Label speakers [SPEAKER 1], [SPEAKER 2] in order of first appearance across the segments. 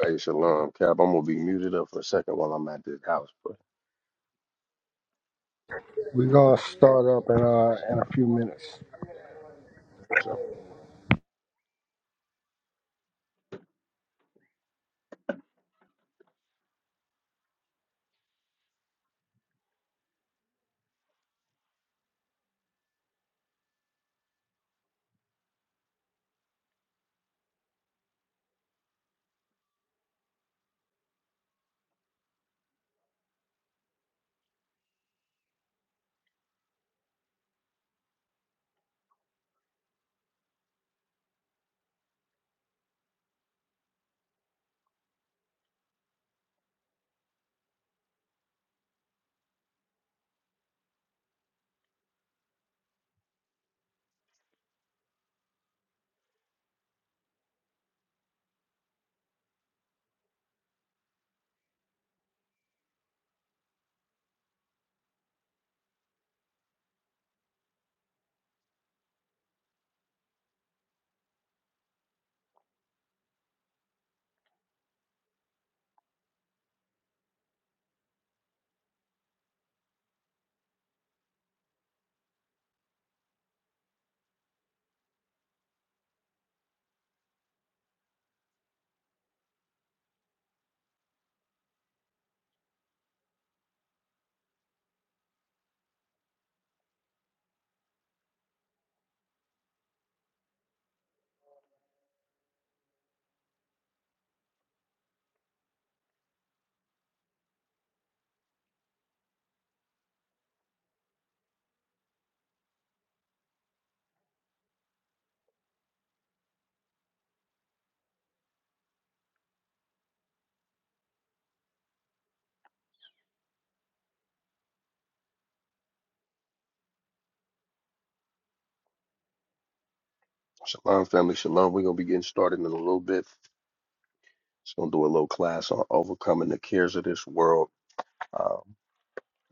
[SPEAKER 1] Hey, Shalom, Cap. I'm gonna be muted up for a second while I'm at this house, but
[SPEAKER 2] We're gonna start up in uh in a few minutes.
[SPEAKER 1] so Shalom, family, Shalom. We're gonna be getting started in a little bit. Just gonna do a little class on overcoming the cares of this world. Um,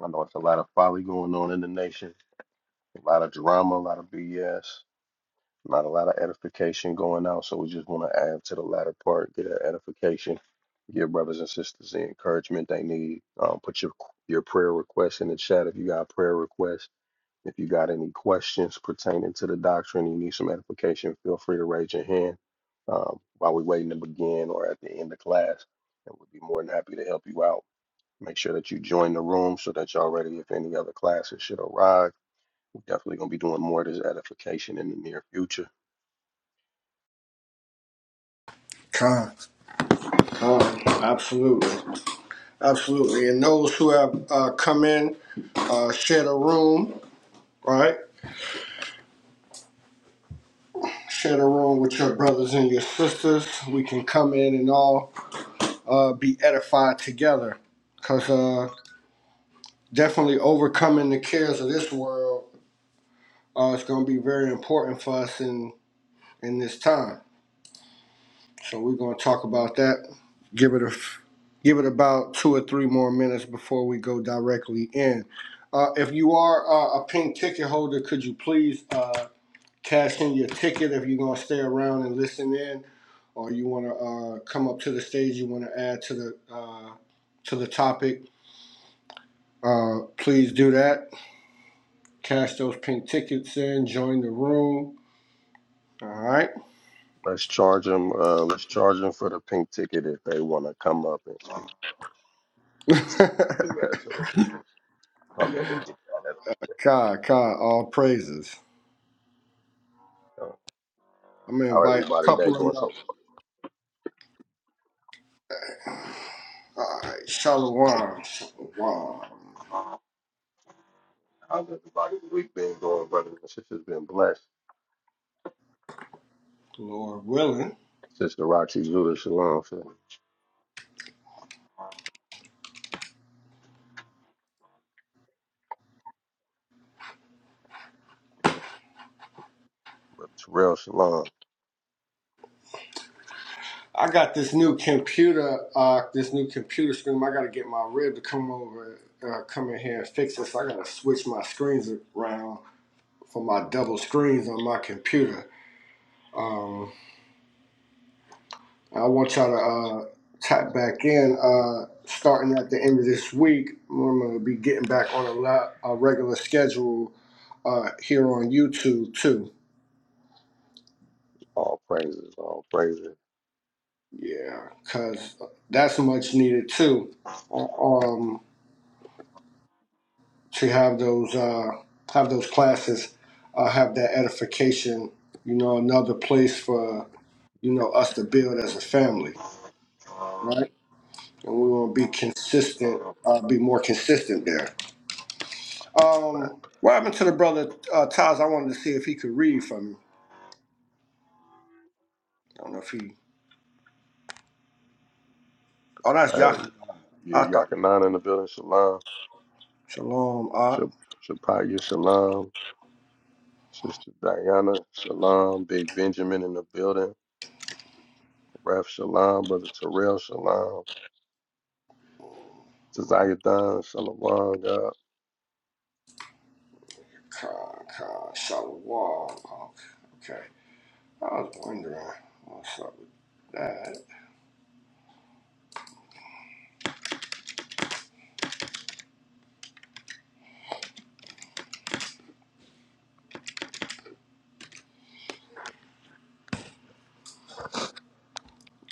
[SPEAKER 1] I know it's a lot of folly going on in the nation, a lot of drama, a lot of BS, not a lot of edification going out. So we just want to add to the latter part, get an edification, give brothers and sisters the encouragement they need. Um, put your your prayer requests in the chat if you got a prayer request If you got any questions pertaining to the doctrine, you need some edification, feel free to raise your hand um, while we're waiting to begin or at the end of class, and we'll be more than happy to help you out. Make sure that you join the room so that y'all ready if any other classes should arrive. We're definitely gonna be doing more of this edification in the near future.
[SPEAKER 2] Con, con, absolutely, absolutely. And those who have uh, come in, uh, share the room, right? Share the room with your brothers and your sisters. We can come in and all uh, be edified together. Cause uh, definitely overcoming the cares of this world uh, is going to be very important for us in in this time. So we're gonna talk about that. Give it a give it about two or three more minutes before we go directly in. Uh, if you are uh, a pink ticket holder, could you please uh, cash in your ticket if you're gonna stay around and listen in, or you wanna uh, come up to the stage, you wanna add to the uh, to the topic. Uh, please do that. Cash those pink tickets in. Join the room. All right.
[SPEAKER 1] Let's charge them. Uh, let's charge them for the pink ticket if they want to come up and Let's do that. Let's do that so they can just come in and get that. edification.
[SPEAKER 2] Kai, Kai, all praises.
[SPEAKER 1] So,
[SPEAKER 2] I'm gonna
[SPEAKER 1] How
[SPEAKER 2] invite a
[SPEAKER 1] everybody day
[SPEAKER 2] couple of
[SPEAKER 1] going
[SPEAKER 2] y'all.
[SPEAKER 1] so
[SPEAKER 2] Alright, Shalom. Shalom.
[SPEAKER 1] far? How's everybody week been going, brothers and sisters? Been blessed.
[SPEAKER 2] Lord willing.
[SPEAKER 1] Sister Roxy Zuda Shalom, sister Brother Terrell Shalom.
[SPEAKER 2] I got this new computer, uh, this new computer screen. I gotta get my rib to come over, uh, come in here and fix this. I gotta switch my screens around for my double screens on my computer. Um, I want y'all to, uh, tap back in, uh, starting at the end of this week. I'm gonna be getting back on a, lot a regular schedule, uh, here on YouTube too.
[SPEAKER 1] All praises, all praises.
[SPEAKER 2] Yeah, because that's much needed too. uh, Um, to have those uh, have those classes, uh, have that edification. You know, another place for you know us to build as a family, right? And we want to be consistent,
[SPEAKER 1] Uh,
[SPEAKER 2] uh, be more consistent there.
[SPEAKER 1] right.
[SPEAKER 2] Um, what happened to the brother uh, Taz? I wanted to see if he could read for me. I don't know if he. Oh, that's
[SPEAKER 1] Uh,
[SPEAKER 2] Yahoo. I
[SPEAKER 1] yeah,
[SPEAKER 2] thought
[SPEAKER 1] Yakanan in the building, Shalom.
[SPEAKER 2] Shalom. Ah,
[SPEAKER 1] Shap- Shapaya Shalom. Sister Diana Shalom. Big Benjamin in the building. Ref Shalom. Brother Terrell Shalom. Tazayadan Shalom. God.
[SPEAKER 2] Ka- Ka- Shalom. Okay. I was wondering what's up with that.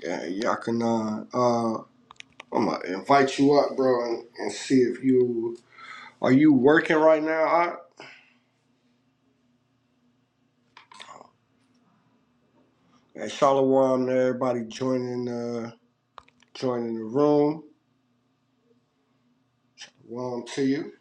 [SPEAKER 2] Yeah, y'all can uh, uh I'm gonna invite you up, bro, and, and see if you are you working right now. I and Shalom to everybody joining uh joining the room. Welcome to you.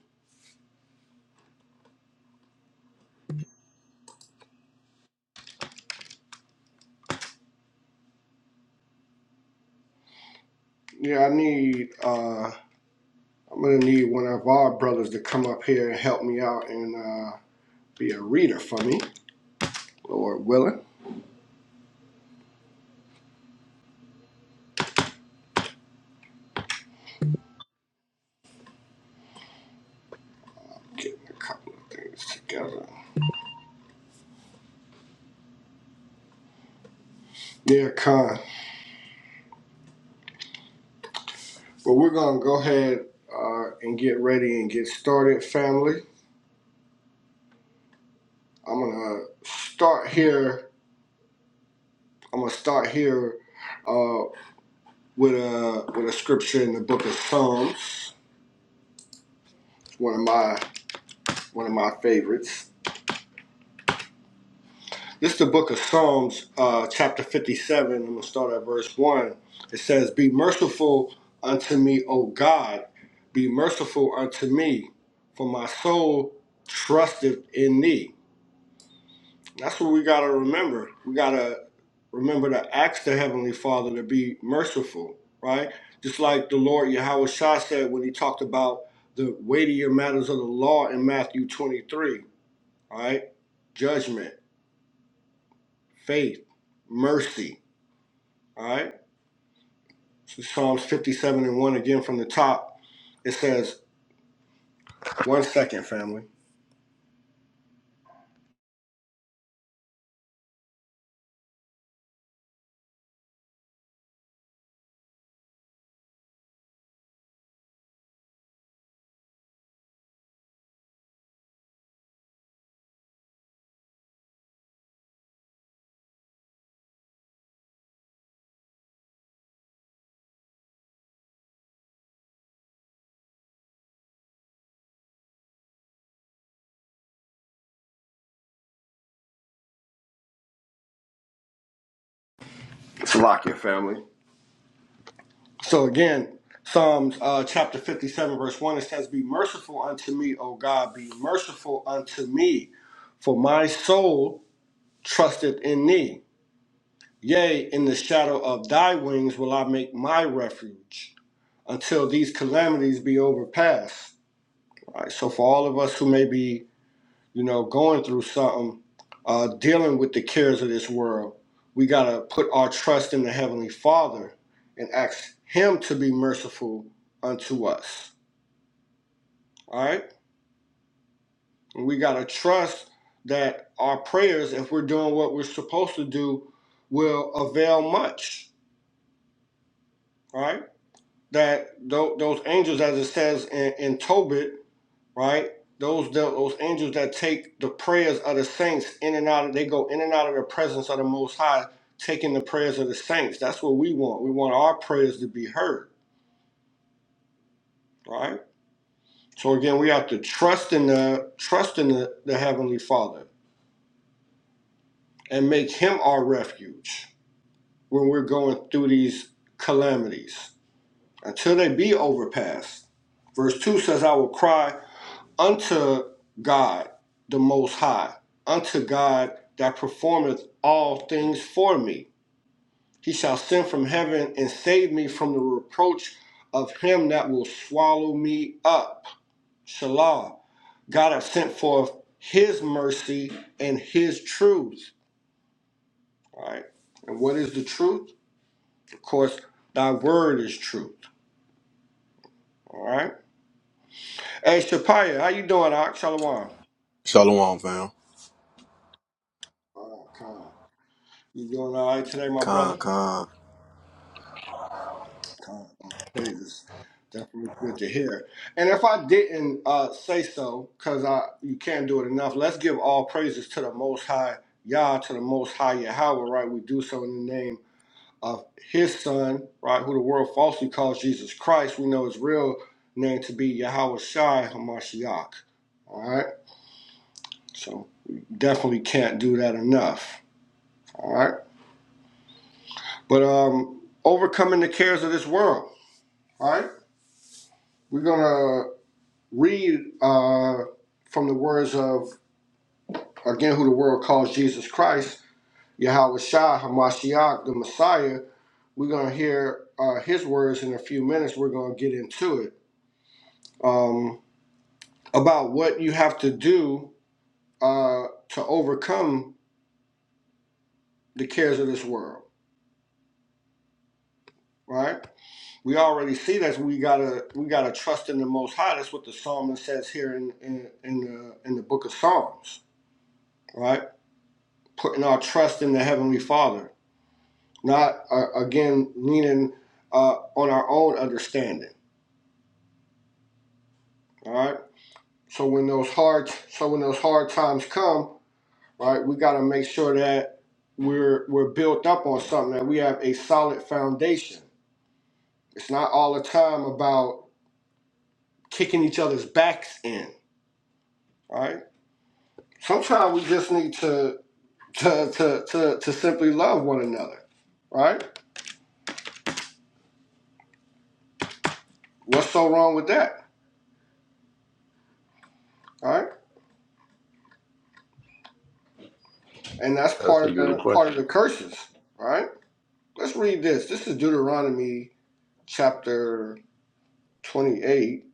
[SPEAKER 2] Yeah, I need uh I'm gonna need one of our brothers to come up here and help me out and uh be a reader for me, Lord willing. Getting a couple of things together. Yeah, Con. Well, we're going to go ahead uh, and get ready and get started, family. I'm going to start here. I'm going to start here uh, with a with a scripture in the book of Psalms. It's one of my one of my favorites. This is the book of Psalms, uh, chapter 57. I'm going to start at verse 1. It says, Be merciful unto me, O God. Be merciful unto me, for my soul trusteth in thee. That's what we got to remember. We got to remember to ask the Heavenly Father to be merciful, right? Just like the Lord Yahweh Shah said when he talked about the weightier matters of the law in Matthew 23, all right? Judgment, faith, mercy, all right? So Psalms 57 and 1 again from the top, it says, one second, family. It's lock your family. So again, Psalms uh, chapter 57, verse 1, it says, Be merciful unto me, O God, be merciful unto me, for my soul trusted in thee. Yea, in the shadow of thy wings will I make my refuge until these calamities be overpassed. All right, so for all of us who may be, you know, going through something, uh, dealing with the cares of this world, we got to put our trust in the Heavenly Father and ask Him to be merciful unto us. All right? And we got to trust that our prayers, if we're doing what we're supposed to do, will avail much. All right. that tho- those angels, as it says in, in Tobit, right? Those those angels that take the prayers of the saints in and out, of, they go in and out of the presence of the Most High, taking the prayers of the saints. That's what we want. We want our prayers to be heard, right? So again, we have to trust in the trust in the, the Heavenly Father and make Him our refuge when we're going through these calamities until they be overpassed. Verse two says, "I will cry." unto God the Most High, unto God that performeth all things for me. He shall send from heaven and save me from the reproach of him that will swallow me up. Shalom. God hath sent forth his mercy and his truth. All right. And what is the truth? Of course, thy word is truth. All right. Hey, Shapaya, how you doing, Ak? Shalom.
[SPEAKER 3] Shalom, fam.
[SPEAKER 2] Oh, God. You doing all right today, my
[SPEAKER 3] Con,
[SPEAKER 2] brother?
[SPEAKER 3] con.
[SPEAKER 2] God, my praises. Definitely good to hear. And if I didn't uh, say so, because I you can't do it enough, let's give all praises to the Most High Yah, to the Most High Yahweh, right? We do so in the name of His Son, right? Who the world falsely calls Jesus Christ. We know His real name to be Yahweh Shai Hamashiach. All right, so we definitely can't do that enough. All right, but um, overcoming the cares of this world. All right, we're gonna read uh, from the words of, again, who the world calls Jesus Christ, Yahweh Shah, Hamashiach, the Messiah. We're going to hear uh, his words in a few minutes. We're going to get into it um, about what you have to do uh, to overcome the cares of this world. Right, we already see that we gotta we gotta trust in the Most High. That's what the psalmist says here in in in the, in the book of Psalms. Right, putting our trust in the Heavenly Father not uh, again leaning uh, on our own understanding. All right. So when those hard so when those hard times come, right, we got to make sure that we're we're built up on something that we have a solid foundation. It's not all the time about kicking each other's backs in. All right. Sometimes we just need to to to to, to simply love one another. Right. What's so wrong with that? Right. And that's
[SPEAKER 1] That's
[SPEAKER 2] part
[SPEAKER 1] a
[SPEAKER 2] of
[SPEAKER 1] good
[SPEAKER 2] the part
[SPEAKER 1] question.
[SPEAKER 2] of the curses. Right Let's read this. This is Deuteronomy chapter 28,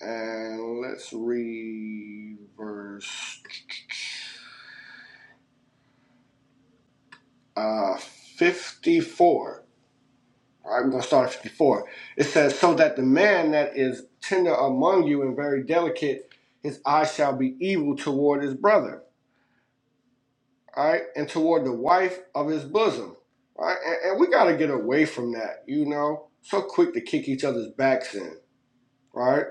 [SPEAKER 2] and let's read verse uh, 54. All right, we're going to start at 54. It says, So that the man that is tender among you and very delicate, his eye shall be evil toward his brother, all right, and toward the wife of his bosom. All right, and, and we got to get away from that, you know, so quick to kick each other's backs in, right?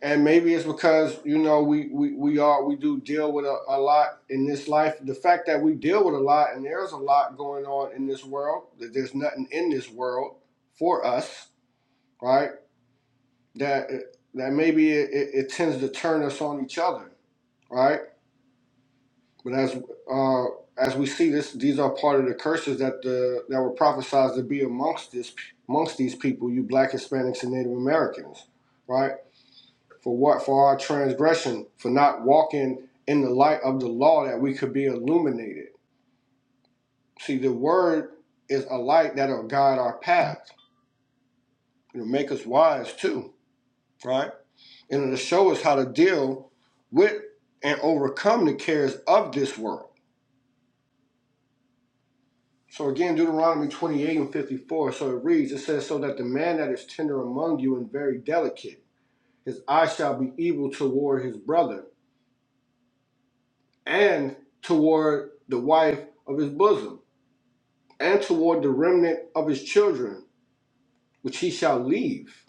[SPEAKER 2] and maybe it's because you know we we, we are we do deal with a, a lot in this life the fact that we deal with a lot and there's a lot going on in this world that there's nothing in this world for us right that that maybe it, it, it tends to turn us on each other right but as uh as we see this these are part of the curses that the that were prophesied to be amongst this amongst these people you black hispanics and native americans right for what for our transgression for not walking in the light of the law that we could be illuminated see the word is a light that'll guide our path it'll make us wise too right and it'll show us how to deal with and overcome the cares of this world so again deuteronomy 28 and 54 so it reads it says so that the man that is tender among you and very delicate his eye shall be evil toward his brother and toward the wife of his bosom and toward the remnant of his children, which he shall leave.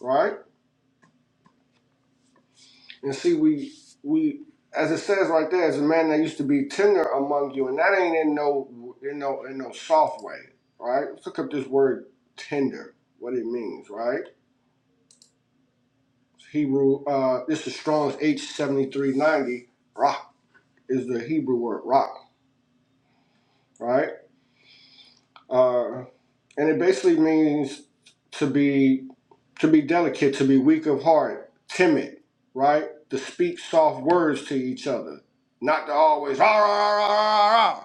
[SPEAKER 2] Right? And see, we we as it says right there, as a man that used to be tender among you, and that ain't in no in no in no soft way. Right? Let's look up this word tender, what it means, right? Hebrew uh this is Strong's H seventy three ninety, rock is the Hebrew word rock, right? Uh and it basically means to be to be delicate, to be weak of heart, timid, right? To speak soft words to each other, not to always rah, rah, rah, rah, rah, rah,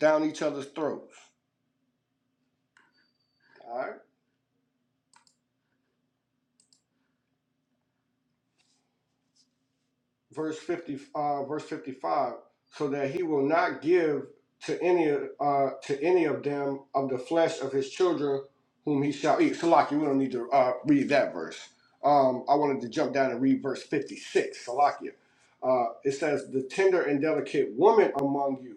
[SPEAKER 2] down each other's throats. All right. Verse fifty, uh, verse fifty-five. So that he will not give to any uh, to any of them of the flesh of his children whom he shall eat. Salaki, we don't need to uh, read that verse. Um, I wanted to jump down and read verse fifty-six. Salakia. Uh, it says, "The tender and delicate woman among you."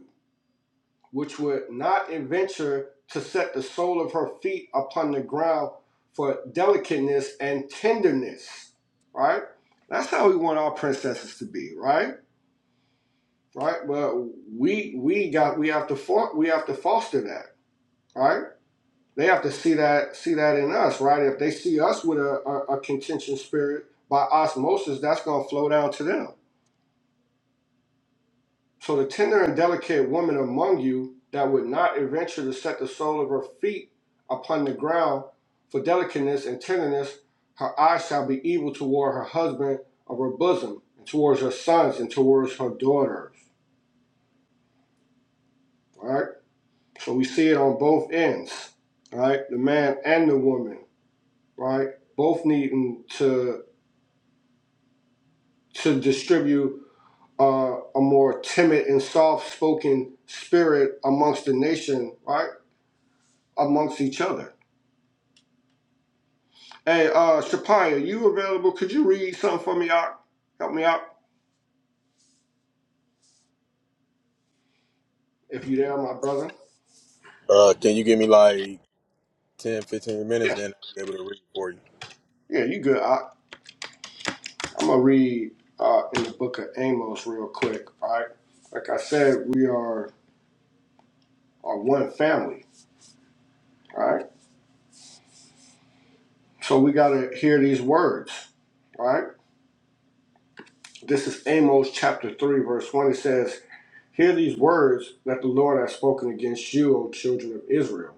[SPEAKER 2] which would not adventure to set the sole of her feet upon the ground for delicateness and tenderness. Right? That's how we want our princesses to be, right? Right? But we we got we have to we have to foster that, right? They have to see that see that in us, right? If they see us with a, a, a contention spirit by osmosis, that's gonna flow down to them So the tender and delicate woman among you that would not adventure to set the sole of her feet upon the ground for delicateness and tenderness, her eyes shall be evil toward her husband of her bosom, and towards her sons, and towards her daughters. All right. So we see it on both ends. All right, the man and the woman. Right, both needing to to distribute uh, a more timid and soft-spoken spirit amongst the nation. Right, amongst each other Hey, uh, Shapaya, you available? Could you read something for me, Ock? Help me out if you there, my brother.
[SPEAKER 3] Uh, can you give me like 10, 15 minutes?
[SPEAKER 2] Yeah,
[SPEAKER 3] Then I'll be able to read for you.
[SPEAKER 2] yeah, you good, Ock. I'm gonna read uh, in the book of Amos real quick. All right, like I said, we are are one family. All right, so we gotta hear these words. All right, this is Amos chapter three, verse one. It says, "Hear these words that the Lord has spoken against you, O children of Israel,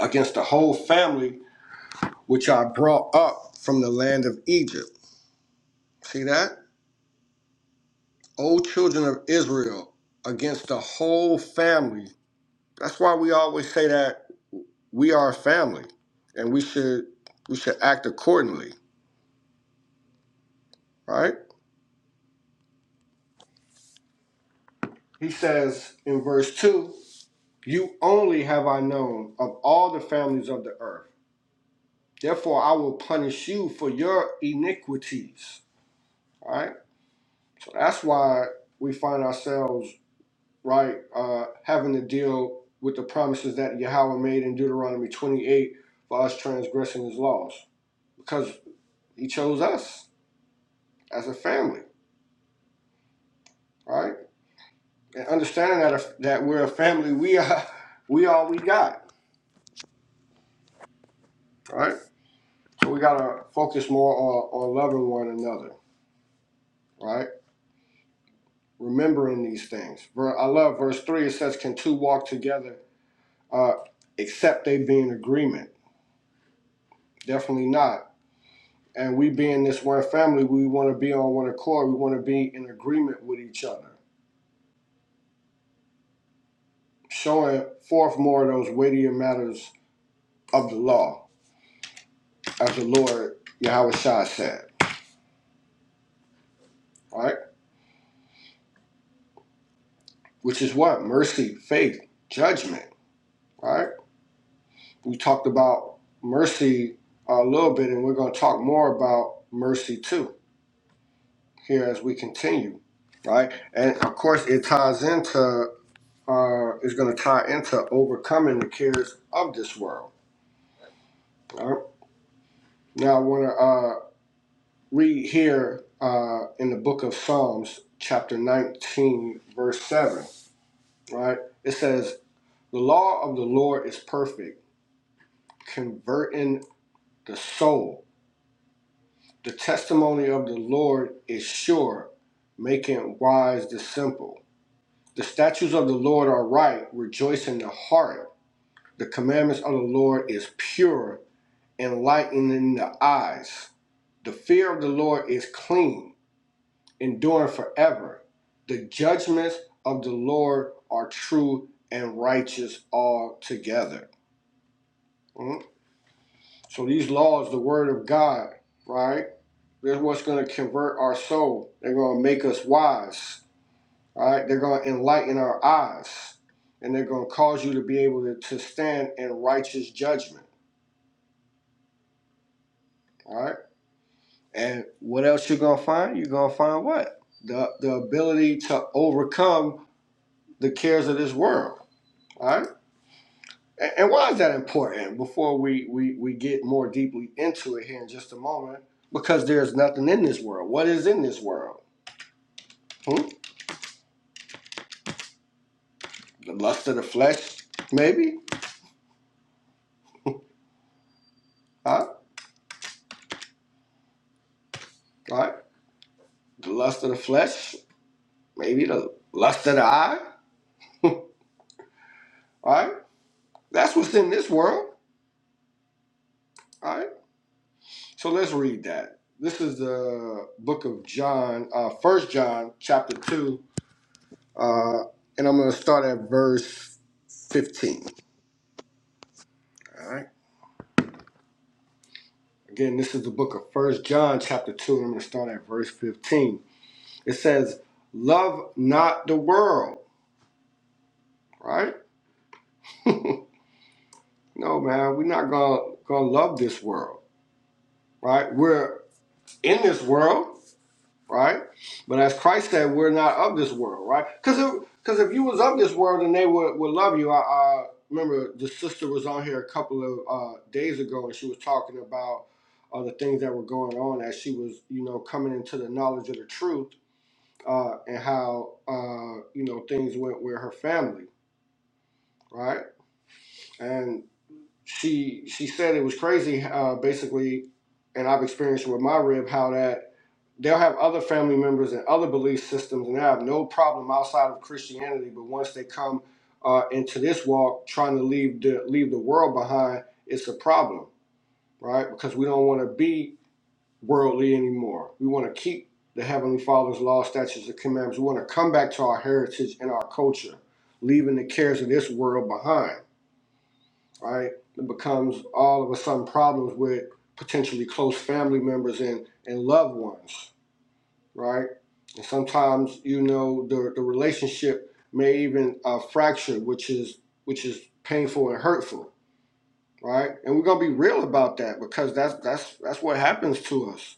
[SPEAKER 2] against the whole family which I brought up from the land of Egypt." See that? O children of Israel, against the whole family. That's why we always say that we are a family and we should we should act accordingly, right? He says in verse 2, you only have I known of all the families of the earth. Therefore I will punish you for your iniquities. All right? So that's why we find ourselves right uh, having to deal with the promises that Yahweh made in Deuteronomy 28 for us transgressing his laws. because he chose us as a family, right? And understanding that that we're a family, we are we all we got, right? So we gotta focus more on, on loving one another, right? Remembering these things. Ver- I love verse three. It says, "Can two walk together uh, except they be in agreement?" Definitely not. And we being this one family, we want to be on one accord. We want to be in agreement with each other, showing forth more of those weightier matters of the law as the Lord Yahweh Shah said, right? Which is what? Mercy, faith, judgment, right? We talked about mercy a little bit, and we're going to talk more about mercy too here as we continue, right? And of course, it ties into, uh, it's going to tie into overcoming the cares of this world, right? Now, I want to uh, read here uh, in the book of Psalms, chapter 19, verse 7, right? It says, The law of the Lord is perfect, converting the soul. The testimony of the Lord is sure, making wise the simple. The statutes of the Lord are right, rejoicing the heart. The commandments of the Lord is pure, enlightening the eyes. The fear of the Lord is clean, enduring forever. The judgments of the Lord are true and righteous altogether. Hmm? So these laws, the word of God, right? They're what's going to convert our soul. They're going to make us wise, right? right? They're going to enlighten our eyes, and they're going to cause you to be able to, to stand in righteous judgment, all right? And what else you're going to find? You're going to find what? The, the ability to overcome the cares of this world, all right? And, and why is that important? Before we, we, we get more deeply into it here in just a moment, because there's nothing in this world. What is in this world? Hmm? The lust of the flesh, maybe. Huh? Right? The lust of the flesh, maybe the lust of the eye. Right? That's what's in this world. Right? So let's read that. This is the book of John, uh, 1 John chapter 2. Uh, and I'm going to start at verse 15. All right. Again, this is the book of First John chapter 2. And I'm going to start at verse 15. It says, Love not the world. Right? No, man, we're not gonna gonna love this world. right? We're in this world, right? But as Christ said, we're not of this world, right? Because if, cause if you was of this world then they would, would love you, I, I remember the sister was on here a couple of uh, days ago and she was talking about uh, the things that were going on as she was, you know, coming into the knowledge of the truth uh, and how, uh, you know, things went with her family, right? And she she said it was crazy, uh, basically, and I've experienced it with my rib how that they'll have other family members and other belief systems and they have no problem outside of Christianity. But once they come uh, into this walk, trying to leave the leave the world behind, it's a problem, right? Because we don't want to be worldly anymore. We want to keep the Heavenly Father's law, statutes, and commandments. We want to come back to our heritage and our culture, leaving the cares of this world behind, right? It becomes all of a sudden problems with potentially close family members and, and loved ones right? And sometimes you know the the relationship may even uh, fracture, which is which is painful and hurtful, right? And we're gonna be real about that because that's that's that's what happens to us.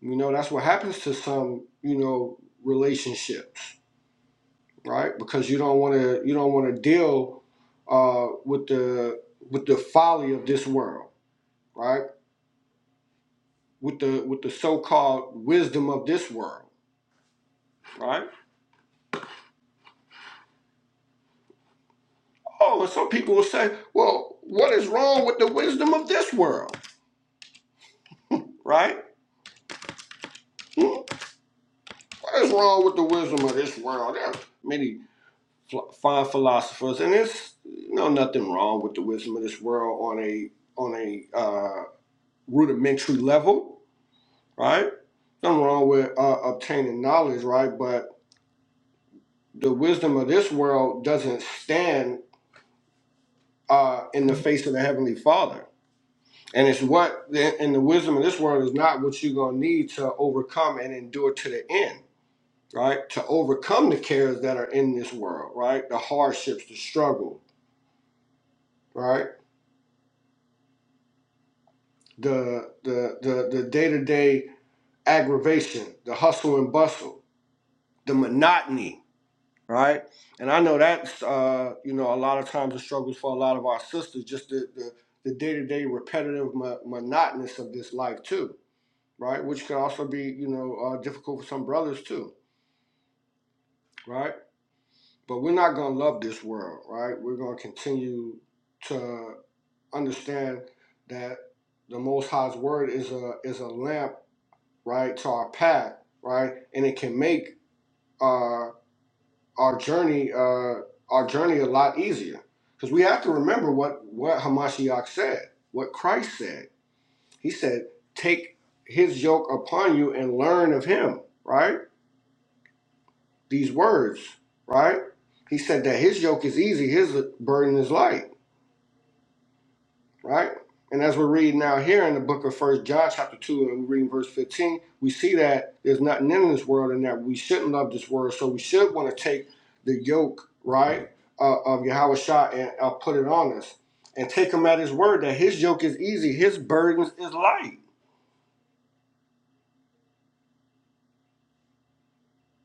[SPEAKER 2] You know, that's what happens to some you know relationships, right? Because you don't want to you don't want to deal uh, with the with the folly of this world, right? With the with the so-called wisdom of this world, right? Oh, and some people will say, well, what is wrong with the wisdom of this world, right? Hmm? What is wrong with the wisdom of this world? There are many fine philosophers, and it's you know nothing wrong with the wisdom of this world on a on a uh, rudimentary level, right? Nothing wrong with uh, obtaining knowledge, right? But the wisdom of this world doesn't stand uh, in the face of the Heavenly Father And it's what, and the wisdom of this world is not what you're going to need to overcome and endure to the end, right? To overcome the cares that are in this world, right? The hardships, the struggle, right? The the the the day to day aggravation, the hustle and bustle, the monotony, right? And I know that's uh, you know a lot of times the struggles for a lot of our sisters, just the the the day to day repetitive mo- monotonous of this life too, right? Which can also be you know uh, difficult for some brothers too right? But we're not going to love this world, right? We're going to continue to understand that the Most High's word is a is a lamp, right, to our path, right, and it can make uh, our journey uh, our journey a lot easier because we have to remember what what Hamashiach said, what Christ said. He said, "Take His yoke upon you and learn of Him," right? these words, right? He said that his yoke is easy, his burden is light, right? And as we're reading out here in the book of First John chapter two, and we're reading verse fifteen, we see that there's nothing in this world, and that we shouldn't love this world. So we should want to take the yoke, right, uh, of Yahweh and uh, put it on us, and take him at his word that his yoke is easy, his burdens is light.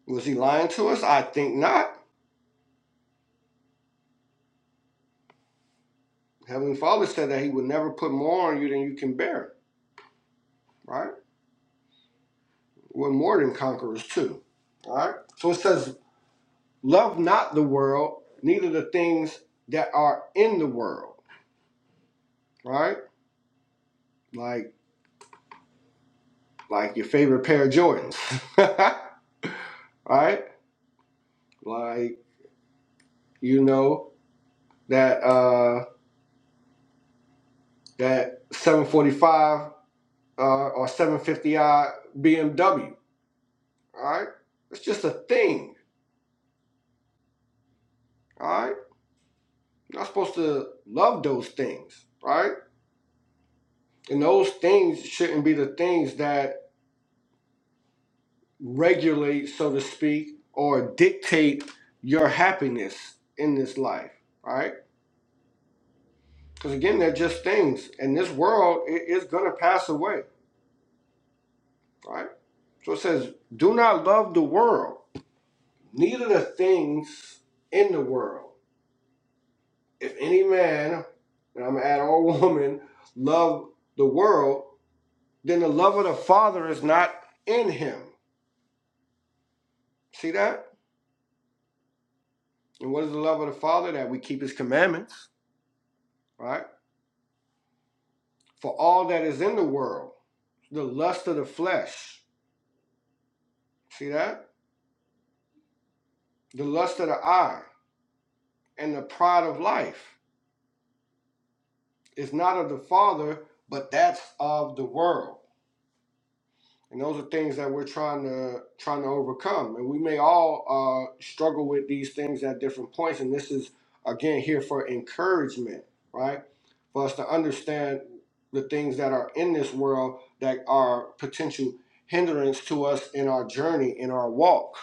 [SPEAKER 2] Was he lying to us? I think not. Heavenly Father said that he would never put more on you than you can bear, right? We're more than conquerors too. All right. So it says, "Love not the world, neither the things that are in the world." All right. Like like your favorite pair of Jordans. All right. Like you know that uh that 745 uh, or 750i BMW. All right. It's just a thing. All right. You're not supposed to love those things. Right? And those things shouldn't be the things that regulate, so to speak, or dictate your happiness in this life, all right? Because again, they're just things, and this world i- is going to pass away, all right? So it says, "Do not love the world, neither the things in the world. If any man, and I'm gonna add all woman, love the world, then the love of the Father is not in him." See that? And what is the love of the Father? That we keep His commandments, right? For all that is in the world. the lust of the flesh, see that? The lust of the eye and the pride of life is not of the Father, but that's of the world. And those are things that we're trying to trying to overcome. And we may all uh, struggle with these things at different points. And this is again here for encouragement, right? For us to understand the things that are in this world that are potential hindrance to us in our journey, in our walk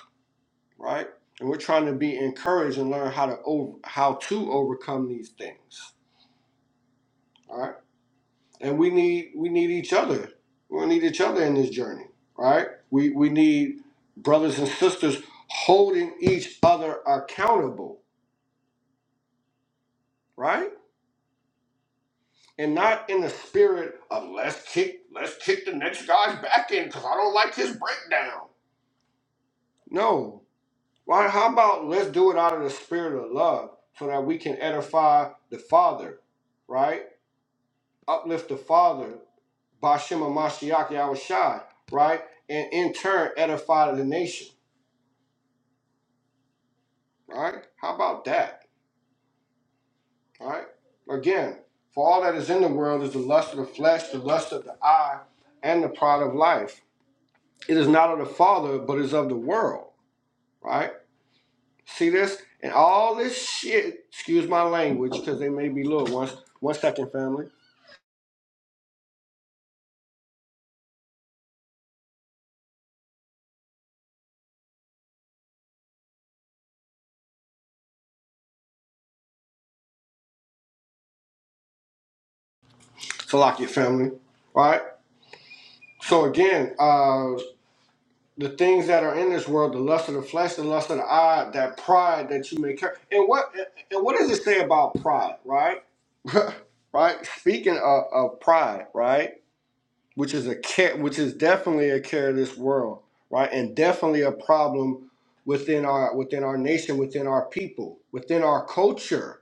[SPEAKER 2] right? And we're trying to be encouraged and learn how to over, how to overcome these things, all right? And we need we need each other. We need each other in this journey, right? We we need brothers and sisters holding each other accountable, right? And not in the spirit of let's kick let's kick the next guy's back in because I don't like his breakdown. No. Why? How about let's do it out of the spirit of love so that we can edify the Father, right? uplift the father, Bashim Mashiach Yahushai, right? And in turn edify the nation, right? How about that, right? Again, for all that is in the world is the lust of the flesh, the lust of the eye, and the pride of life. It is not of the Father, but is of the world, right? See this? And all this shit, excuse my language, because they may be little ones. One second, family. Salakia family, right? So again, uh, the things that are in this world, the lust of the flesh, the lust of the eye, that pride that you may carry. And what and what does it say about pride, right? right? Speaking of, of pride, right? Which is a care which is definitely a care of this world, right? And definitely a problem within our within our nation, within our people, within our culture,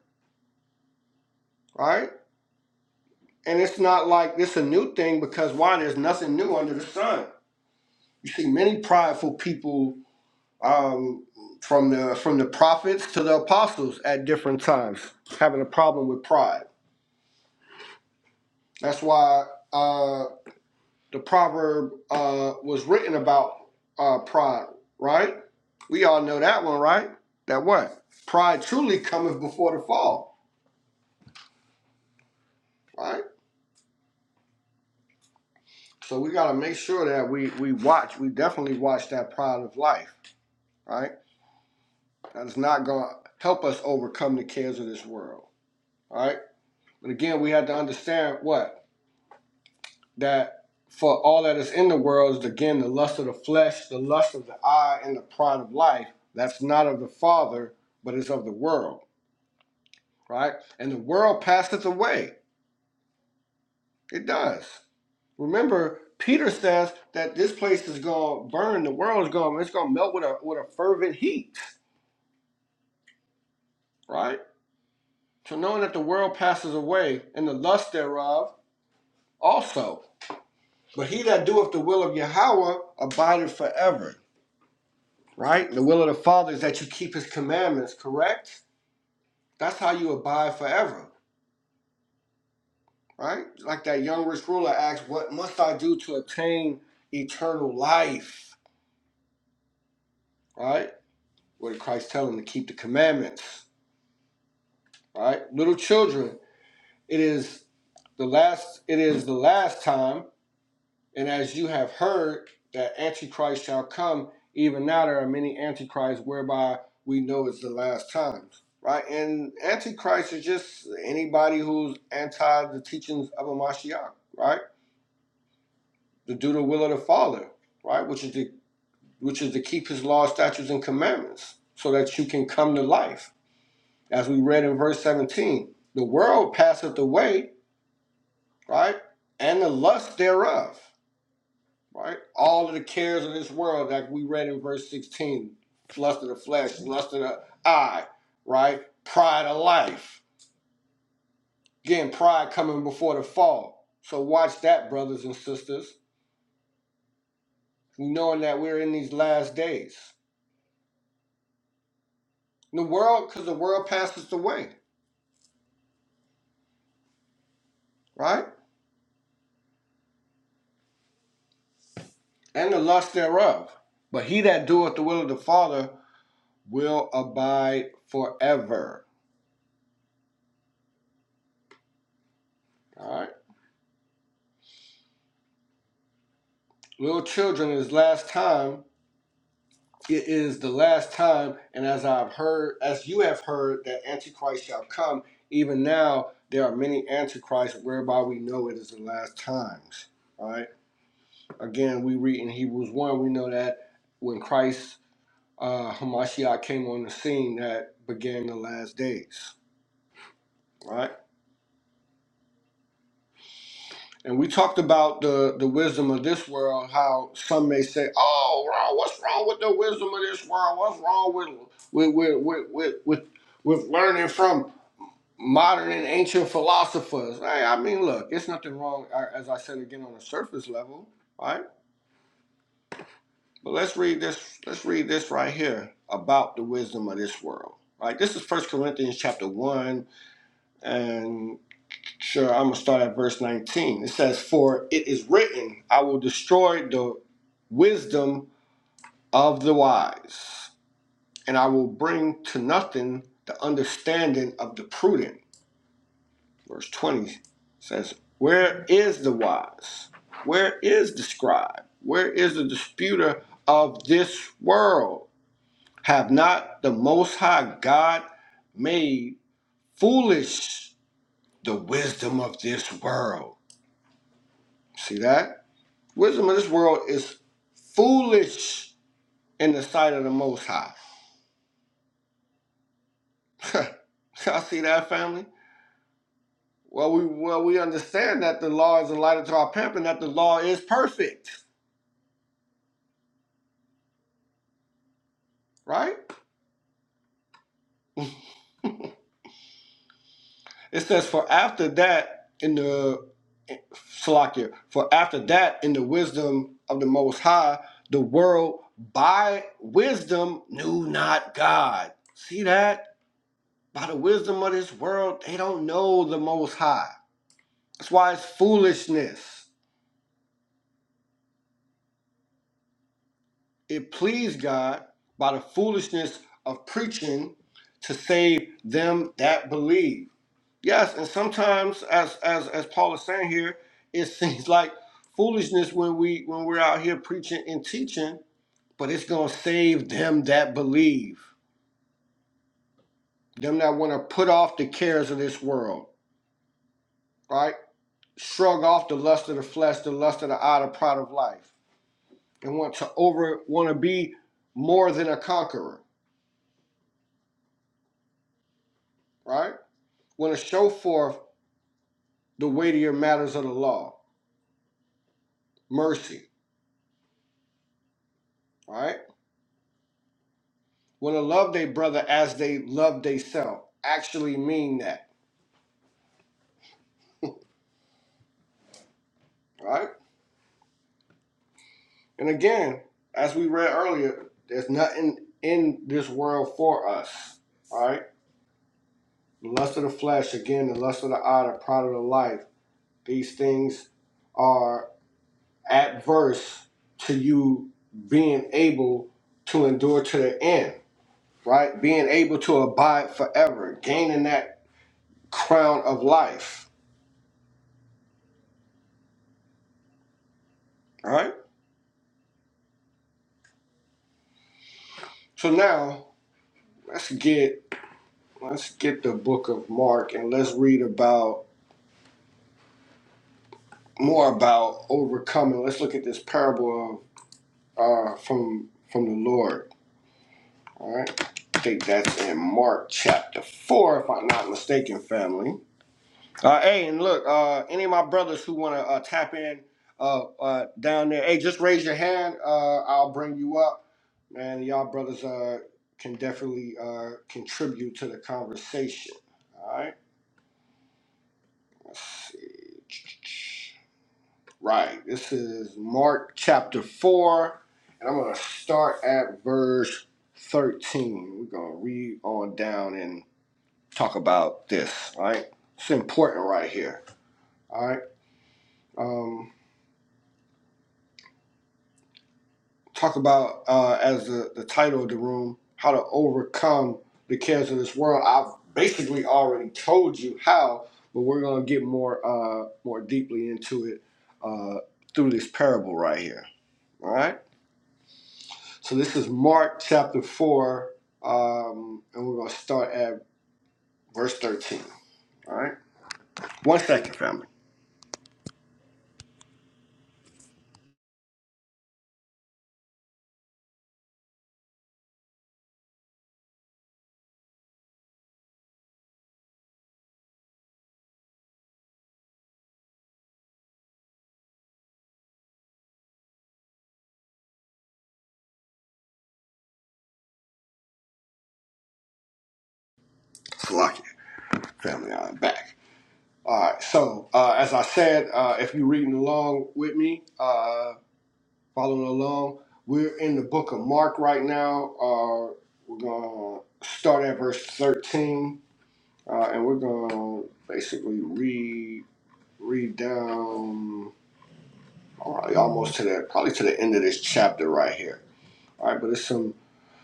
[SPEAKER 2] right? And it's not like this a new thing because why there's nothing new under the sun. You see many prideful people um, from the from the prophets to the apostles at different times, having a problem with pride. That's why uh, the proverb uh, was written about uh, pride, right? We all know that one, right? That what? Pride truly cometh before the fall, right? So we got to make sure that we we watch. We definitely watch that pride of life, right? That is not going to help us overcome the cares of this world, All right. But again, we have to understand what that for all that is in the world is again the lust of the flesh, the lust of the eye, and the pride of life. That's not of the Father, but is of the world, right? And the world passeth away. It does. Remember, Peter says that this place is going to burn. The world is going. It's going to melt with a with a fervent heat, right? So knowing that the world passes away and the lust thereof also. But he that doeth the will of Yahweh abideth forever. right? The will of the Father is that you keep His commandments, correct? That's how you abide forever, right? Like that young rich ruler asked, What must I do to obtain eternal life, right? What did Christ tell him to keep the commandments, right? Little children, it is the last, it is the last time And as you have heard that Antichrist shall come, even now there are many Antichrists whereby we know it's the last times. Right? And Antichrist is just anybody who's anti the teachings of a Mashiach, right? To do the will of the Father, right? Which is to which is to keep his law, statutes, and commandments, so that you can come to life. As we read in verse 17, the world passeth away, right? And the lust thereof. right? All of the cares of this world, like we read in verse 16, lust of the flesh, lust of the eye, right? Pride of life. Again, pride coming before the fall. So watch that, brothers and sisters, knowing that we're in these last days. The world, because the world passeth away, right? And the lust thereof. But he that doeth the will of the Father will abide forever. All right. Little children, this last time, it is the last time, and as I've heard, as you have heard, that Antichrist shall come. Even now, there are many Antichrists whereby we know it is the last times. All right. Again, we read in Hebrews 1, we know that when Christ, uh, Hamashiach, came on the scene, that began the last days. All right. And we talked about the, the wisdom of this world, how some may say, oh, wrong, what's wrong with the wisdom of this world? What's wrong with, with, with, with, with, with with learning from modern and ancient philosophers. Hey, I mean, look, it's nothing wrong, uh, as I said again, on the surface level, right? But let's read this. Let's read this right here about the wisdom of this world. Right. This is First Corinthians chapter one, and sure, I'm gonna start at verse 19. It says, "For it is written, I will destroy the wisdom of the wise, and I will bring to nothing the understanding of the prudent." verse 20 says, Where is the wise? Where is the scribe? Where is the disputer of this world? Have not the Most High God made foolish the wisdom of this world? See that? Wisdom of this world is foolish in the sight of the Most High. Y'all see that, family? Well, we well we understand that the law is a light unto our path and that the law is perfect, right? It says, For after that, in the Salakia, for after that, in the wisdom of the Most High, the world by wisdom knew not God. See that? By the wisdom of this world, they don't know the Most High. That's why it's foolishness. It pleased God by the foolishness of preaching to save them that believe. Yes, and sometimes, as as as Paul is saying here, it seems like foolishness when we when we're out here preaching and teaching, but it's gonna save them that believe, them that want to put off the cares of this world, right? Shrug off the lust of the flesh, the lust of the eye, the pride of life, and want to over want to be more than a conqueror, right? Want to show forth the weightier matters of the law, mercy, right? Well, to love their brother as they love theyself actually mean that, right? And again, as we read earlier, there's nothing in this world for us, all right? The lust of the flesh, again, the lust of the eye, the pride of the life, these things are adverse to you being able to endure to the end, right? Being able to abide forever, gaining that crown of life, all right? So now let's get Let's get the book of Mark and let's read about more about overcoming. Let's look at this parable of uh, from from the Lord. All right, I think that's in Mark chapter four, if I'm not mistaken, family. Uh, hey, and look, uh, any of my brothers who want to uh, tap in uh, uh, down there, hey, just raise your hand. Uh, I'll bring you up, man. Y'all brothers uh, can definitely uh, contribute to the conversation. All right, let's see. Right. This is Mark chapter 4, and I'm going to start at verse 13. We're going to read on down and talk about this, all right? It's important right here, all right? Um, talk about, uh, as the, the title of the room, how to overcome the cares of this world. I've basically already told you how, but we're going to get more, uh, more deeply into it uh, through this parable right here, all right? So this is Mark chapter 4, um, and we're going to start at verse 13. All right? One second, family. Slock it, family. I'm back. All right. So, uh, as I said, uh, if you're reading along with me, uh, following along, we're in the book of Mark right now. Uh, we're going to start at verse 13, uh, and we're going to basically read, read down all right, almost to the, probably to the end of this chapter right here. All right, but it's some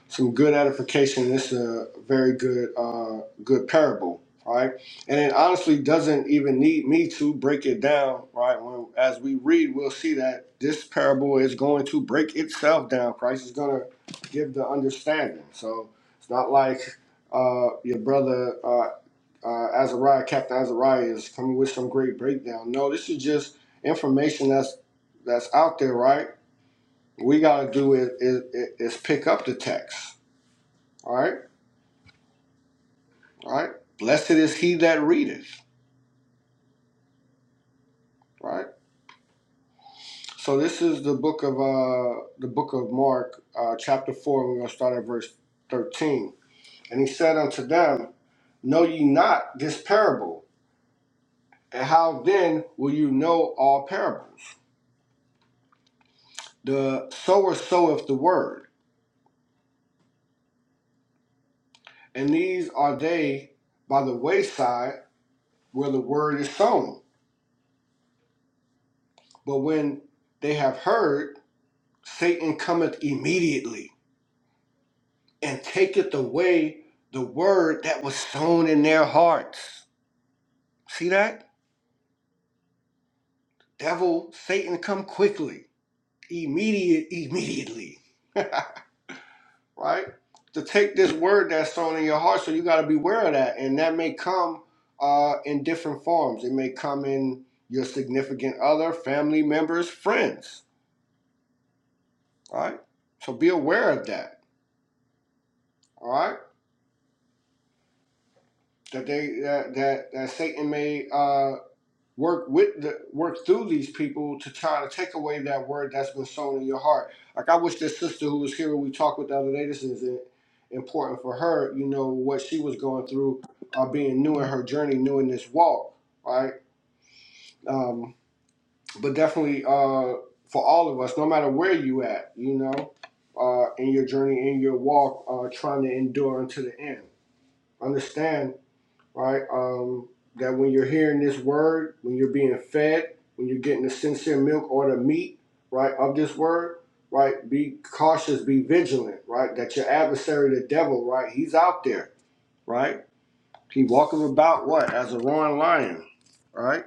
[SPEAKER 2] some good edification. It's a very good uh, good parable. All right, and it honestly doesn't even need me to break it down. Right, when as we read, we'll see that this parable is going to break itself down. Christ is going to give the understanding. So it's not like uh, your brother uh, uh, Azariah, Captain Azariah, is coming with some great breakdown. No, this is just information that's that's out there, right? we got to do is, is, is pick up the text. All right, all right. Blessed is he that readeth. Right. So this is the book of uh the book of Mark, uh, chapter four. We're gonna start at verse thirteen. And he said unto them, Know ye not this parable? And how then will you know all parables? The sower soweth the word, and these are they by the wayside where the word is sown. But when they have heard Satan cometh immediately and taketh away the word that was sown in their hearts. See that? Devil, Satan come quickly, immediate, immediately, right? To take this word that's sown in your heart, so you got to beware of that. And that may come uh, in different forms. It may come in your significant other, family members, friends, all right? So be aware of that, all right? That they that that, that Satan may uh work with the work through these people to try to take away that word that's been sown in your heart. Like I wish this sister who was here when we talked with the other day, this is important for her, you know, what she was going through, uh, being new in her journey, new in this walk, right? Um, but definitely uh, for all of us, no matter where you at, you know, uh, in your journey, in your walk, uh, trying to endure until the end. Understand right? Um, that when you're hearing this word, when you're being fed, when you're getting the sincere milk or the meat, right, of this word, right, be cautious, be vigilant, right? That your adversary, the devil, right, he's out there, right? He walketh about what? As a roaring lion, right?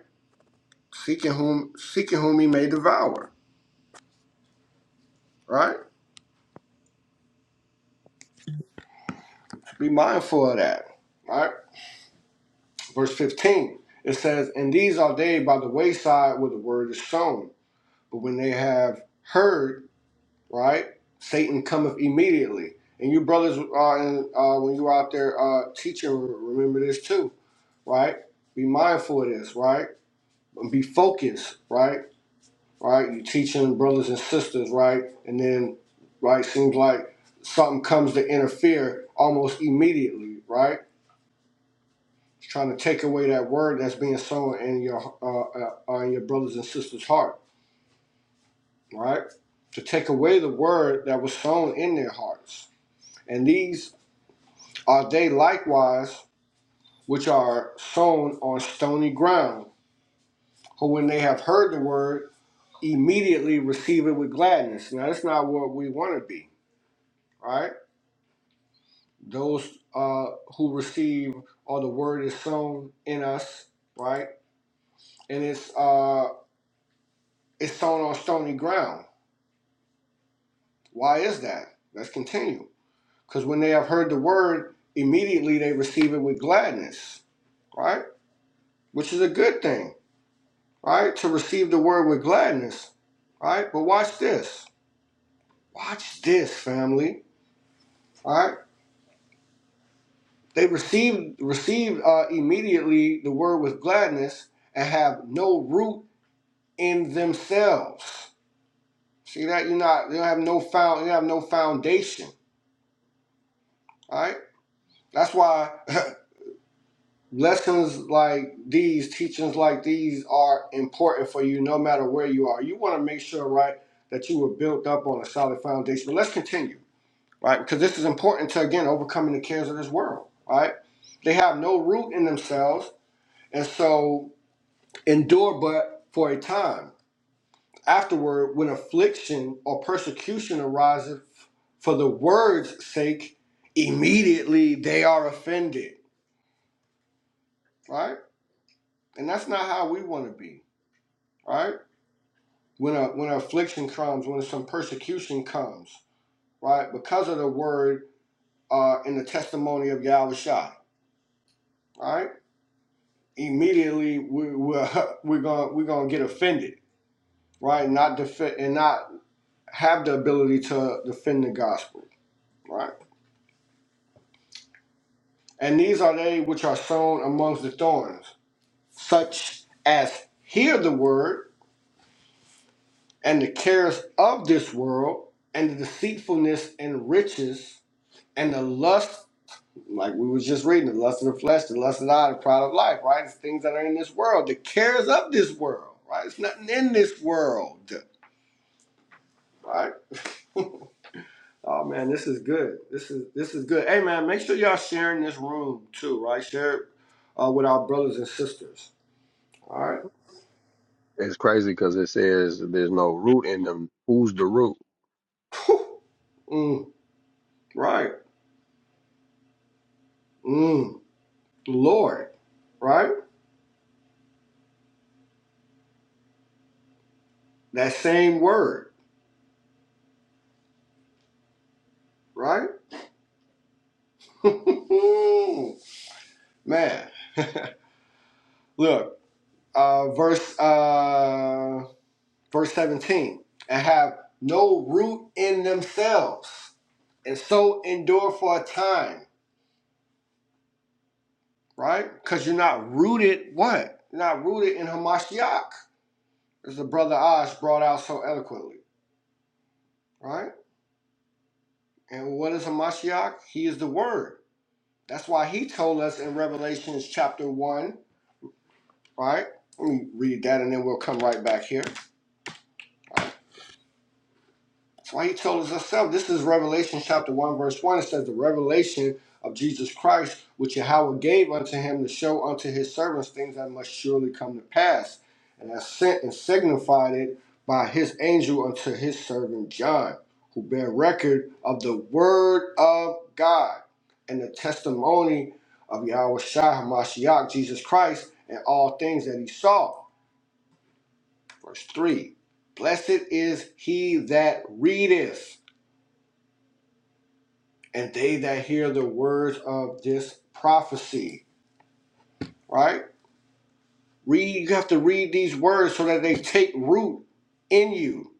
[SPEAKER 2] Seeking whom seeking whom he may devour, right? Be mindful of that. Right? Verse 15. It says, And these are they by the wayside where the word is sown. But when they have heard, right? Satan cometh immediately. And you brothers, uh, and, uh, when you are out there uh, teaching, remember this too, right? Be mindful of this, right? Be focused, right? Right? You teaching brothers and sisters, right? And then, right, seems like something comes to interfere almost immediately, right? It's trying to take away that word that's being sown in your uh, uh, uh, in your brothers and sisters' heart, right? To take away the word that was sown in their hearts. And these Are they likewise which are sown on stony ground, who when they have heard the word, immediately receive it with gladness? Now, that's not what we want to be, right? Those uh, who receive or the word is sown in us, right? And it's uh, it's sown on stony ground. Why is that? Let's continue. Because when they have heard the word, immediately they receive it with gladness, right? Which is a good thing all right? To receive the word with gladness, all right? But watch this. Watch this, family, all right? They received received uh, immediately the word with gladness and have no root in themselves. See that you're not you don't have no found you have no foundation, all right? That's why lessons like these, teachings like these are important for you no matter where you are. You want to make sure, right, that you were built up on a solid foundation. But let's continue. right? Because this is important to again overcoming the cares of this world, right? They have no root in themselves, and so endure but for a time. Afterward, when affliction or persecution arises for the word's sake, immediately they are offended, right? And that's not how we want to be, right? When a when affliction comes, when some persecution comes, right? Because of the word uh, in the testimony of Yahweh Shai, right? immediately we, we're we're going we're going to get offended, right? Not defend and not have the ability to defend the gospel, right? And these are they which are sown amongst the thorns, such as hear the word and the cares of this world and the deceitfulness and riches and the lust, like we was just reading, the lust of the flesh, the lust of the eye, the pride of life, right? It's things that are in this world, the cares of this world, right? It's nothing in this world, right? Oh man, this is good. This is this is good. Hey man, make sure y'all sharing this room too, right? Share it uh, with our brothers and sisters. All right.
[SPEAKER 1] It's crazy because it says there's no root in them. Who's the root?
[SPEAKER 2] Whew. Mm, right. Mm, Lord. Right. That same word. Right. man. Look. Uh, verse. Uh, verse seventeen. And have no root in themselves, and so endure for a time. right? Because you're not rooted what? You're not rooted in Hamashiach, as the brother Oz brought out so eloquently, right? And what is Hamashiach? He is the Word. That's why he told us in Revelations chapter one, right? Let me read that, and then we'll come right back here. Why he told us himself. This is Revelation chapter 1, verse 1. It says, The revelation of Jesus Christ, which Yahweh gave unto him to show unto his servants things that must surely come to pass, and has sent and signified it by his angel unto his servant John, who bear record of the word of God and the testimony of Yahweh Shah Hamashiach, Jesus Christ, and all things that he saw. Verse 3 Blessed is he that readeth and they that hear the words of this prophecy, right? Read, you have to read these words so that they take root in you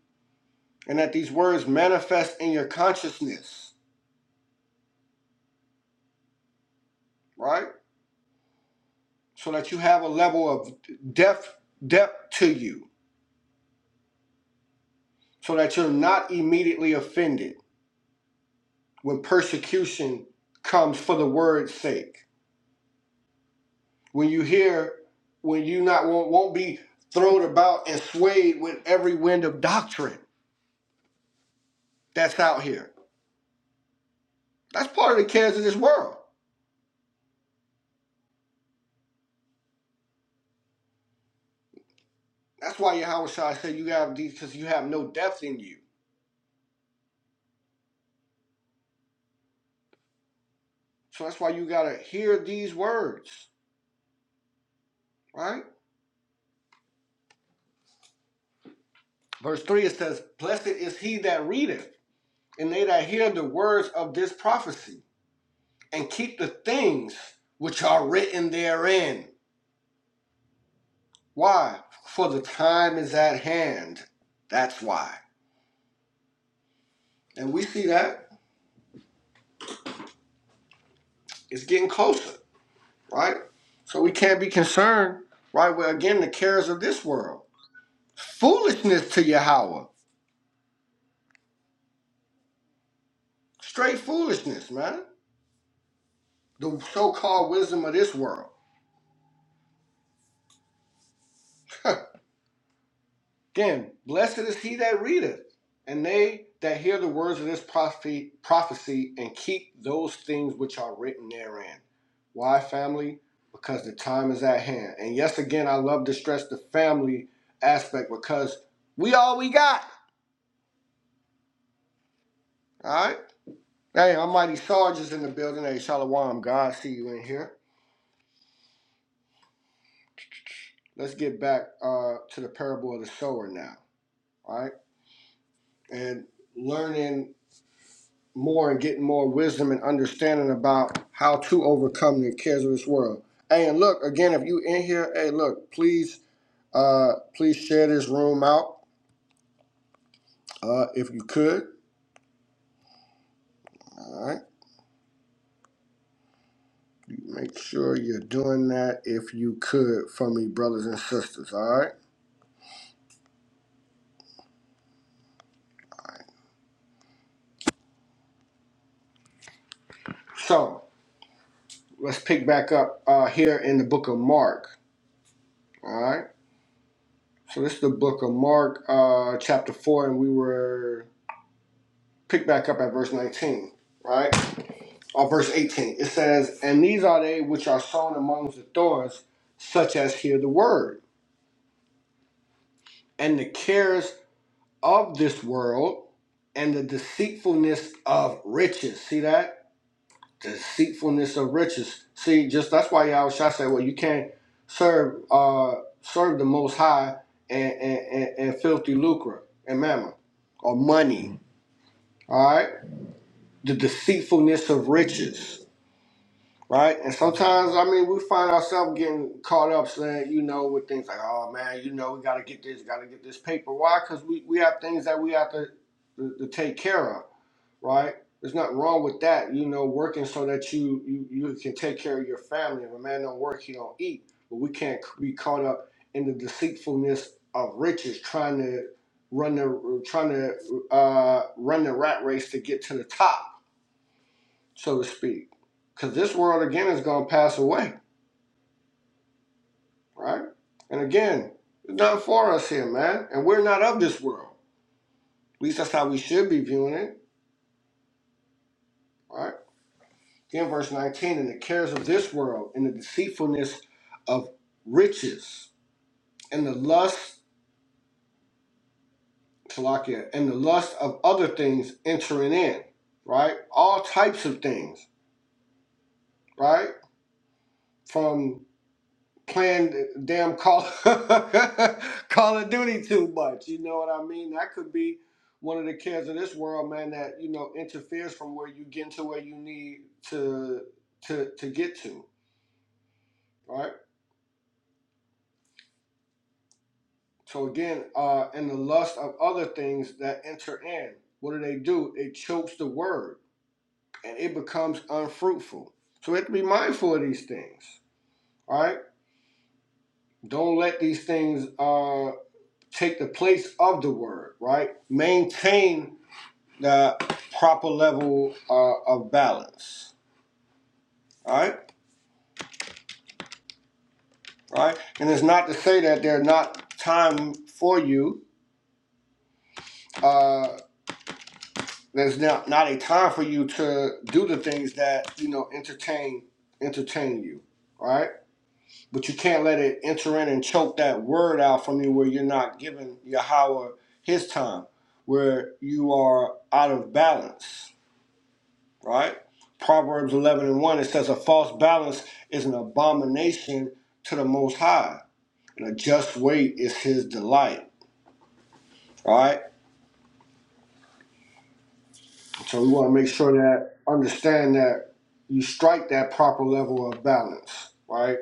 [SPEAKER 2] and that these words manifest in your consciousness, right? So that you have a level of depth, depth to you, so that you're not immediately offended when persecution comes for the word's sake. When you hear, when you not won't, won't be thrown about and swayed with every wind of doctrine that's out here That's part of the cares of this world. That's why Yahweh Shai said you have these because you have no depth in you. So that's why you gotta hear these words, right? Verse three it says, Blessed is he that readeth, and they that hear the words of this prophecy, and keep the things which are written therein. Why? For the time is at hand. That's why. And we see that it's getting closer, right? So we can't be concerned, right, with again the cares of this world Foolishness to Yahweh. Straight foolishness, man. The so called wisdom of this world. Again, blessed is he that readeth, and they that hear the words of this prophecy, prophecy and keep those things which are written therein. Why, family? Because the time is at hand. And yes, again, I love to stress the family aspect because we all we got. All right? Hey, Almighty Sarge is in the building. Hey, Shalom, God, see you in here. Let's get back uh, to the parable of the sower now. all right, and learning more and getting more wisdom and understanding about how to overcome the cares of this world. Hey, and look again, if you in here, hey, look, please, uh, please share this room out, uh, if you could. All right, make sure you're doing that if you could for me, brothers and sisters. All right, so let's pick back up uh, here in the book of Mark. All right, so this is the book of Mark, uh, chapter four, and we were pick back up at verse 19, right? Or verse 18. It says, And these are they which are sown amongst the thorns, such as hear the word, and the cares of this world, and the deceitfulness of riches. See that? Deceitfulness of riches. See, just that's why y'all should say, well, you can't serve uh serve the most high and and, and, and filthy lucre and mammon or money. hmm All right? The deceitfulness of riches. Right? And sometimes, I mean, we find ourselves getting caught up saying, you know, with things like, oh man, you know, we got to get this, got to get this paper. Why? Because we, we have things that we have to, to, to take care of, right? There's nothing wrong with that, you know, working so that you, you you can take care of your family. If a man don't work, he don't eat. But we can't be caught up in the deceitfulness of riches, trying to run the trying to uh, run the rat race to get to the top, so to speak. Because this world again is gonna pass away right? And again, it's not for us here, man. And we're not of this world. At least that's how we should be viewing it, right? Again, verse 19, and the cares of this world, and the deceitfulness of riches, and the lust, Salakia, and the lust of other things entering in, right? All types of things, right? From playing damn Call Call of Duty too much. You know what I mean? That could be one of the cares of this world, man. That you know interferes from where you get to where you need to to to get to, right? So again, uh, and the lust of other things that enter in. What do they do? It chokes the word, and it becomes unfruitful. So we have to be mindful of these things, all right? Don't let these things uh, take the place of the word, right? Maintain the proper level uh, of balance. All right, all right. And it's not to say that there's not time for you. Uh, there's not not a time for you to do the things that you know entertain entertain you. All right, but you can't let it enter in and choke that word out from you where you're not giving Yahweh His time, where you are out of balance. right? Proverbs 11 and 1, it says, A false balance is an abomination to the Most High, and a just weight is His delight, right? So we want to make sure that, understand that you strike that proper level of balance, right?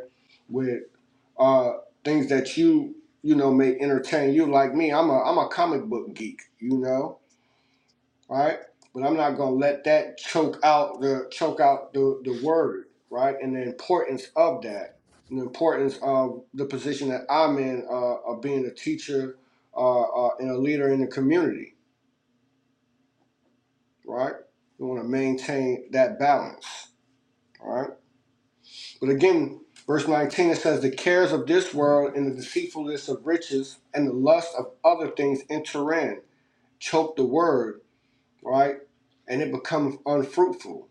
[SPEAKER 2] With uh, things that you, you know, may entertain you. Like me, I'm a, I'm a comic book geek, you know? all right? But I'm not gonna let that choke out the choke out the, the word, right? And the importance of that, and the importance of the position that I'm in, uh, of being a teacher, uh, uh, and a leader in the community, right? We want to maintain that balance, all right? But again, verse 19 it says, "The cares of this world and the deceitfulness of riches and the lust of other things enter in, choke the word, right? And it becomes unfruitful."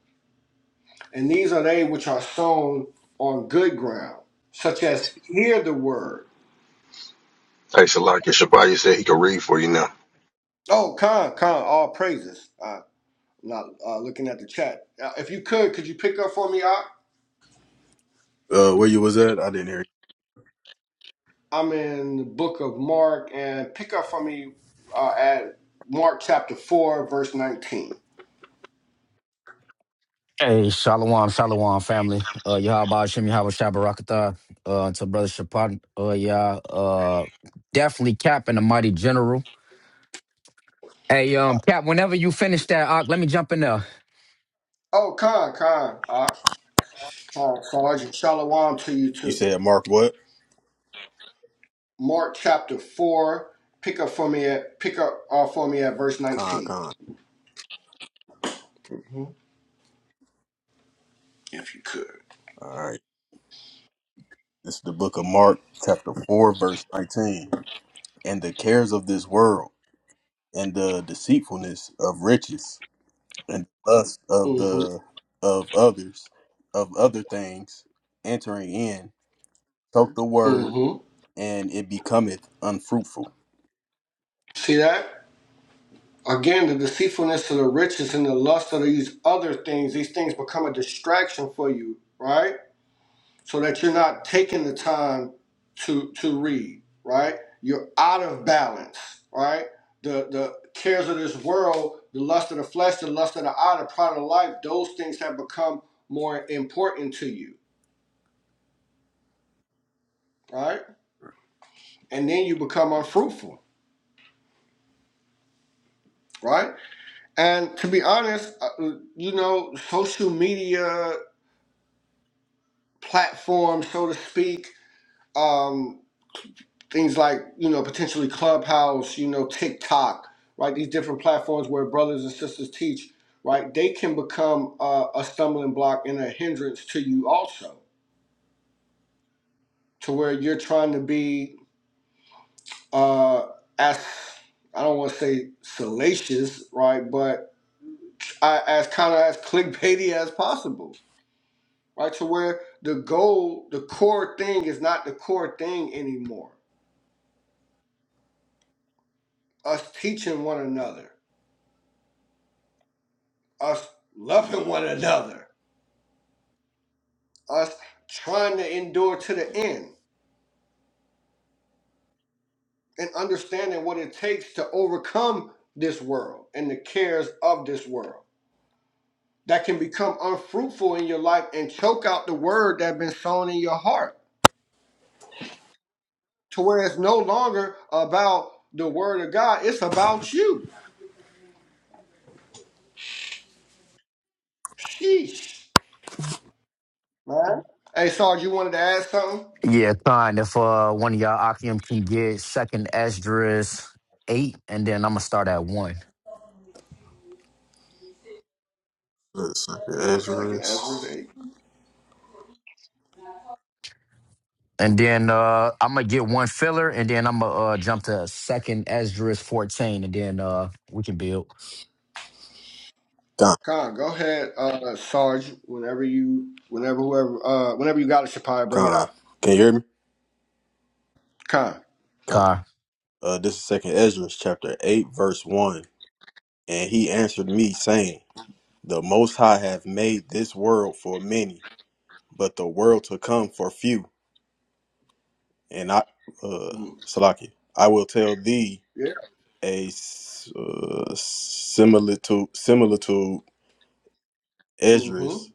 [SPEAKER 2] And these are they which are sown on good ground, such as hear the word.
[SPEAKER 1] Hey, Salaki Shabbat, you said he could read for you now.
[SPEAKER 2] Oh, con, con, all praises. Uh, I'm not uh, looking at the chat. Uh, if you could, could you pick up for me? I,
[SPEAKER 3] Uh, where you was at? I didn't hear you.
[SPEAKER 2] I'm in the book of Mark, and pick up for me uh, at Mark chapter 4, verse 19.
[SPEAKER 4] Hey, Shalom, Shalom family. Uh, Yahweh Shem, Yahweh Shabbarakatah. Uh, to Brother Shapat, uh, yeah, uh, definitely Cap and the Mighty General. Hey, um, Cap, whenever you finish that, uh, let me jump in there.
[SPEAKER 2] Oh, con, con, uh, con, Sergeant Shalom to you
[SPEAKER 3] You
[SPEAKER 2] too.
[SPEAKER 3] said Mark what?
[SPEAKER 2] Mark chapter 4, pick up for me at, pick up uh, for me at verse
[SPEAKER 3] Con,
[SPEAKER 2] 19.
[SPEAKER 3] con.
[SPEAKER 2] Mhm. If you could.
[SPEAKER 3] All right. This is the book of Mark, chapter 4, verse 19. And the cares of this world, and the deceitfulness of riches, and lust of
[SPEAKER 2] Mm-hmm.
[SPEAKER 3] the of others, of other things, entering in, soak the word,
[SPEAKER 2] Mm-hmm.
[SPEAKER 3] and it becometh unfruitful.
[SPEAKER 2] See that? Again, the deceitfulness of the riches and the lust of these other things, these things become a distraction for you, right? So that you're not taking the time to to read, right? You're out of balance, right? The the cares of this world, the lust of the flesh, the lust of the eye, the pride of life, those things have become more important to you, right? And then you become unfruitful, right? And to be honest, uh, you know, social media platform, so to speak. Um, things like you know potentially Clubhouse, you know TikTok, right? These different platforms where brothers and sisters teach, right? They can become uh, a stumbling block and a hindrance to you also, to where you're trying to be uh, as I don't want to say salacious, right? But I, as kind of as clickbaity as possible, right? To where the goal, the core thing is not the core thing anymore us teaching one another, us loving one another, us trying to endure to the end, and understanding what it takes to overcome this world and the cares of this world that can become unfruitful in your life and choke out the word that's been sown in your heart to where it's no longer about the word of God, it's about you. Sheesh, man. Hey, Sarge, you wanted to add something?
[SPEAKER 4] Yeah, fine. If uh, one of y'all Akim can get second Esdras 8, and then I'm going to start at 1.
[SPEAKER 3] Let's look
[SPEAKER 2] You
[SPEAKER 3] at
[SPEAKER 2] said second Ezra's
[SPEAKER 3] Ezra's.
[SPEAKER 2] 8.
[SPEAKER 4] And then uh, I'm going to get one filler, and then I'm going to uh, jump to second Esdras 14, and then uh, we can build.
[SPEAKER 2] Con, go ahead, uh, Sarge. Whenever you, whenever whoever, uh, whenever you got a Shapaya, bring it
[SPEAKER 3] Con,
[SPEAKER 2] up.
[SPEAKER 3] can you hear me?
[SPEAKER 2] Con.
[SPEAKER 3] Con.
[SPEAKER 4] Car.
[SPEAKER 3] Uh, this is Second Ezra, chapter eight, verse one. And he answered me, saying, "The Most High hath made this world for many, but the world to come for few. And I, uh,
[SPEAKER 2] Mm.
[SPEAKER 3] Salaki, I will tell thee
[SPEAKER 2] Yeah.
[SPEAKER 3] a s- uh, similitude, similitude, Ezra,
[SPEAKER 2] Mm-hmm.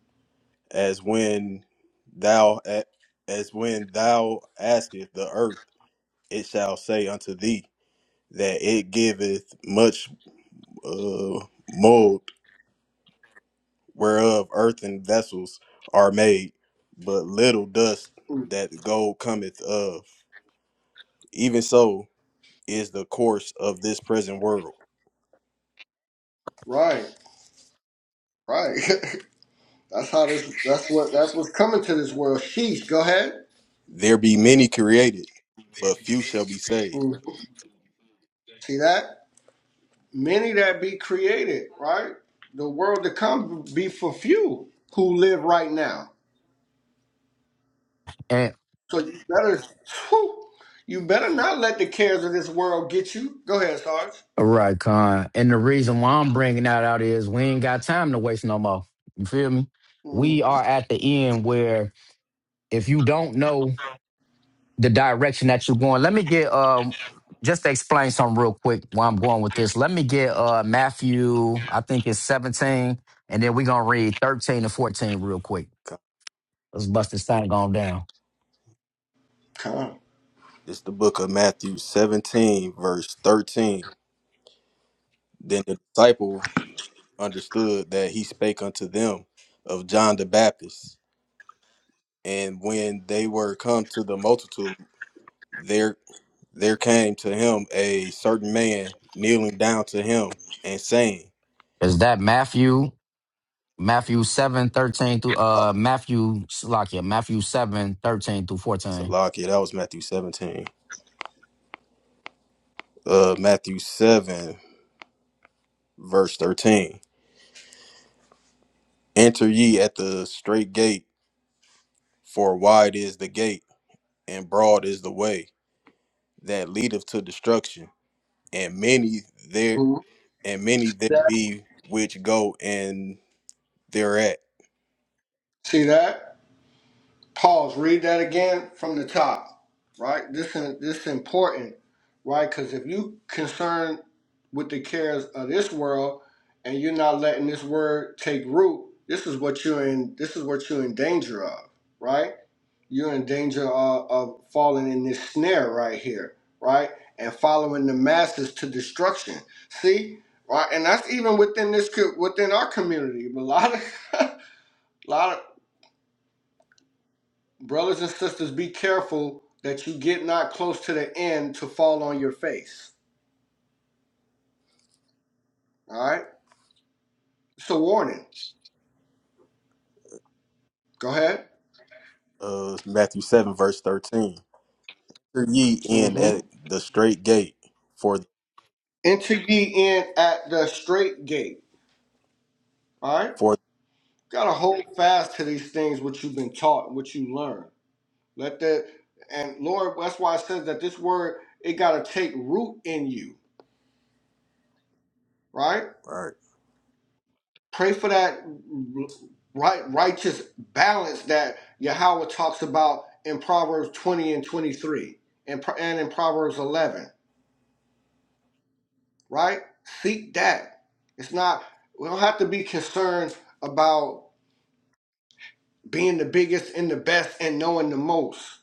[SPEAKER 3] as when thou a- as when thou askest the earth, it shall say unto thee that it giveth much uh, mold whereof earthen vessels are made, but little dust
[SPEAKER 2] Mm.
[SPEAKER 3] that gold cometh of. Even so is the course of this present world.
[SPEAKER 2] Right. Right. that's how this. That's what. That's what's coming to this world. Sheesh. Go ahead.
[SPEAKER 3] There be many created, but few shall be saved.
[SPEAKER 2] Mhm. See that? Many that be created. Right. The world to come be for few who live right now. So you better. whew, you better not let the cares of this world get you. Go ahead, Sarge.
[SPEAKER 4] All right, Con. And the reason why I'm bringing that out is we ain't got time to waste no more. You feel me? We
[SPEAKER 2] Mm-hmm.
[SPEAKER 4] are at the end where if you don't know the direction that you're going, let me get um just to explain something real quick where I'm going with this. Let me get uh Matthew, I think it's 17, and then we're gonna read 13 to 14 real quick. Let's bust this thing on down.
[SPEAKER 2] Con.
[SPEAKER 3] It's the book of Matthew 17, verse 13. Then the disciple understood that he spake unto them of John the Baptist. And when they were come to the multitude, There there came to him a certain man kneeling down to him and saying,
[SPEAKER 4] Is that Matthew? Matthew 7, 13 through
[SPEAKER 3] uh,
[SPEAKER 4] uh Matthew Slock, yeah, Matthew 7, 13 through 14.
[SPEAKER 3] Salakia, that was Matthew 17. Uh, Matthew 7, verse 13. Enter ye at the straight gate, for wide is the gate, and broad is the way that leadeth to destruction, and many there
[SPEAKER 2] Mhm.
[SPEAKER 3] and many there be which go and thereat.
[SPEAKER 2] See that? Pause. Read that again from the top. Right? This is this is important, right? Because if you concerned with the cares of this world and you're not letting this word take root, this is what you're in this is what you're in danger of, right? You're in danger of, of falling in this snare right here, right? And following the masses to destruction. See? Right? And that's even within this co- within our community. A lot of a lot of Brothers and sisters, be careful that you get not close to the end to fall on your face. All right? It's a warning. Go ahead.
[SPEAKER 3] Uh, Matthew 7, verse 13. Enter ye in
[SPEAKER 2] Mm-hmm.
[SPEAKER 3] at the straight gate, for
[SPEAKER 2] Enter ye in at the straight gate. All right?
[SPEAKER 3] for
[SPEAKER 2] Gotta hold fast to these things which you've been taught and what you learn. Let that and Lord, that's why it says that this word it gotta take root in you, right?
[SPEAKER 3] Right.
[SPEAKER 2] Pray for that right righteous balance that Yahweh talks about in Proverbs 20 and 23 and, and in Proverbs 11, right? Seek that. It's not, we don't have to be concerned about being the biggest and the best and knowing the most.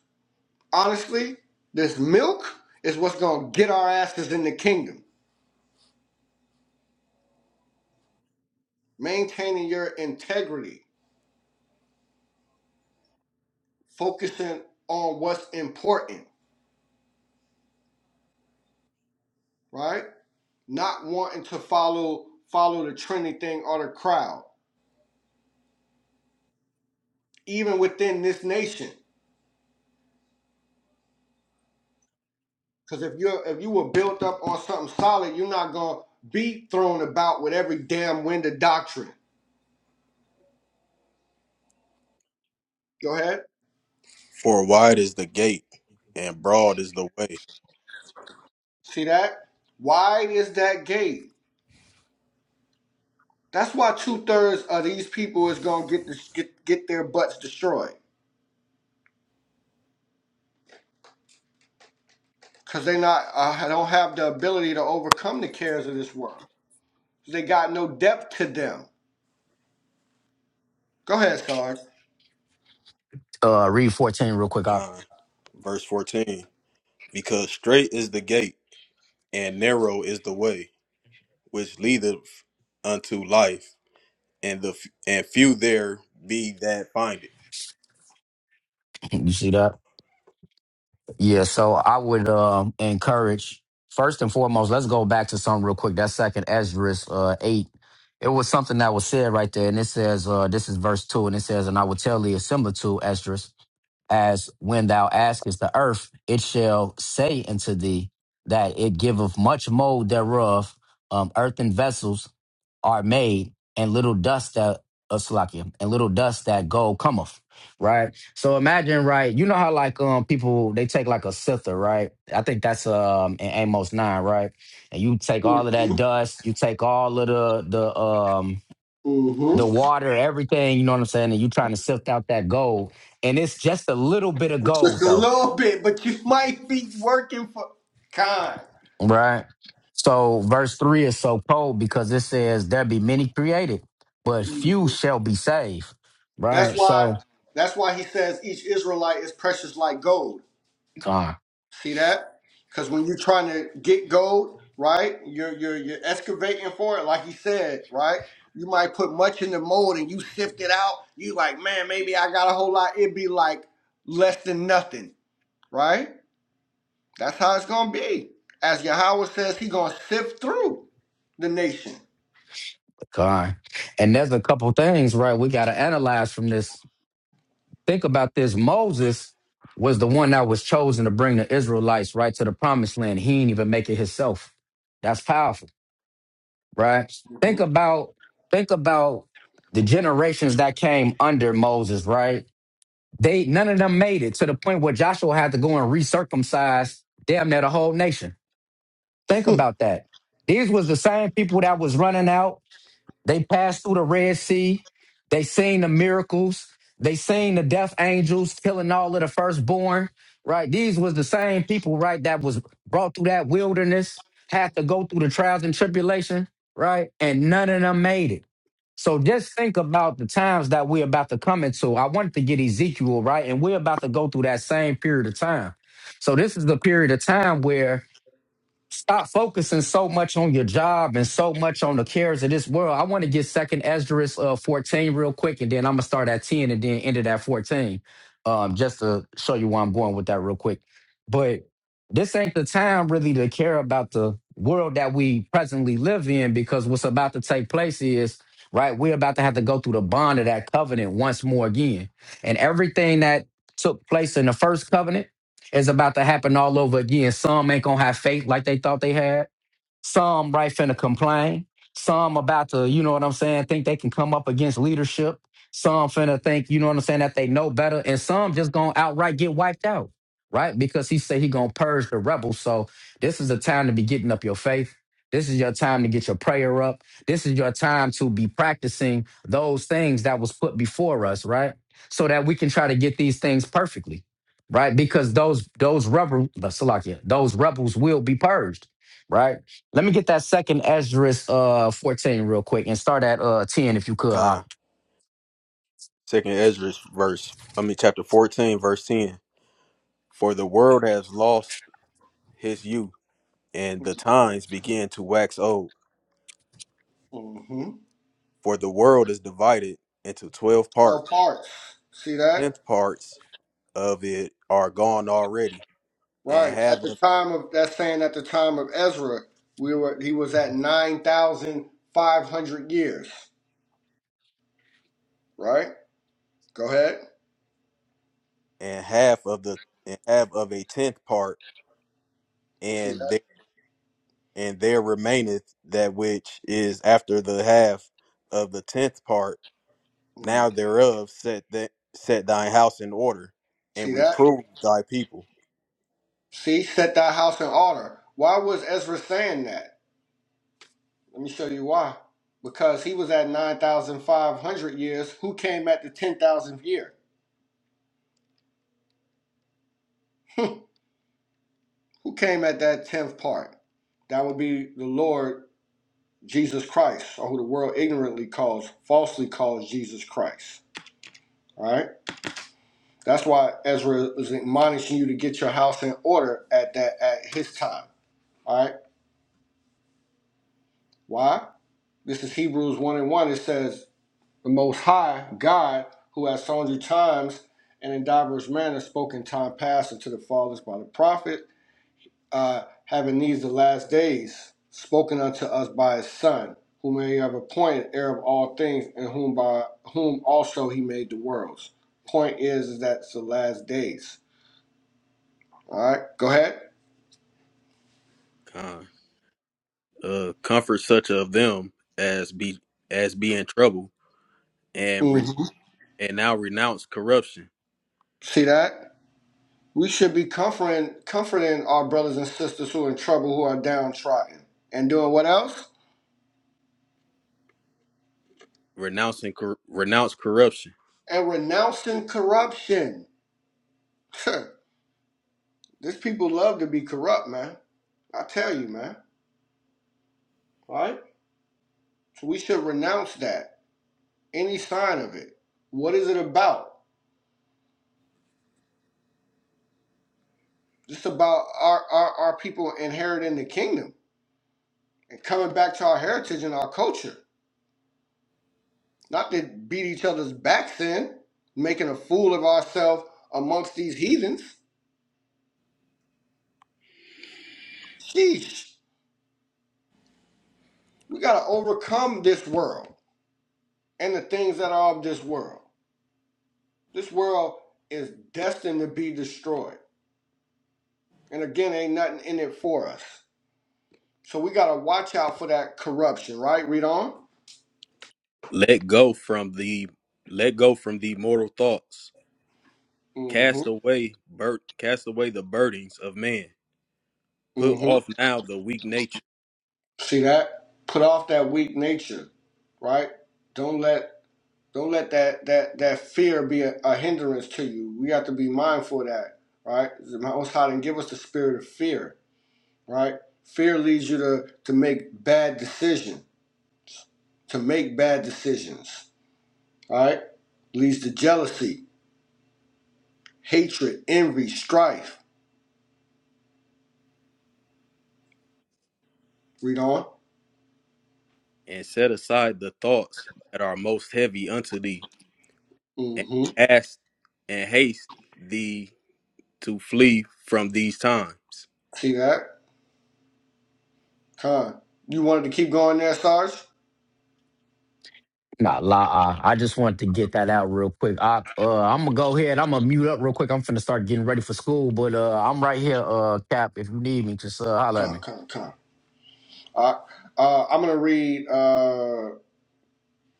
[SPEAKER 2] Honestly, this milk is what's going to get our asses in the kingdom. Maintaining your integrity, focusing on what's important, right? not wanting to follow follow the trendy thing or the crowd, even within this nation. Because if you're if you were built up on something solid, you're not gonna be thrown about with every damn wind of doctrine. Go ahead,
[SPEAKER 3] For wide is the gate, and broad is the way.
[SPEAKER 2] see that? Why is that gay? That's why two thirds of these people is gonna get this, get get their butts destroyed because they not uh, don't have the ability to overcome the cares of this world. They got no depth to them. Go ahead, Sarge.
[SPEAKER 4] uh read 14 real quick I,
[SPEAKER 3] Con. Verse 14. Because straight is the gate, and narrow is the way, which leadeth unto life, and the f- and few there be that find it.
[SPEAKER 4] you see that yeah so i would um encourage first and foremost let's go back to something real quick that second ezra uh 8 it was something that was said right there and it says uh this is verse 2 and it says and i will tell thee a similar to ezra as when thou askest the earth it shall say unto thee that it giveth much mold thereof um, earthen vessels are made, and little dust that uh, Salakia, and little dust that gold cometh. Right. So imagine, right? You know how like um people they take like a sither, right? I think that's um in Amos nine, right? And you take all of
[SPEAKER 2] hmm
[SPEAKER 4] that dust, you take all of the the um the water, everything, you know what I'm saying, and you trying to sift out that gold. And it's just a little bit of gold
[SPEAKER 2] Just a
[SPEAKER 4] though
[SPEAKER 2] little bit, but you might be working for kind.
[SPEAKER 4] Right. So verse three is so cold because it says there be many created, but few
[SPEAKER 2] Mhm.
[SPEAKER 4] shall be saved.
[SPEAKER 2] That's
[SPEAKER 4] Right.
[SPEAKER 2] why
[SPEAKER 4] So
[SPEAKER 2] that's why he says each Israelite is precious like gold.
[SPEAKER 4] God,
[SPEAKER 2] See that? Because when you're trying to get gold, right? You're you're you're excavating for it, like he said, right? You might put much in the mold and you sift it out. You like, man, maybe I got a whole lot. It'd be like less than nothing, right? That's how it's gonna be. As Yahweh says, he gonna sift through the nation.
[SPEAKER 4] God. And there's a couple things, right, we gotta analyze from this. Think about this. Moses was the one that was chosen to bring the Israelites right to the promised land. He ain't even make it himself. That's powerful, right? Think
[SPEAKER 2] hmm
[SPEAKER 4] about think about the generations that came under Moses, right? They none of them made it to the point where Joshua had to go and recircumcise damn near the whole nation. Think about that. These was the same people that was running out they passed through the Red Sea. They seen the miracles. They seen the death angels killing all of the firstborn. Right? These was the same people, right, that was brought through that wilderness, had to go through the trials and tribulation, right? And none of them made it. So just think about the times that we're about to come into. I wanted to get Ezekiel, right? And we're about to go through that same period of time. So this is the period of time where Stop focusing so much on your job and so much on the cares of this world. I want to get second Esdras uh, 14 real quick, and then I'm going to start at 10 and then end it at 14, um, just to show you where I'm going with that real quick. But this ain't the time really to care about the world that we presently live in because what's about to take place is, right, we're about to have to go through the bond of that covenant once more again. And everything that took place in the first covenant, it's about to happen all over again. Some ain't gonna have faith like they thought they had. Some right finna complain. Some about to, you know what I'm saying, think they can come up against leadership. Some finna think, you know what I'm saying, that they know better. And some just gonna outright get wiped out, right? Because he said he gonna purge the rebels. So this is the time to be getting up your faith. This is your time to get your prayer up. This is your time to be practicing those things that was put before us, right? So that we can try to get these things perfectly, right? Because those those rebel, Salakia, those rebels will be purged right? Let me get that second Esdras uh 14 real quick and start at uh 10 if you could. I,
[SPEAKER 3] Con. Second Ezra verse, I mean chapter 14, verse 10. For the world has lost his youth, and the times begin to wax old.
[SPEAKER 2] hmm
[SPEAKER 3] For the world is divided into twelve
[SPEAKER 2] L
[SPEAKER 3] parts,
[SPEAKER 2] parts. See that?
[SPEAKER 3] tenth parts of it are gone already, and
[SPEAKER 2] Right. At
[SPEAKER 3] half
[SPEAKER 2] the
[SPEAKER 3] of
[SPEAKER 2] time of that's saying at the time of Ezra, we were he was at nine thousand five hundred years. Right? Go ahead.
[SPEAKER 3] and half of the and half of a tenth part,
[SPEAKER 2] See
[SPEAKER 3] and
[SPEAKER 2] that?
[SPEAKER 3] there and there remaineth that which is after the half of the tenth part. Now
[SPEAKER 2] Mm.
[SPEAKER 3] thereof set that set thine house in order,
[SPEAKER 2] See
[SPEAKER 3] and
[SPEAKER 2] that?
[SPEAKER 3] reprove thy people.
[SPEAKER 2] See, set thy house in order. Why was Ezra saying that? Let me show you why. Because he was at nine thousand five hundred years. Who came at the ten thousandth year? Who came at that tenth part? That would be the Lord Jesus Christ, or who the world ignorantly calls, falsely calls Jesus Christ. All right. That's why Ezra is admonishing you to get your house in order at that at his time. All right. Why? This is Hebrews one and one. It says, "The Most High God, who has sundry times and in diverse manners spoken time past unto the fathers by the prophets." uh, having these the last days, spoken unto us by his son, whom he have appointed heir of all things, and whom by whom also he made the worlds. Point is, is that's the last days. All right, go ahead.
[SPEAKER 3] Con. Uh, comfort such of them as be as be in trouble, and re,
[SPEAKER 2] Mm-hmm.
[SPEAKER 3] and now renounce corruption,
[SPEAKER 2] See that? We should be comforting, comforting our brothers and sisters who are in trouble, who are downtrodden, and doing what else?
[SPEAKER 3] renouncing cor- renounce corruption
[SPEAKER 2] And renouncing corruption. These people love to be corrupt, man. I tell you, man. All right. So we should renounce that. any sign of it. What is it about? It's about our, our, our people inheriting the kingdom and coming back to our heritage and our culture. Not to beat each other's backs in, making a fool of ourselves amongst these heathens. Sheesh. We got to overcome this world and the things that are of this world. This world is destined to be destroyed. And again, ain't nothing in it for us. So we got to watch out for that corruption, right? Read on.
[SPEAKER 3] Let go from the let go from the mortal thoughts. Cast
[SPEAKER 2] Mm
[SPEAKER 3] away bur- cast away the burdens of man. Put
[SPEAKER 2] hmm.
[SPEAKER 3] off now the weak nature,
[SPEAKER 2] See that? Put off that weak nature, right? Don't let don't let that that that fear be a, a hindrance to you. We have to be mindful of that, right? The Most High didn't give us the spirit of fear, right? Fear leads you to to make bad decision, to make bad decisions, all right? Leads to jealousy, hatred, envy, strife. Read on.
[SPEAKER 3] and set aside the thoughts that are most heavy unto thee, and
[SPEAKER 2] Mm-hmm.
[SPEAKER 3] haste and haste thee to flee from these times.
[SPEAKER 2] See that? Con. You wanted to keep going there, Sarge?
[SPEAKER 4] nah, la uh, I just wanted to get that out real quick. I uh I'm gonna go ahead, I'm gonna mute up real quick. I'm finna start getting ready for school, but uh I'm right here, uh Cap. If you need me, just uh holla at me.
[SPEAKER 2] Con, con, con. Uh, uh, I'm going to read, uh,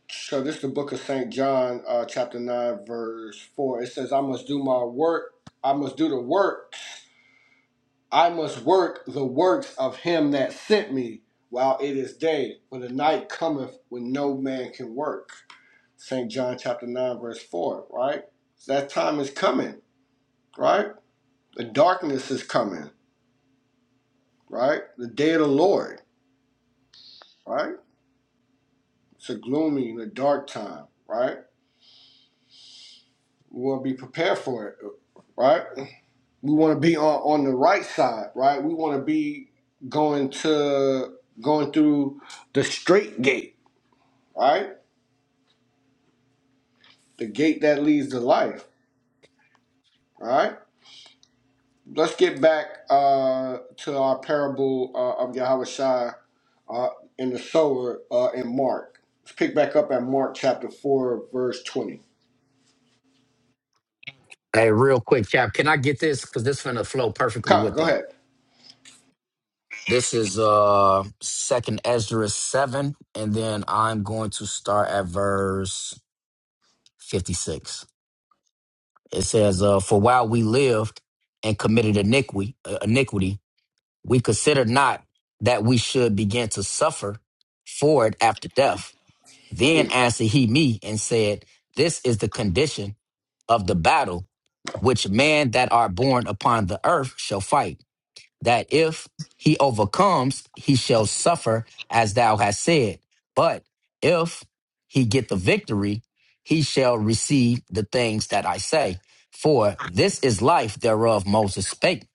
[SPEAKER 2] so this is the book of St. John, uh, chapter 9, verse 4. It says, I must do my work. I must do the works. I must work the works of him that sent me while it is day, for the night cometh when no man can work. St. John, chapter 9, verse 4, right? So that time is coming, right? The darkness is coming, right? The day of the Lord, right? It's a gloomy and a dark time, right? We want to be prepared for it, right? We want to be on, on the right side, right? We want to be going to going through the straight gate, right? The gate that leads to life, right? right? Let's get back uh, to our parable uh, of Yahweh Shai uh, in the sower uh, in Mark. Let's pick back up at Mark chapter 4, verse 20.
[SPEAKER 4] Hey, real quick, Cap, can I get this? Cause this finna flow perfectly
[SPEAKER 2] Con,
[SPEAKER 4] with
[SPEAKER 2] go
[SPEAKER 4] that.
[SPEAKER 2] ahead.
[SPEAKER 4] This is uh second Esdras seven, and then I'm going to start at verse 56. It says, uh, "For while we lived and committed iniquity, uh, iniquity, we considered not that we should begin to suffer for it after death." Then answered he me and said, "This is the condition of the battle, which man that are born upon the earth shall fight." that if he overcomes, he shall suffer as thou hast said. But if he get the victory, he shall receive the things that I say. For this is life thereof Moses spake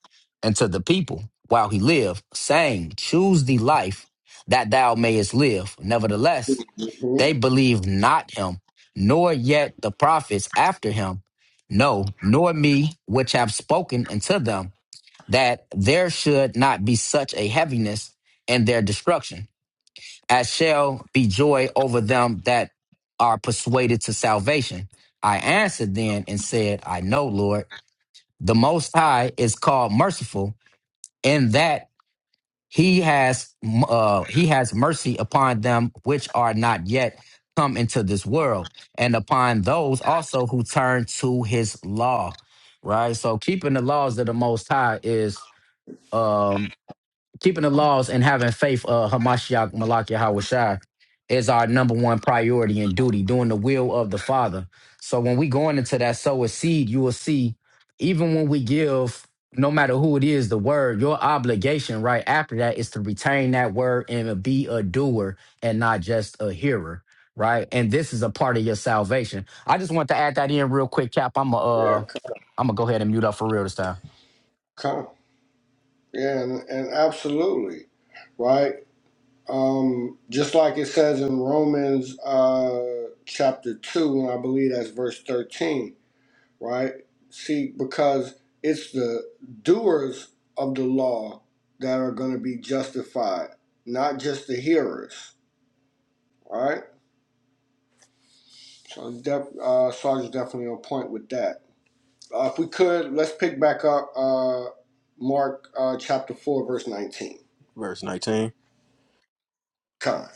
[SPEAKER 4] unto the people while he lived, saying, Choose the life that thou mayest live. Nevertheless,
[SPEAKER 2] Mhm.
[SPEAKER 4] they believed not him, nor yet the prophets after him, no, nor me which have spoken unto them that there should not be such a heaviness in their destruction, as shall be joy over them that are persuaded to salvation. I answered then and said, I know, Lord, the Most High is called merciful, in that he has uh, he has mercy upon them which are not yet come into this world, and upon those also who turn to his law. Right. So keeping the laws of the Most High is um keeping the laws and having faith of Hamashiach Malak Yahawashai is our number one priority and duty, doing the will of the Father. So when we going into that sow a seed, you will see, even when we give, no matter who it is, the word, your obligation right after that is to retain that word and be a doer and not just a hearer. Right. And this is a part of your salvation. I just want to add that in real quick, Cap. I'm going uh
[SPEAKER 2] Yeah, con.
[SPEAKER 4] I'm gonna go ahead and mute up for real this time.
[SPEAKER 2] con. Yeah, and, and absolutely, right? Um, just like it says in Romans uh, chapter 2, and I believe that's verse 13, right? See, because it's the doers of the law that are going to be justified, not just the hearers, right? So def- uh, Sarge is definitely on point with that. Uh, if we could, let's pick back up uh, Mark uh, chapter 4, verse 19.
[SPEAKER 3] Verse nineteen.
[SPEAKER 2] Come.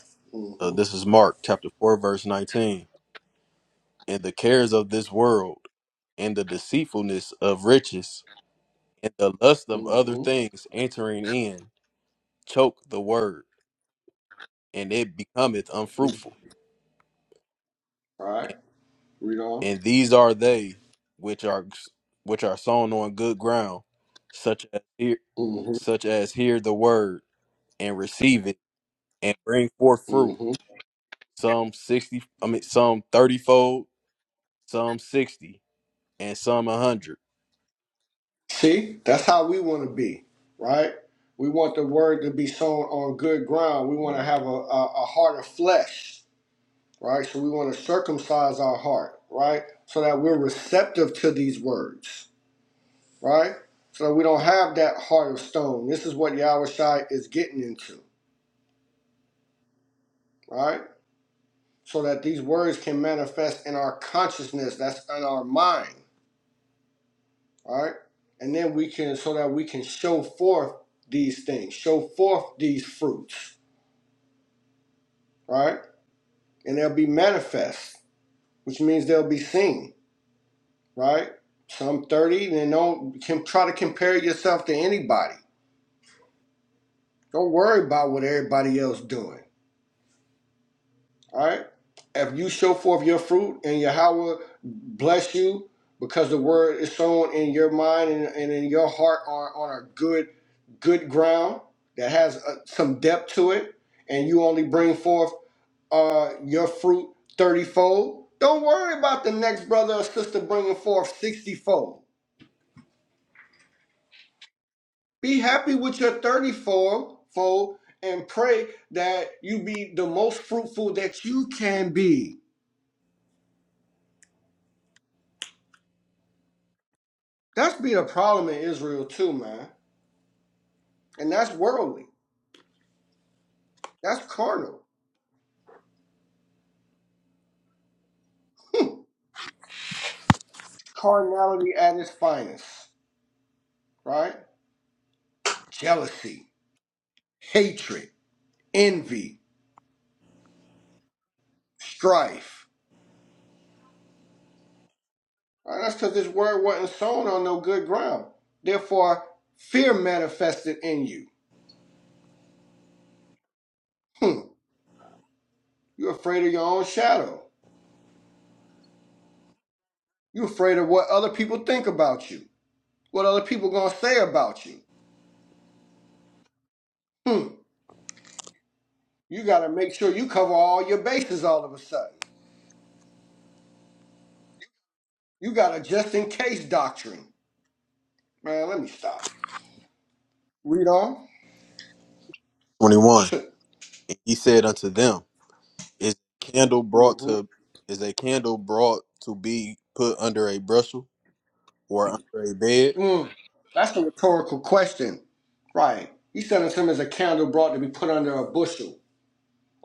[SPEAKER 3] Uh,
[SPEAKER 2] Mm-hmm.
[SPEAKER 3] this is Mark chapter four, verse nineteen. And the cares of this world, and the deceitfulness of riches, and the lust of other
[SPEAKER 2] Mm-hmm.
[SPEAKER 3] things entering in choke the word, and it becometh
[SPEAKER 2] Mm-hmm.
[SPEAKER 3] unfruitful.
[SPEAKER 2] All right. Read on.
[SPEAKER 3] And these are they which are which are sown on good ground, such as hear,
[SPEAKER 2] Mm-hmm.
[SPEAKER 3] such as hear the word and receive it and bring forth fruit.
[SPEAKER 2] Mm-hmm.
[SPEAKER 3] Some sixty, I mean, some thirtyfold, some sixty, and some a hundred.
[SPEAKER 2] See, that's how we want to be, right? We want the word to be sown on good ground. We want to have a, a, a heart of flesh, right? So we want to circumcise our heart, right? So that we're receptive to these words, right? So that we don't have that heart of stone. This is what Yahweh Shai is getting into, right? So that these words can manifest in our consciousness, that's in our mind, right? And then we can, so that we can show forth these things, show forth these fruits right? And they'll be manifest, which means they'll be seen, right? So I'm 30, and don't can try to compare yourself to anybody. Don't worry about what everybody else doing, all right? If you show forth your fruit and Yahweh bless you because the word is sown in your mind and, and in your heart on, on a good good ground that has uh some depth to it, and you only bring forth uh, your fruit 30 fold. Don't worry about the next brother or sister bringing forth 60 fold. Be happy with your 30 fold, fold and pray that you be the most fruitful that you can be. That's be the problem in Israel too, man. And that's worldly. That's carnal. Hmm. Carnality at its finest, right? Jealousy, hatred, envy, strife. Uh, that's because this word wasn't sown on no good ground. Therefore, fear manifested in you. Hmm. You're afraid of your own shadow. You're afraid of what other people think about you. What other people gonna say about you. Hmm. You gotta make sure you cover all your bases all of a sudden. You got a just in case doctrine. Man, let me stop. Read on.
[SPEAKER 3] Twenty-one. And he said unto them, Is a candle brought
[SPEAKER 2] hmm
[SPEAKER 3] to is a candle brought to be put under a bushel or under a bed,
[SPEAKER 2] mm. That's a rhetorical question. Right. He sent us him as a candle brought to be put under a bushel.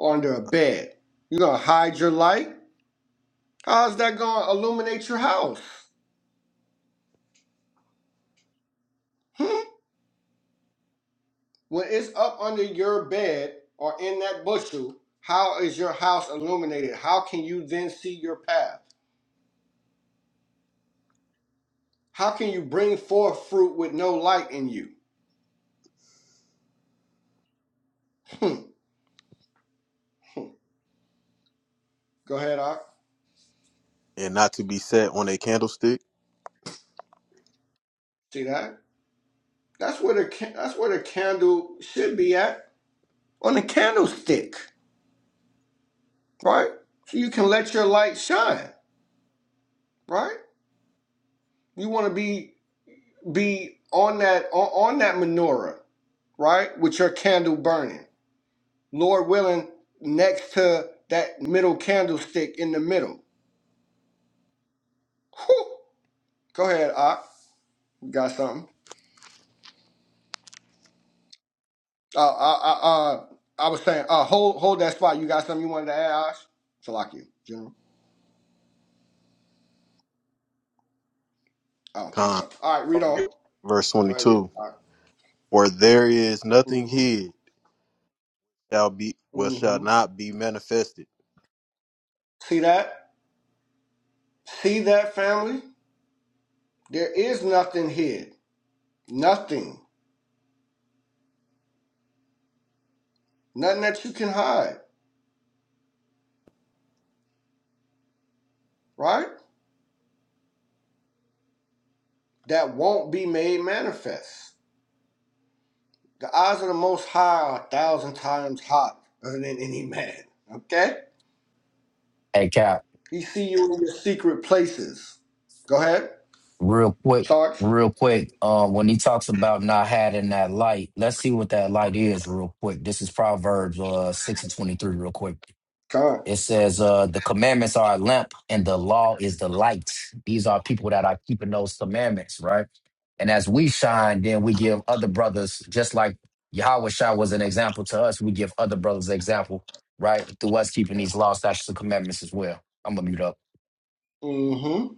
[SPEAKER 2] under a bed. You gonna hide your light? How's that gonna illuminate your house? Hmm? When it's up under your bed or in that bushel, how is your house illuminated? How can you then see your path? How can you bring forth fruit with no light in you? Hmm. Go ahead, Ark.
[SPEAKER 3] and not to be set on a candlestick?
[SPEAKER 2] See that? That's where the ca- that's where the candle should be at on the candlestick, right? So you can let your light shine, right? You want to be be on that on, on that menorah, right? With your candle burning. Lord willing, next to that middle candlestick in the middle. Whew. Go ahead, I got something. Uh, I, I, uh, I was saying, uh, hold hold that spot. You got something you wanted to add, Ash? Salaki, General. I don't think
[SPEAKER 3] Con,
[SPEAKER 2] so. All right, read on.
[SPEAKER 3] verse
[SPEAKER 2] Go ahead, read.
[SPEAKER 3] 22.
[SPEAKER 2] All right.
[SPEAKER 3] For there is nothing
[SPEAKER 2] Mm-hmm.
[SPEAKER 3] hid shall be well shall
[SPEAKER 2] Mm-hmm.
[SPEAKER 3] not be manifested.
[SPEAKER 2] See that? See that, family? There is nothing hid. Nothing. Nothing that you can hide, right? that won't be made manifest. The eyes of the Most High are a thousand times hotter than any man. Okay?
[SPEAKER 4] Hey Cap.
[SPEAKER 2] He see you in your secret places. Go ahead,
[SPEAKER 4] Real quick,
[SPEAKER 2] Sarge.
[SPEAKER 4] real quick. Um, when he talks about not having that light, let's see what that light is real quick. This is Proverbs uh six and twenty three, real quick.
[SPEAKER 2] Come. on.
[SPEAKER 4] It says, uh, the commandments are a lamp and the law is the light. These are people that are keeping those commandments, right? And as we shine, then we give other brothers, just like Yahweh Shah was an example to us, we give other brothers an example, right? Through us keeping these law, statutes, and commandments as well. I'm gonna mute up.
[SPEAKER 2] Mm-hmm.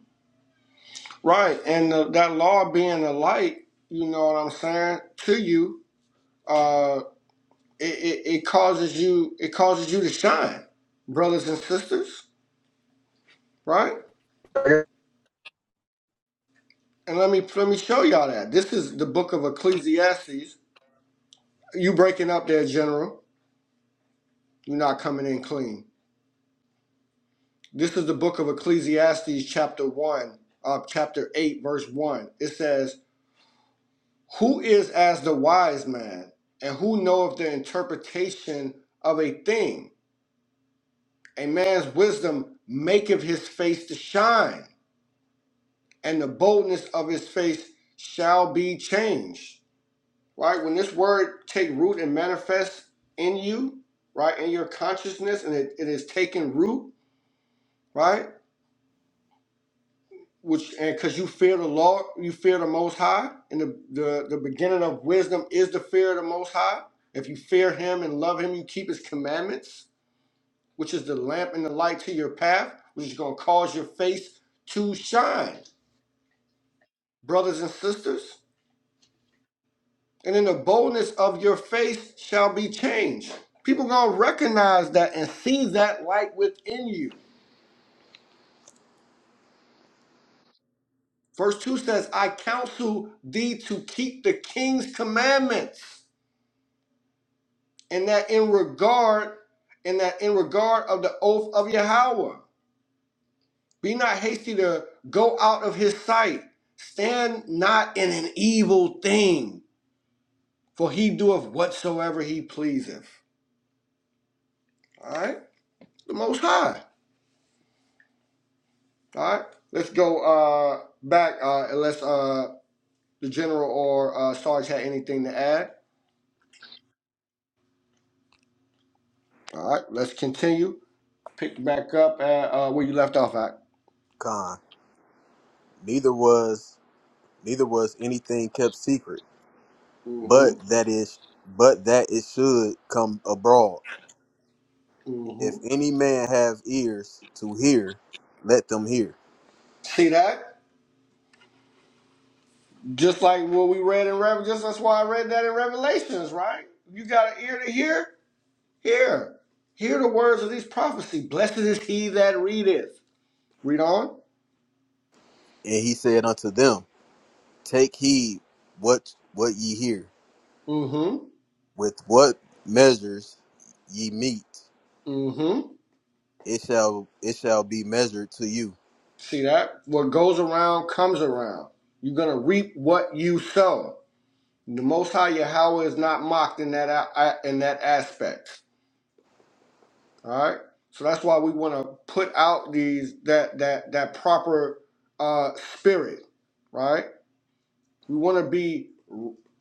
[SPEAKER 2] Right, and the, that law being a light, you know what I'm saying, to you, uh, it, it, it causes you it causes you to shine, brothers and sisters. Right, and let me let me show y'all that. This is the book of Ecclesiastes. You breaking up there, General? You're not coming in clean. This is the book of Ecclesiastes, chapter 1, uh, chapter 8, verse 1. It says, Who is as the wise man, and who knoweth the interpretation of a thing? A man's wisdom maketh his face to shine, and the boldness of his face shall be changed. Right? When this word take root and manifest in you, right, in your consciousness, and it, it is taking root, right? which and because you fear the Lord, you fear the Most High, and the, the the beginning of wisdom is the fear of the Most High. If you fear Him and love Him, you keep His commandments, which is the lamp and the light to your path, which is going to cause your face to shine, brothers and sisters. And then the boldness of your face shall be changed. People gonna recognize that and see that light within you. Verse two says, "I counsel thee to keep the king's commandments." and that in regard and that in regard of the oath of Yahweh, be not hasty to go out of his sight. Stand not in an evil thing, for he doeth whatsoever he pleaseth. All right, the Most High. All right, let's go uh, back uh, unless uh, the general or uh, Sarge had anything to add. All right, let's continue. Pick back up at uh, where you left off at.
[SPEAKER 3] Con, neither was neither was anything kept secret, but
[SPEAKER 2] Mm-hmm.
[SPEAKER 3] that is but that it should come abroad.
[SPEAKER 2] Mm-hmm.
[SPEAKER 3] If any man have ears to hear, let them hear.
[SPEAKER 2] See that? Just like what we read in Revelation, just that's why I read that in Revelations, right? You got an ear to hear, hear, hear the words of these prophecy. Blessed is he that readeth. Read on.
[SPEAKER 3] And he said unto them, Take heed what what ye hear,
[SPEAKER 2] Mm-hmm.
[SPEAKER 3] with what measures ye meet,
[SPEAKER 2] Mm-hmm.
[SPEAKER 3] it shall it shall be measured to you,
[SPEAKER 2] See that? What goes around comes around. You're gonna reap what you sow. The Most High Yahweh is not mocked in that a- in that aspect. All right. So that's why we want to put out these that that that proper uh, spirit, right? We want to be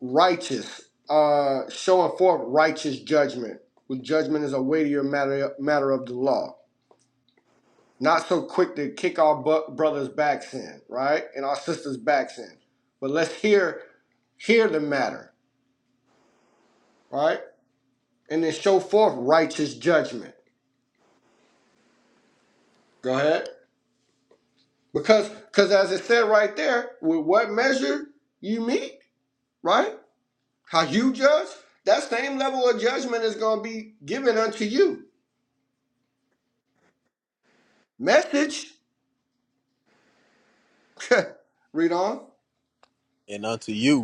[SPEAKER 2] righteous, uh, showing forth righteous judgment. With judgment is a weightier matter matter of the law. Not so quick to kick our brothers' backs in, right, and our sisters' backs in. But let's hear hear the matter, right, and then show forth righteous judgment. Go ahead, because because as it said right there, with what measure you meet, right, how you judge, that same level of judgment is going to be given unto you Message. Read on.
[SPEAKER 3] and unto you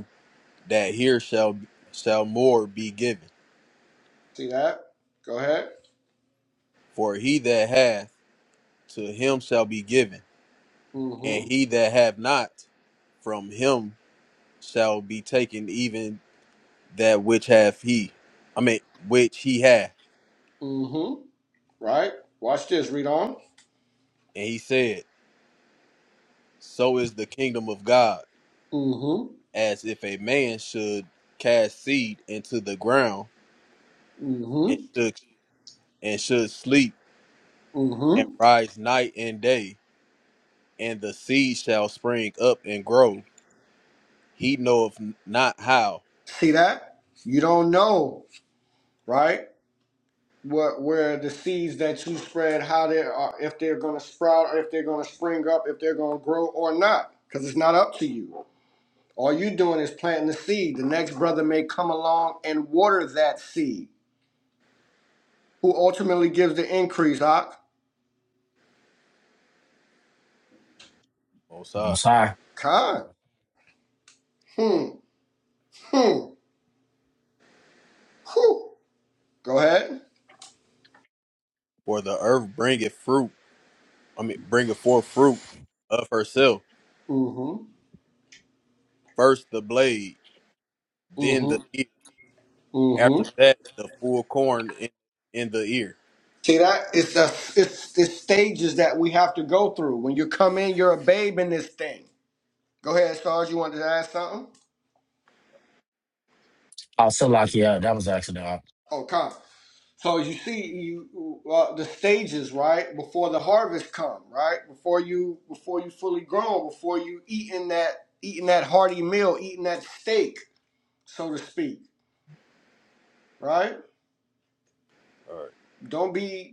[SPEAKER 3] that here shall shall more be given.
[SPEAKER 2] See that? Go ahead.
[SPEAKER 3] For he that hath to him shall be given, and
[SPEAKER 2] Mm-hmm.
[SPEAKER 3] he that hath not from him shall be taken even that which hath he. I mean which he hath.
[SPEAKER 2] Mm-hmm. Right. Watch this. Read on.
[SPEAKER 3] And he said, So is the kingdom of God,
[SPEAKER 2] Mm-hmm.
[SPEAKER 3] as if a man should cast seed into the ground and
[SPEAKER 2] Mm-hmm.
[SPEAKER 3] should and should sleep and
[SPEAKER 2] Mm-hmm.
[SPEAKER 3] rise night and day, and the seed shall spring up and grow. He knoweth not how.
[SPEAKER 2] See that? You don't know, right? What where the seeds that you spread, how they are, if they're gonna sprout, or if they're gonna spring up, if they're gonna grow or not, because it's not up to you. All you doing is planting the seed. The next brother may come along and water that seed. Who ultimately gives the increase? Ah,
[SPEAKER 4] Oh, sorry.
[SPEAKER 2] Khan. Hmm. Hmm. Whew. Go ahead.
[SPEAKER 3] For the earth bringeth fruit, I mean, bringeth forth fruit of herself.
[SPEAKER 2] Mm-hmm.
[SPEAKER 3] First the blade, then the
[SPEAKER 2] Mm-hmm.
[SPEAKER 3] ear. After
[SPEAKER 2] Mm-hmm.
[SPEAKER 3] that, the full corn in, in the ear.
[SPEAKER 2] See that? It's a, it's the stages that we have to go through. When you come in, you're a babe in this thing. Go ahead, stars. You wanted to add something?
[SPEAKER 4] Oh, so lucky. Yeah, that was an accident.
[SPEAKER 2] Oh, come. So you see, you uh, the stages, right? Before the harvest come, right? Before you, before you fully grown, before you eating that, eating that hearty meal, eating that steak, so to speak, right?
[SPEAKER 3] All right.
[SPEAKER 2] Don't be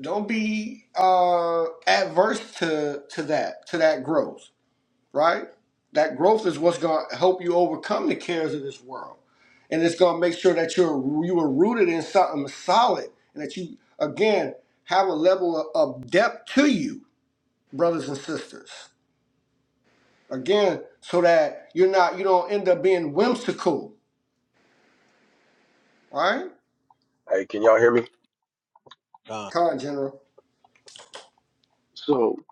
[SPEAKER 2] don't be uh adverse to to that to that growth right that growth is what's going to help you overcome the cares of this world and it's going to make sure that you're you are rooted in something solid and that you again have a level of, of depth to you brothers and sisters again so that you're not you don't end up being whimsical right
[SPEAKER 1] Hey, can y'all hear me?
[SPEAKER 3] Con-
[SPEAKER 2] con general
[SPEAKER 1] So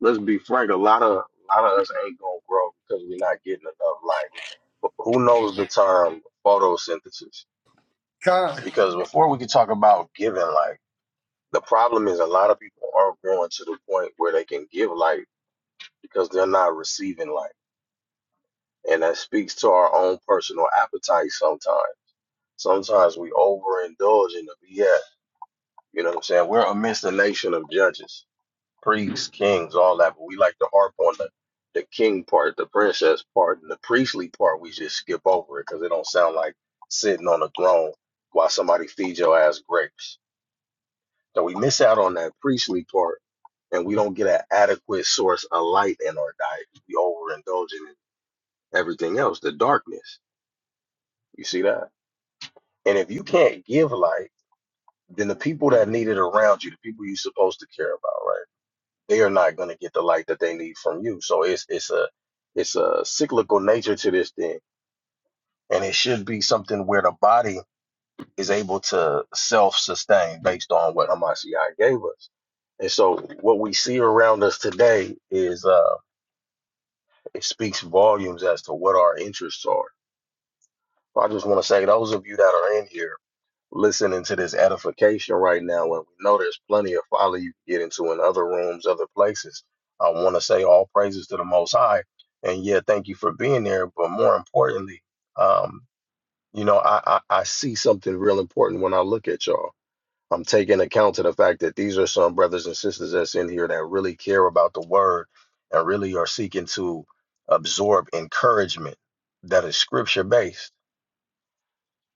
[SPEAKER 1] let's be frank. A lot of a lot of us ain't gonna grow because we're not getting enough light. But who knows the term photosynthesis?
[SPEAKER 2] con
[SPEAKER 1] Because before we could talk about giving light, the problem is a lot of people aren't growing to the point where they can give light because they're not receiving light, and that speaks to our own personal appetite. Sometimes, sometimes we overindulge in the BS. You know what I'm saying? We're amidst a nation of judges priests, kings, all that. But we like to harp on the, the king part, the princess part, and the priestly part. We just skip over it because it don't sound like sitting on a throne while somebody feeds your ass grapes. So we miss out on that priestly part, and we don't get an adequate source of light in our diet. We overindulge in everything else, the darkness. You see that? And if you can't give light, then the people that need it around you, the people you're supposed to care about, right? they are not going to get the light that they need from you. So it's it's a it's a cyclical nature to this thing, and it should be something where the body is able to self sustain based on what Hamashiach gave us. And so what we see around us today is uh, it speaks volumes as to what our interests are. I just want to say those of you that are in here listening to this edification right now and we know there's plenty of folly you can get into in other rooms, other places. I want to say all praises to the Most High. And yeah, thank you for being there. But more importantly, um, you know, I, I, I see something real important when I look at y'all. I'm taking account to the fact that these are some brothers and sisters that's in here that really care about the word and really are seeking to absorb encouragement that is scripture based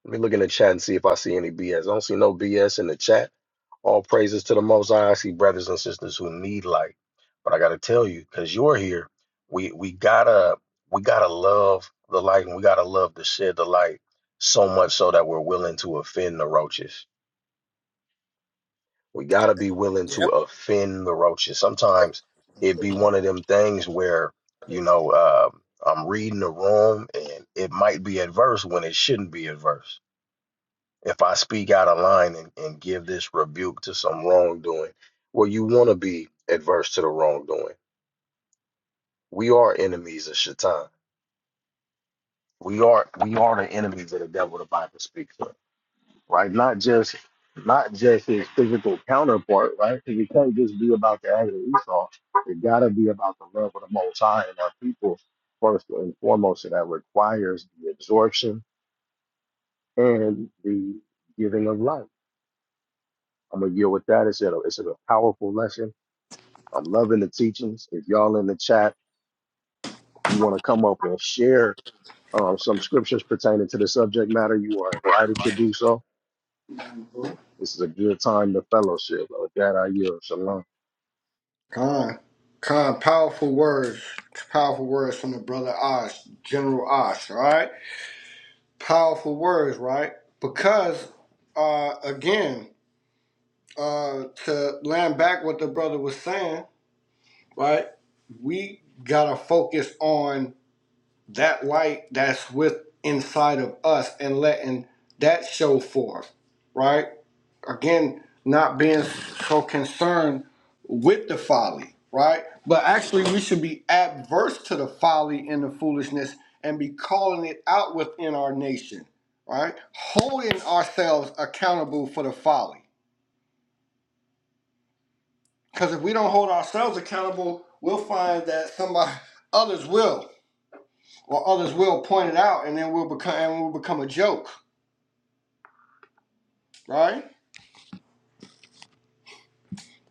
[SPEAKER 1] let me look in the chat and see if I see any BS. I don't see no BS in the chat. All praises to the Most High. I see brothers and sisters who need light, but I gotta tell you, because you're here, we we gotta we gotta love the light and we gotta love to shed the light so much so that we're willing to offend the roaches. We gotta be willing to offend the roaches. Sometimes it be one of them things where you know uh, I'm reading the room and it might be adverse when it shouldn't be adverse if I speak out of line and, and give this rebuke to some wrongdoing, well, you want to be adverse to the wrongdoing. We are enemies of Shaitan. We are we are the enemies of the devil. The Bible speaks of, right? Not just not just his physical counterpart, right? Because it can't just be about the anger of Esau. It got to be about the love of the Most High and our people first and foremost. And that requires the absorption and the giving of life. I'm gonna deal with that. It's a it's a powerful lesson I'm loving the teachings. If y'all in the chat, if you want to come up and share um, some scriptures pertaining to the subject matter, you are invited to do so. This is a good time to fellowship. With that, I yield. Shalom.
[SPEAKER 2] Con, con, powerful words, powerful words from the brother Osh, General Osh. All right, powerful words, right? Because, uh, again, uh, to land back what the brother was saying, right? We gotta focus on that light that's with inside of us and letting that show forth, right? again not being so concerned with the folly right but actually we should be adverse to the folly and the foolishness and be calling it out within our nation right holding ourselves accountable for the folly because if we don't hold ourselves accountable we'll find that somebody others will or others will point it out and then we'll become and we'll become a joke right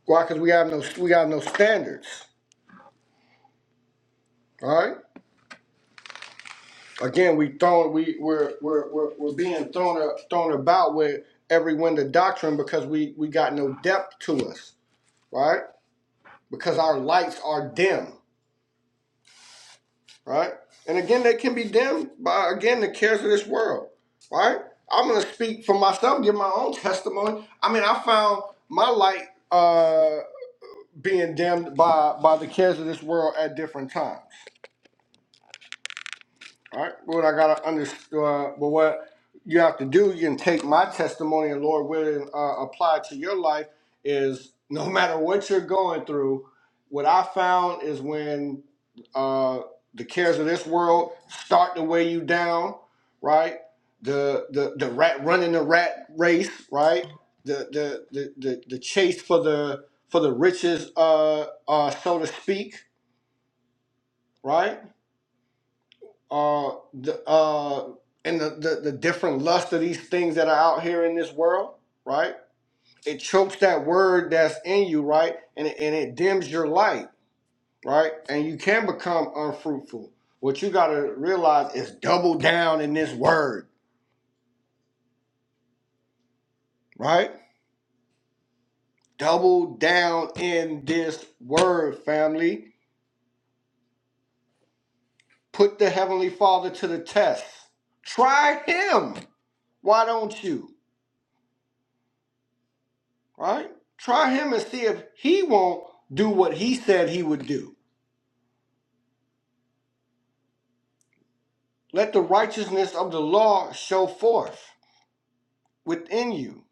[SPEAKER 2] why because we have no we have no standards right again we thrown we we're we're we're, we're being thrown thrown about with every wind of doctrine because we we got no depth to us right because our lights are dim right and again they can be dimmed by again the cares of this world right i'm gonna speak for myself give my own testimony i mean i found my light uh being dimmed by by the cares of this world at different times All right, Lord, I gotta understand. Uh, well, what you have to do, you can take my testimony, and Lord, willing, uh, apply to your life is no matter what you're going through. What I found is when uh, the cares of this world start to weigh you down, right? The the the rat running the rat race, right? The the the the, the chase for the for the riches, uh, uh, so to speak, right? uh the uh and the, the the different lust of these things that are out here in this world right it chokes that word that's in you right and it, and it dims your light right and you can become unfruitful what you got to realize is double down in this word right double down in this word family put the heavenly father to the test try him why don't you right? Try him and see if he won't do what he said he would do. Let the righteousness of the law show forth within you.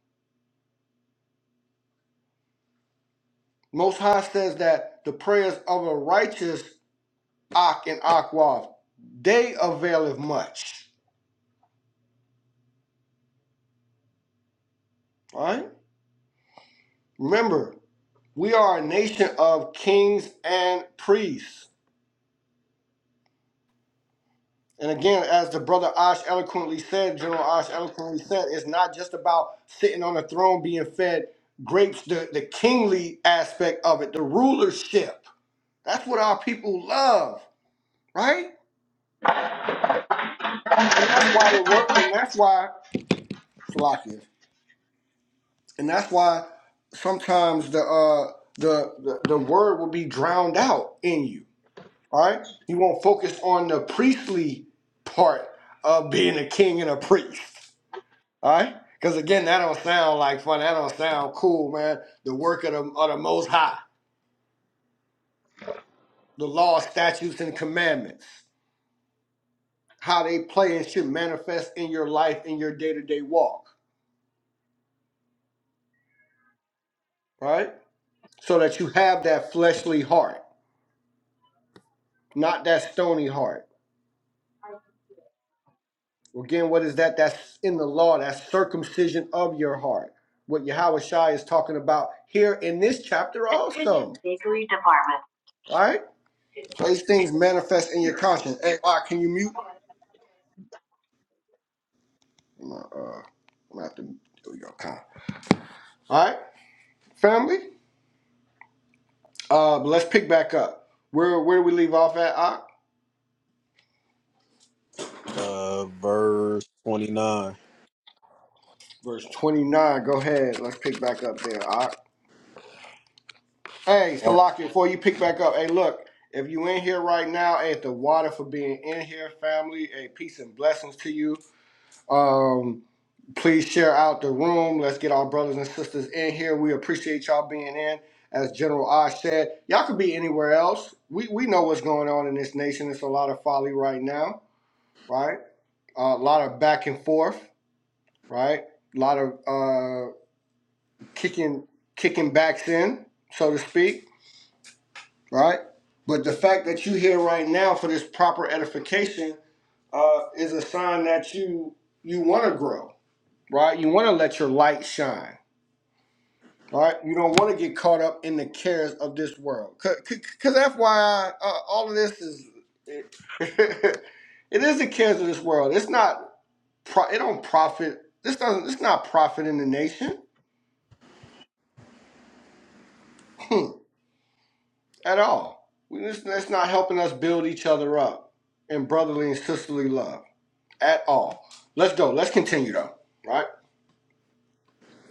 [SPEAKER 2] Most High says that the prayers of a righteous Ak and Akwav, they availeth much. Right, Remember, we are a nation of kings and priests. And again, as the brother Osh eloquently said, General Osh eloquently said, it's not just about sitting on a throne being fed grapes, the, the kingly aspect of it, the rulership. That's what our people love, right? And that's why the work and that's why Salakia. And that's why sometimes the uh the, the the word will be drowned out in you. All right? You won't focus on the priestly part of being a king and a priest. All right? Because again, that don't sound like fun. That don't sound cool, man. The work of the, of the Most High, the law, statutes, and commandments, how they play and should manifest in your life, in your day to day walk, right? So that you have that fleshly heart, not that stony heart. Again, what is that? That's in the law, that's circumcision of your heart. What Yahweh Shai is talking about here in this chapter also.
[SPEAKER 1] Attention bakery department.
[SPEAKER 2] All right? So these things manifest in your conscience. Hey, all right, can you mute? My, uh, I'm at the, there we go, Con. All right, family. Uh, let's pick back up. Where where do we leave off at? Ock?
[SPEAKER 3] Uh, verse 29.
[SPEAKER 2] Verse 29. Go ahead. Let's pick back up there. Ock. Hey,
[SPEAKER 3] Mark,
[SPEAKER 2] Salaki, before you pick back up, hey, look. If you in here right now, hey, the water for being in here, family. Hey, peace and blessings to you. Um, Please share out the room. Let's get our brothers and sisters in here. We appreciate y'all being in. As General Osh said, y'all could be anywhere else. We we know what's going on in this nation. It's a lot of folly right now, right? a lot of back and forth, right? A lot of uh, kicking kicking backs in, so to speak, right? But the fact that you here right now for this proper edification uh, is a sign that you you want to grow, right? You want to let your light shine All right, you don't want to get caught up in the cares of this world, because FYI, uh, all of this is it is the cares of this world. It's not pro, it don't profit. This doesn't. It's not profiting the nation at all. We just, that's not helping us build each other up in brotherly and sisterly love at all. Let's go. Let's continue though. Right.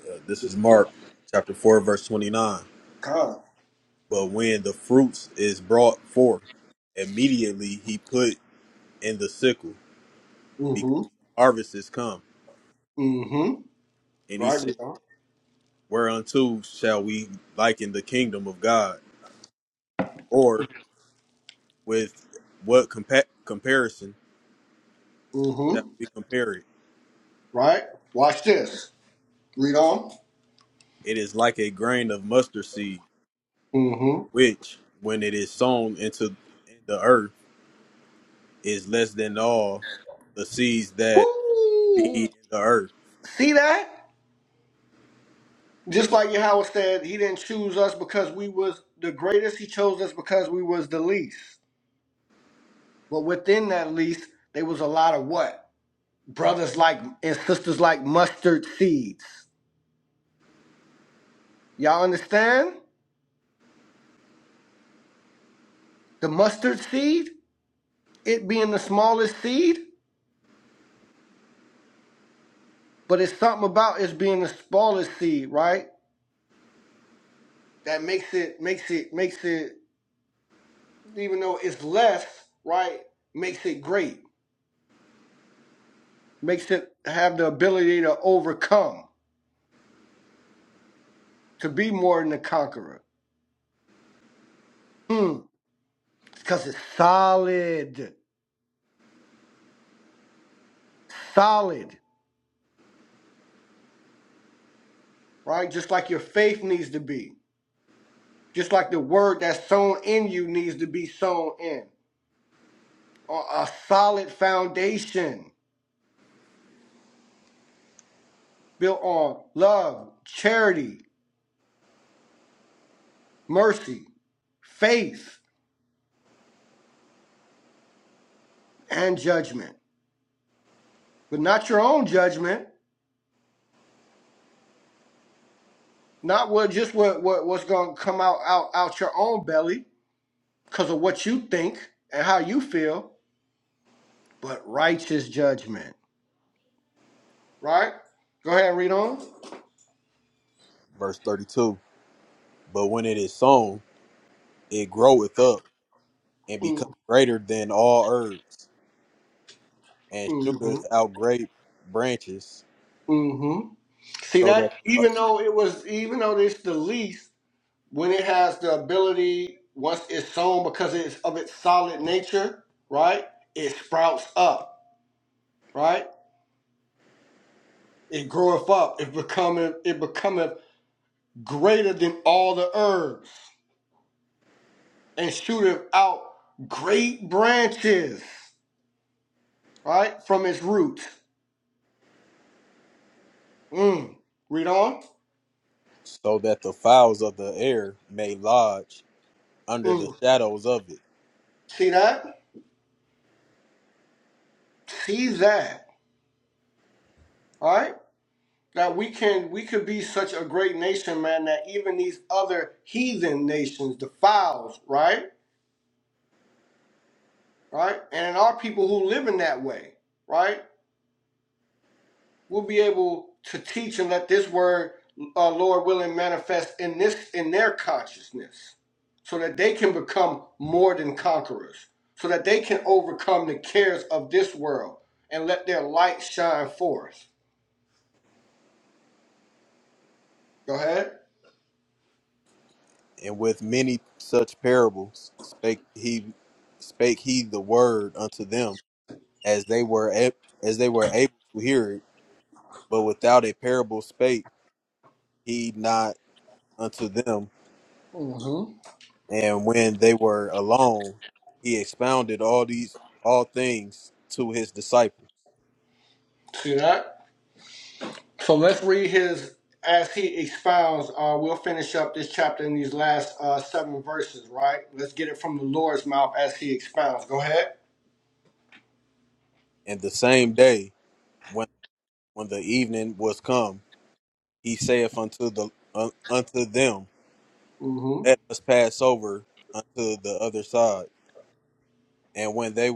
[SPEAKER 3] uh, this is Mark chapter 4, verse 29.
[SPEAKER 2] Come.
[SPEAKER 3] But when the fruits is brought forth, immediately he put in the sickle, because
[SPEAKER 2] Mm-hmm.
[SPEAKER 3] the harvest is come.
[SPEAKER 2] Mm-hmm.
[SPEAKER 3] And he
[SPEAKER 2] Right.
[SPEAKER 3] said,
[SPEAKER 2] Read on.
[SPEAKER 3] Whereunto shall we liken the kingdom of God? Or with what compa- comparison that
[SPEAKER 2] Mm-hmm.
[SPEAKER 3] we compare it.
[SPEAKER 2] Right. Watch this. Read on.
[SPEAKER 3] It is like a grain of mustard seed,
[SPEAKER 2] Mm-hmm.
[SPEAKER 3] which, when it is sown into the earth, is less than all the seeds that be
[SPEAKER 2] Woo!
[SPEAKER 3] in the earth.
[SPEAKER 2] See that? Just like Yahweh said, he didn't choose us because we was the greatest. He chose us because we was the least. But within that least, there was a lot of what? Brothers like and sisters like mustard seeds. Y'all understand? The mustard seed, it being the smallest seed, but it's something about it being the smallest seed, right? That makes it makes it makes it even though it's less, right? Makes it great makes it have the ability to overcome, to be more than a conqueror. Hmm, because it's solid, solid, right? Just like your faith needs to be, just like the word that's sown in you needs to be sown in. On a solid foundation built on love, charity, mercy, faith, and judgment, but not your own judgment, not what just what, what what's going to come out, out out your own belly because of what you think and how you feel, but righteous judgment. Right? Go ahead and read on.
[SPEAKER 3] Verse 32. But when it is sown, it groweth up and becometh
[SPEAKER 2] Mm-hmm.
[SPEAKER 3] greater than all herbs, and shooteth
[SPEAKER 2] Mm-hmm.
[SPEAKER 3] out great branches,
[SPEAKER 2] mm-hmm. See
[SPEAKER 3] so that
[SPEAKER 2] that? Even though it was, even though it's the least, when it has the ability, once it's sown because it's of its solid nature, right? It sprouts up, right? It groweth up. It becometh, it becometh greater than all the herbs and shooteth out great branches, right? From its roots Mm. Read on.
[SPEAKER 3] so that the fowls of the air may lodge under the
[SPEAKER 2] Mm.
[SPEAKER 3] shadows of it.
[SPEAKER 2] See that? See that. All right? That we can we could be such a great nation, man, that even these other heathen nations defiles, right? Right? And our people who live in that way, right? We'll be able to teach and let this word, uh, Lord willing, manifest in this in their consciousness, so that they can become more than conquerors, so that they can overcome the cares of this world and let their light shine forth Go ahead.
[SPEAKER 3] And with many such parables spake he spake he the word unto them as they were a- as they were able to hear it, but without a parable spake he not unto them.
[SPEAKER 2] hmm
[SPEAKER 3] And when they were alone, he expounded all these all things to his disciples.
[SPEAKER 2] See that? So let's Read his as he expounds. Uh, we'll finish up this chapter in these last uh, seven verses, right? Let's get it from the Lord's mouth as he expounds. Go ahead.
[SPEAKER 3] And the same day, when when the evening was come, he saith unto the un unto them,
[SPEAKER 2] hmm
[SPEAKER 3] Let us pass over unto the other side. And when they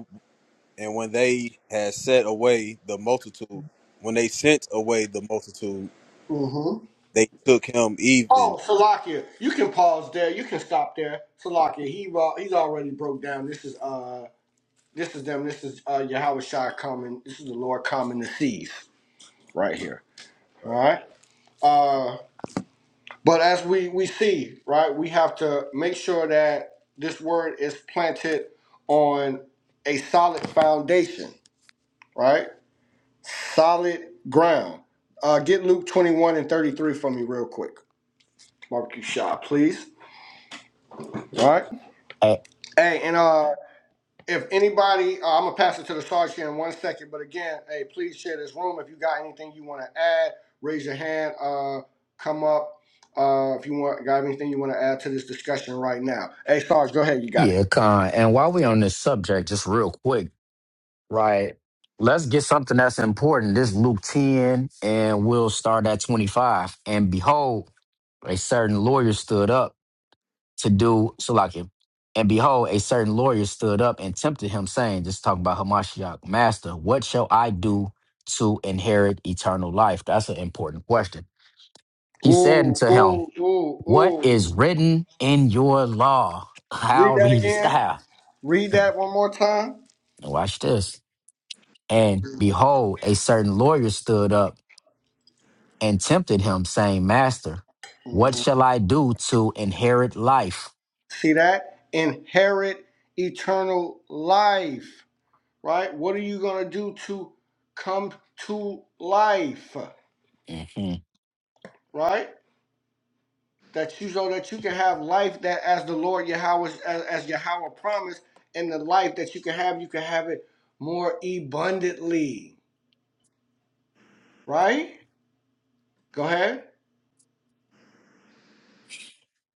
[SPEAKER 3] And when they had set away the multitude, when they sent away the multitude,
[SPEAKER 2] hmm
[SPEAKER 3] they took him even.
[SPEAKER 2] Oh, Salakia, you can pause there. You can stop there. Salakia, he uh, he's already broke down. This is uh, this is them. This is uh, Yahweh Shai coming. This is the Lord coming to seize right here. All
[SPEAKER 3] Right.
[SPEAKER 2] right. Uh. But as we, we see, right, we have to make sure that this word is planted on a solid foundation, right? Solid ground. Uh, get Luke 21 and 33 for me real quick. Barbecue shop, please. All right. Hey, and uh If anybody, uh, I'm gonna pass it to the Sarge here in one second. But again, hey, please share this room. If you got anything you want to add, raise your hand. Uh, come up. Uh, if you want, got anything you want to add to this discussion right now? Hey, Sarge, go ahead. You got it.
[SPEAKER 4] Yeah, con. And while we on this subject, just real quick, right? Let's get something that's important. This Luke 10, and we'll start at 25. And behold, a certain lawyer stood up to do Salakia. And behold, a certain lawyer stood up and tempted him, saying, Just talking about Hamashiach, Master, what shall I do to inherit eternal life? That's an important question. He said
[SPEAKER 2] Ooh,
[SPEAKER 4] unto him,
[SPEAKER 2] ooh, ooh,
[SPEAKER 4] What is
[SPEAKER 2] ooh.
[SPEAKER 4] written in your law? How
[SPEAKER 2] Read that
[SPEAKER 4] readest
[SPEAKER 2] again.
[SPEAKER 4] thou?
[SPEAKER 2] Read that one more time.
[SPEAKER 4] Watch this. And behold, a certain lawyer stood up and tempted him, saying, Master, what
[SPEAKER 2] Mhm.
[SPEAKER 4] shall I do to inherit life?
[SPEAKER 2] See that? Inherit eternal life. Right? What are you gonna do to come to life?
[SPEAKER 4] Mhm.
[SPEAKER 2] Right? that you so that you can have life that as the Lord Yahweh as, as Yahweh promised, and the life that you can have, you can have it more abundantly. Right? Go ahead.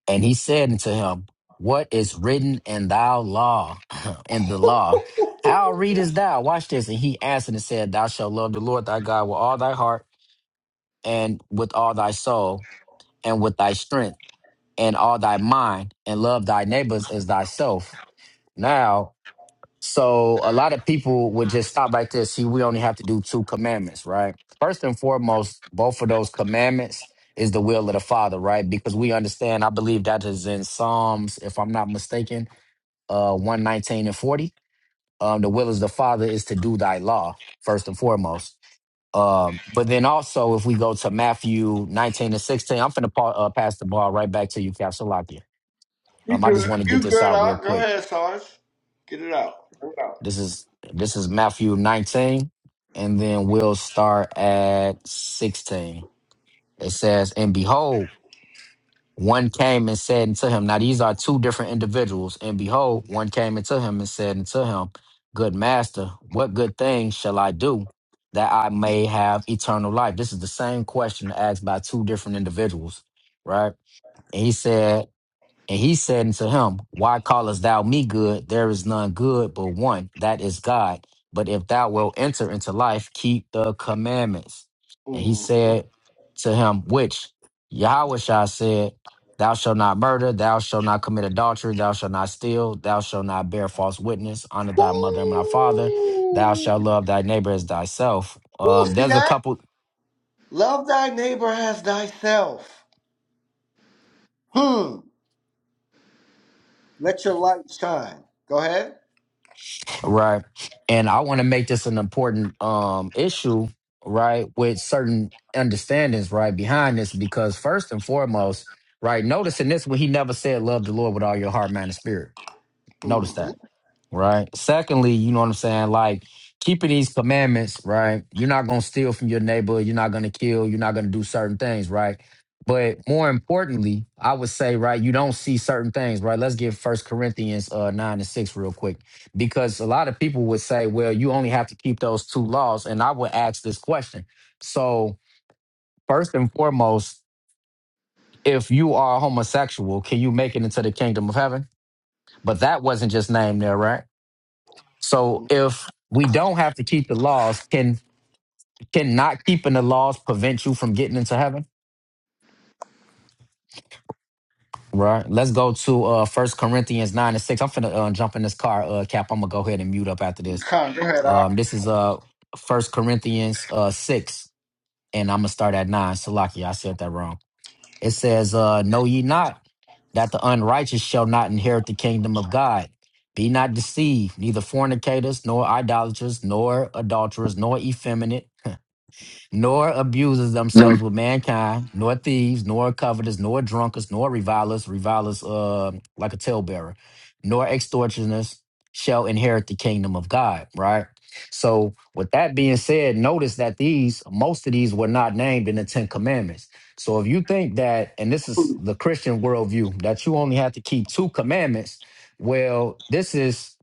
[SPEAKER 4] And he said unto him, What is written in thou law, in the law? How readest thou? Watch this. And he answered and said, Thou shalt love the Lord thy God with all thy heart, and with all thy soul, and with thy strength, and all thy mind, and love thy neighbors as thyself. Now So a lot of people would just stop right there. See, we only have to do two commandments, right? First and foremost, both of those commandments is the will of the Father, right? Because we understand, I believe that is in Psalms, if I'm not mistaken, uh, 119 and 40. Um, the will of the Father is to do thy law, first and foremost. Um, but then also, if we go to Matthew 19 and 16, I'm going to pa- uh, pass the ball right back to you, Capsulakia.
[SPEAKER 2] You
[SPEAKER 4] Um, I just
[SPEAKER 2] good.
[SPEAKER 4] want to get
[SPEAKER 2] You
[SPEAKER 4] this
[SPEAKER 2] good,
[SPEAKER 4] out real
[SPEAKER 2] Art. Go
[SPEAKER 4] quick.
[SPEAKER 2] ahead, Sarge. Get it out. Get it out.
[SPEAKER 4] This is this is Matthew 19, and then we'll start at 16. It says, And behold, one came and said unto him, Now these are two different individuals. And behold, one came unto him and said unto him, Good master, what good thing shall I do that I may have eternal life? This is the same question asked by two different individuals, right? And he said, and he said unto him, Why callest thou me good? There is none good but one, that is God. But if thou wilt enter into life, keep the commandments. And he
[SPEAKER 2] Mhm.
[SPEAKER 4] said to him, Which Yahweh said, Thou shalt not murder, thou shalt not commit adultery, thou shalt not steal, thou shalt not bear false witness, honor thy mother and thy father, thou
[SPEAKER 2] Woo!
[SPEAKER 4] shalt love thy neighbor as thyself.
[SPEAKER 2] Woo!
[SPEAKER 4] Um,
[SPEAKER 2] See
[SPEAKER 4] there's a
[SPEAKER 2] that?
[SPEAKER 4] couple
[SPEAKER 2] Love thy neighbor as thyself. Hmm. Let your light shine. Go ahead.
[SPEAKER 4] Right. And I want to make this an important um issue, right, with certain understandings right behind this because first and foremost, right, notice in this one he never said love the Lord with all your heart, mind, and spirit. Notice that
[SPEAKER 2] Mm-hmm.
[SPEAKER 4] right? Secondly, you know what I'm saying? Like keeping these commandments, right? You're not going to steal from your neighbor. You're not going to kill. You're not going to do certain things, right? But more importantly, I would say, right, you don't see certain things, right? Let's get First Corinthians uh, 9 and 6 real quick, because a lot of people would say, well, you only have to keep those two laws. And I would ask this question. So, first and foremost, if you are homosexual, can you make it into the kingdom of heaven? But that wasn't just named there, right? So if we don't have to keep the laws, can can not keeping the laws prevent you from getting into heaven? Right. Let's go to uh First Corinthians nine and six. I'm finna uh, jump in this car, uh Cap. I'm gonna go ahead and mute up after this.
[SPEAKER 2] Go ahead, Art.
[SPEAKER 4] Um, this is uh First Corinthians uh six, and I'm gonna start at nine. Salaki, I said that wrong. It says, uh, "Know ye not that the unrighteous shall not inherit the kingdom of God? Be not deceived; neither fornicators, nor idolaters, nor adulterers, nor effeminate." nor abuses
[SPEAKER 3] Them.
[SPEAKER 4] themselves with mankind, nor thieves, nor covetous, nor drunkards, nor revilers, revilers uh, like a talebearer, nor extortioners shall inherit the kingdom of God, right? So, with that being said, notice that these, most of these were not named in the Ten Commandments. So, if you think that, and this is the Christian worldview, that you only have to keep two commandments, well, this is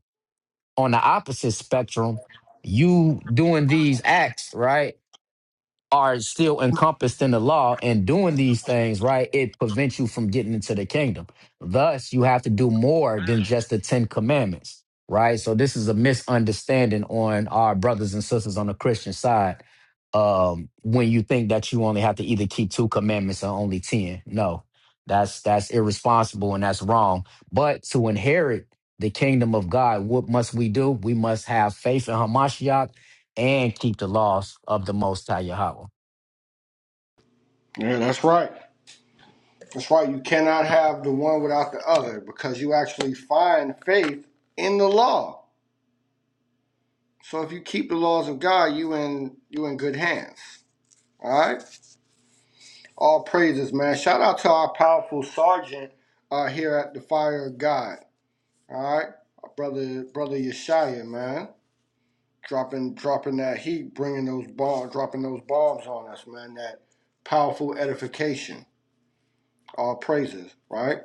[SPEAKER 4] on the opposite spectrum. You doing these acts, right? are still encompassed in the law and doing these things, right, it prevents you from getting into the kingdom. Thus, you have to do more than just the Ten Commandments, right? So, this is a misunderstanding on our brothers and sisters on the Christian side um, when you think that you only have to either keep two commandments or only 10. No, that's that's irresponsible and that's wrong. But to inherit the kingdom of God, what must we do? We must have faith in Hamashiach and keep the laws of the Most High Yahweh.
[SPEAKER 2] Yeah, that's right. That's right. You cannot have the one without the other because you actually find faith in the law. So if you keep the laws of God, you in you in good hands. All right. All praises, man. Shout out to our powerful sergeant uh, here at the Fire of God. All right, our brother, brother Yeshaya, man, dropping dropping that heat, bringing those bombs, dropping those bombs on us, man. That powerful edification. All praises, right?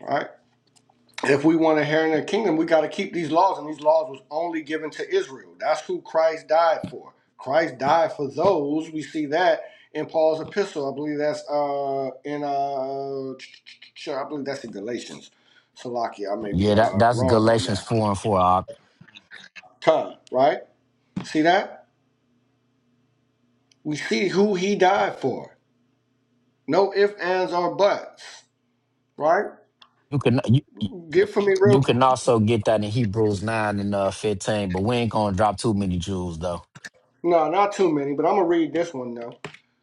[SPEAKER 2] All Right. if we want to inherit the kingdom, we got to keep these laws, and these laws was only given to Israel. That's who Christ died for. Christ died for those. We see that in Paul's epistle. I believe that's uh in uh I believe that's in Galatians. Salakia, I may be
[SPEAKER 4] Yeah, that,
[SPEAKER 2] uh
[SPEAKER 4] that's
[SPEAKER 2] wrong on
[SPEAKER 4] Galatians
[SPEAKER 2] that.
[SPEAKER 4] four and four. Op.
[SPEAKER 2] Time, right? See that? We see who he died for. No ifs, ands, or buts, right?
[SPEAKER 4] You can you,
[SPEAKER 2] Get for me real
[SPEAKER 4] you
[SPEAKER 2] qu-
[SPEAKER 4] can also get that in Hebrews nine and uh, fifteen, but we ain't gonna drop too many jewels though.
[SPEAKER 2] No, not too many, but I'm gonna read this one though.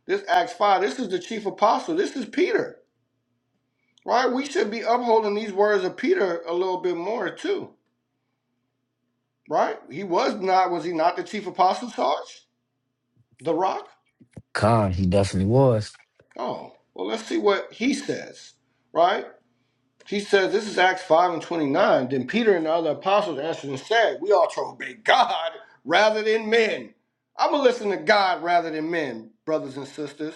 [SPEAKER 2] This Acts 5, this is the chief apostle. This is Peter. Right? We should be upholding these words of Peter a little bit more too. Right? He was not, was he not the chief apostle, Sarge? The rock?
[SPEAKER 4] Con, he definitely was.
[SPEAKER 2] Oh. Well let's see what he says. Right? She says, This is Acts 5 and 29. Then Peter and the other apostles answered and said, We ought to obey God rather than men. I'm going to listen to God rather than men, brothers and sisters.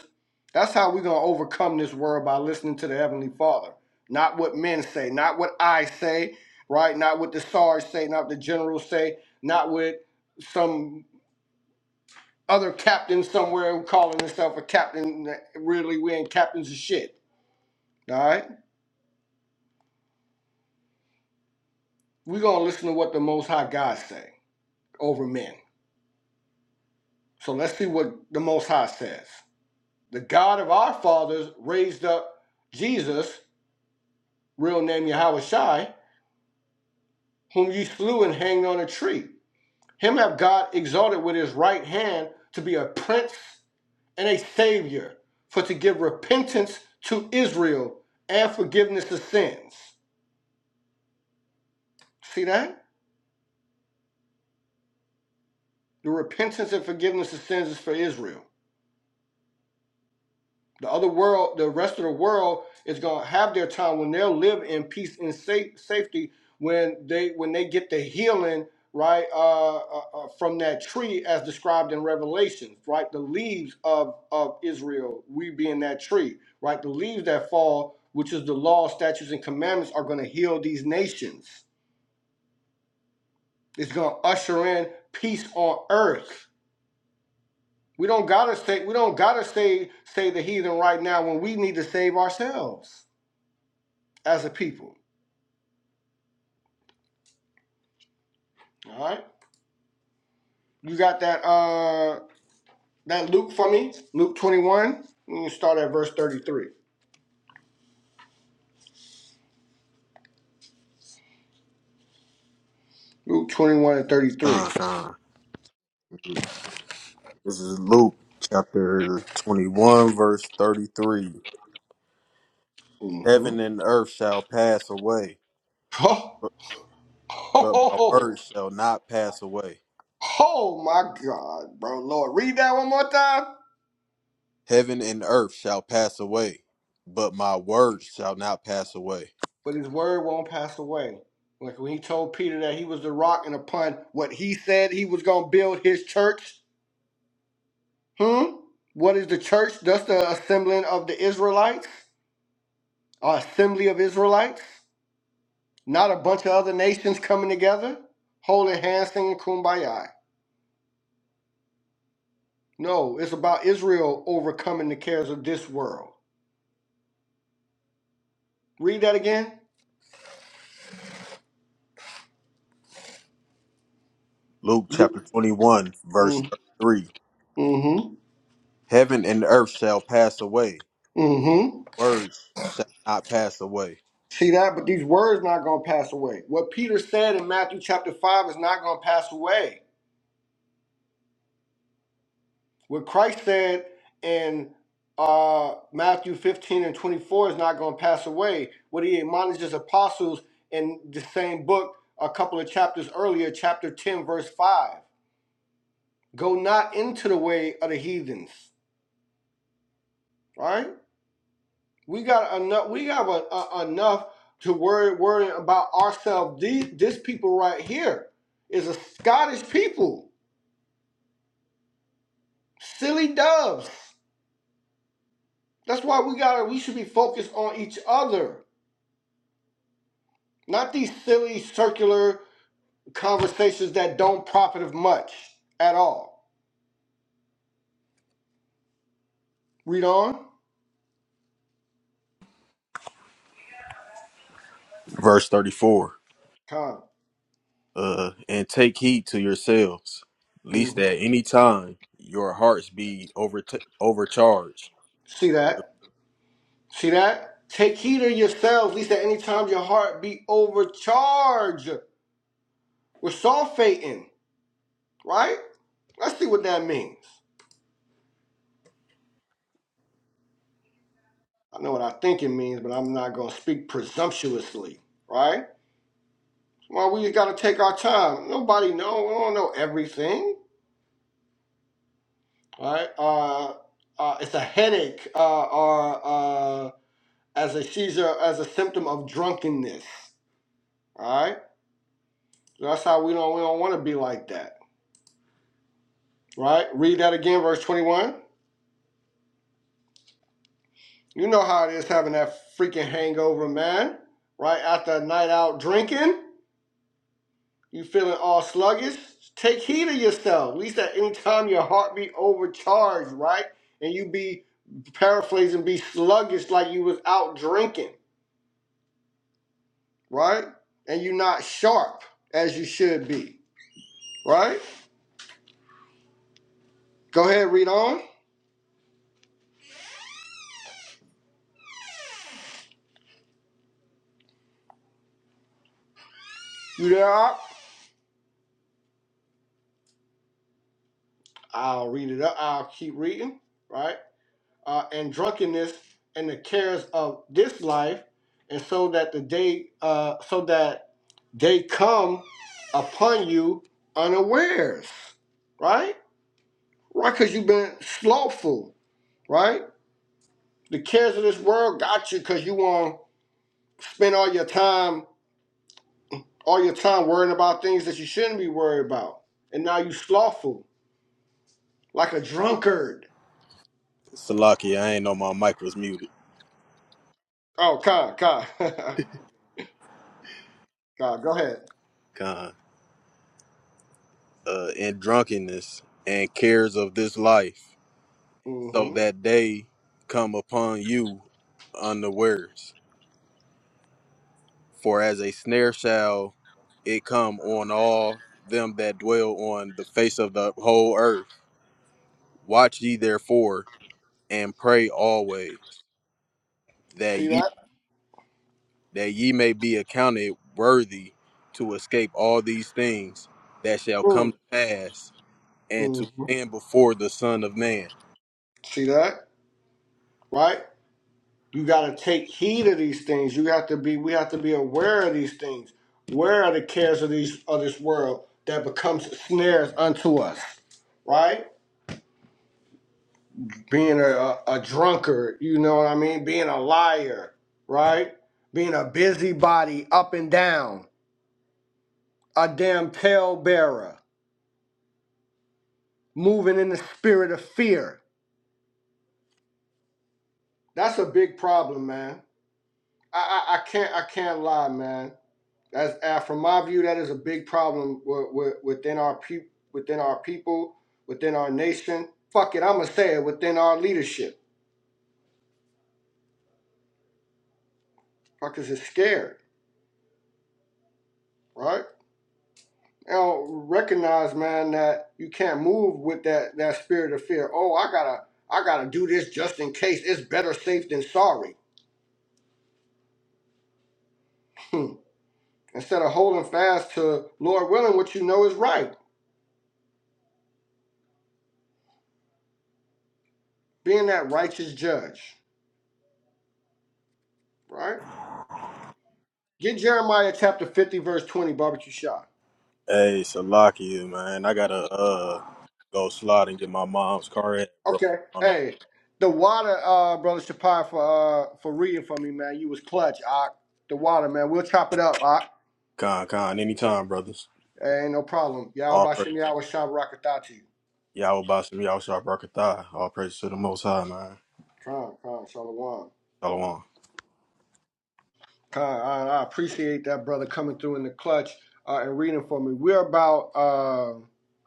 [SPEAKER 2] That's how we're going to overcome this world by listening to the Heavenly Father. Not what men say, not what I say, right? Not what the SARS say, not what the generals say, not what some other captain somewhere who calling himself a captain. Really, we ain't captains of shit, all right? We're going to listen to what the Most High God say. over men. So let's see what the Most High says. The God of our fathers raised up Jesus, real name Yahushai, whom you slew and hanged on a tree. Him have God exalted with his right hand to be a prince and a savior, for to give repentance to Israel and forgiveness of sins. See that? The repentance and forgiveness of sins is for Israel. The other world, the rest of the world is gonna have their time when they'll live in peace and safe, safety when they when they get the healing right uh, uh, uh, from that tree as described in Revelations, right? The leaves of of Israel, we being that tree, right? The leaves that fall, which is the law, statutes, and commandments, are gonna heal these nations. It's gonna usher in peace on earth. We don't gotta say we don't gotta say say the heathen right now when we need to save ourselves. as a people. All right. You got that uh that Luke for me? Luke 21. We're gonna start at verse 33. Luke 21 and 33.
[SPEAKER 3] Con, con. This is Luke chapter 21, verse 33. Heaven
[SPEAKER 2] Mm-hmm.
[SPEAKER 3] and earth shall pass away, but,
[SPEAKER 2] Oh,
[SPEAKER 3] but
[SPEAKER 2] oh,
[SPEAKER 3] my
[SPEAKER 2] oh
[SPEAKER 3] word shall not pass away.
[SPEAKER 2] oh my God, bro. Lord, read that one more time.
[SPEAKER 3] Heaven and earth shall pass away, but my word shall not pass away.
[SPEAKER 2] But his word won't pass away. Like when he told Peter that he was the rock and upon what he said he was gonna build his church. Hmm? What is the church? That's the assembling of the Israelites, or assembly of Israelites. Not a bunch of other nations coming together, holding hands, singing kumbaya. No, it's about Israel overcoming the cares of this world. Read that again.
[SPEAKER 3] Luke
[SPEAKER 2] Mm,
[SPEAKER 3] chapter 21, verse 33.
[SPEAKER 2] mm-hmm.
[SPEAKER 3] Heaven and earth shall pass away,
[SPEAKER 2] Mm-hmm.
[SPEAKER 3] words shall not pass away.
[SPEAKER 2] See that? But these words not gonna pass away. What Peter said in Matthew chapter five is not gonna pass away. What Christ said in uh, Matthew 15 and 24 is not gonna pass away. What he admonishes apostles in the same book a couple of chapters earlier, chapter 10, verse 5. Go not into the way of the heathens. All right, we got enough. We have a, a- enough to worry worrying about ourselves. These this people right here is a Scottish people, silly doves. That's why we got. We should be focused on each other, not these silly circular conversations that don't profit of much at all. Read on,
[SPEAKER 3] Verse 34.
[SPEAKER 2] Con.
[SPEAKER 3] Uh, and take heed to yourselves,
[SPEAKER 2] hmm
[SPEAKER 3] lest at any time your hearts be over overcharged.
[SPEAKER 2] See that. See that? Take heed of yourselves, least at any time your heart be overcharged with sulfating. Right? Let's see what that means. I know what I think it means, but I'm not gonna speak presumptuously. Right? Well, we just gotta take our time. Nobody know. We don't know everything. Right? Uh, uh, it's a headache, uh, or uh, as a seizure, as a symptom of drunkenness. All right. So That's how we don't. We don't want to be like that. Right? Read that again, verse twenty-one. You know how it is having that freaking hangover, man. Right after a night out drinking, you feeling all sluggish. Take heed of yourself. At least at any time your heart be overcharged, right? And you be paraphrasing, be sluggish like you was out drinking, right? And you not sharp as you should be, right? Go ahead, read on. You there? Op? I'll read it up. I'll keep reading, right? uh, and drunkenness and the cares of this life, and so that the day, uh, so that they come upon you unawares, right? Right, because you've been slothful, right? The cares of this world got you because you want to spend all your time, all your time worrying about things that you shouldn't be worried about, and now you slothful like a drunkard.
[SPEAKER 3] Salaki, I ain't know my mic was muted.
[SPEAKER 2] Oh, Kai, Kai, Kai, go ahead.
[SPEAKER 3] Con. Uh, and drunkenness and cares of this life, so
[SPEAKER 2] hmm
[SPEAKER 3] that they come upon you unawares. For as a snare shall it come on all them that dwell on the face of the whole earth. Watch ye therefore, and pray always that
[SPEAKER 2] See
[SPEAKER 3] ye
[SPEAKER 2] that?
[SPEAKER 3] that ye may be accounted worthy to escape all these things that shall
[SPEAKER 2] Mm,
[SPEAKER 3] come to pass and to
[SPEAKER 2] Mm-hmm.
[SPEAKER 3] stand before the son of man
[SPEAKER 2] See that? Right? You got to take heed of these things. You have to be. We have to be aware of these things. Where are the cares of these of this world that becomes snares unto us? Right? Being a, a, a drunkard. You know what I mean? Being a liar. Right? Being a busybody, up and down, a damn talebearer, moving in the spirit of fear. That's a big problem, man. I, I, I can't I can't lie, man. As uh, from my view, that is a big problem wi- wi- within our pe- within our people, within our nation. Fuck it, I'ma say it within our leadership. Fuckers is scared, right? They don't recognize, man, that you can't move with that that spirit of fear. Oh, I gotta I gotta do this just in case. It's better safe than sorry. Hmm. Instead of holding fast to Lord willing, what you know is right, being that righteous judge, right? Get Jeremiah chapter 50, verse 20, barbecue shot.
[SPEAKER 3] hey salakia man i gotta uh go slide and get my mom's car at broke
[SPEAKER 2] Okay.
[SPEAKER 3] down. on
[SPEAKER 2] Hey, the water, uh, brother Shapai, for uh, for reading for me, man. You was clutch, Ock. The water, man. We'll chop it up, Ock.
[SPEAKER 3] con con anytime brothers
[SPEAKER 2] Hey, Ain't no problem. Y'all
[SPEAKER 3] all
[SPEAKER 2] by
[SPEAKER 3] praise
[SPEAKER 2] Shimmy, I was shop rocket out to you.
[SPEAKER 3] y'all about some y'all sharp rocket thigh all praise to the most high man
[SPEAKER 2] Come, come, Shalom.
[SPEAKER 3] shalom
[SPEAKER 2] Con, I, appreciate that brother coming through in the clutch uh, and reading for me. We're about uh,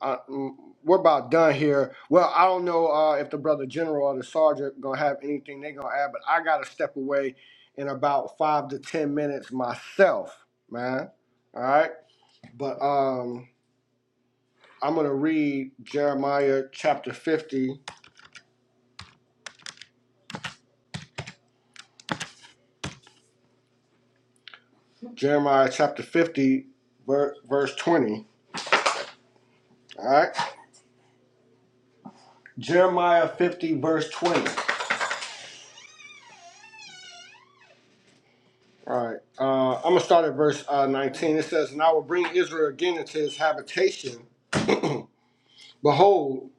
[SPEAKER 2] uh, mm, we're about done here. Well, I don't know uh, if the brother general or the sergeant gonna have anything they gonna add, but I gotta step away in about five to ten minutes myself, man. All right, but um, I'm gonna read Jeremiah chapter fifty, Jeremiah chapter fifty, ver- verse twenty. All right, Jeremiah fifty, verse twenty. All right. Uh, I'm going to start at verse uh, 19. It says, And I will bring Israel again into his habitation. Behold,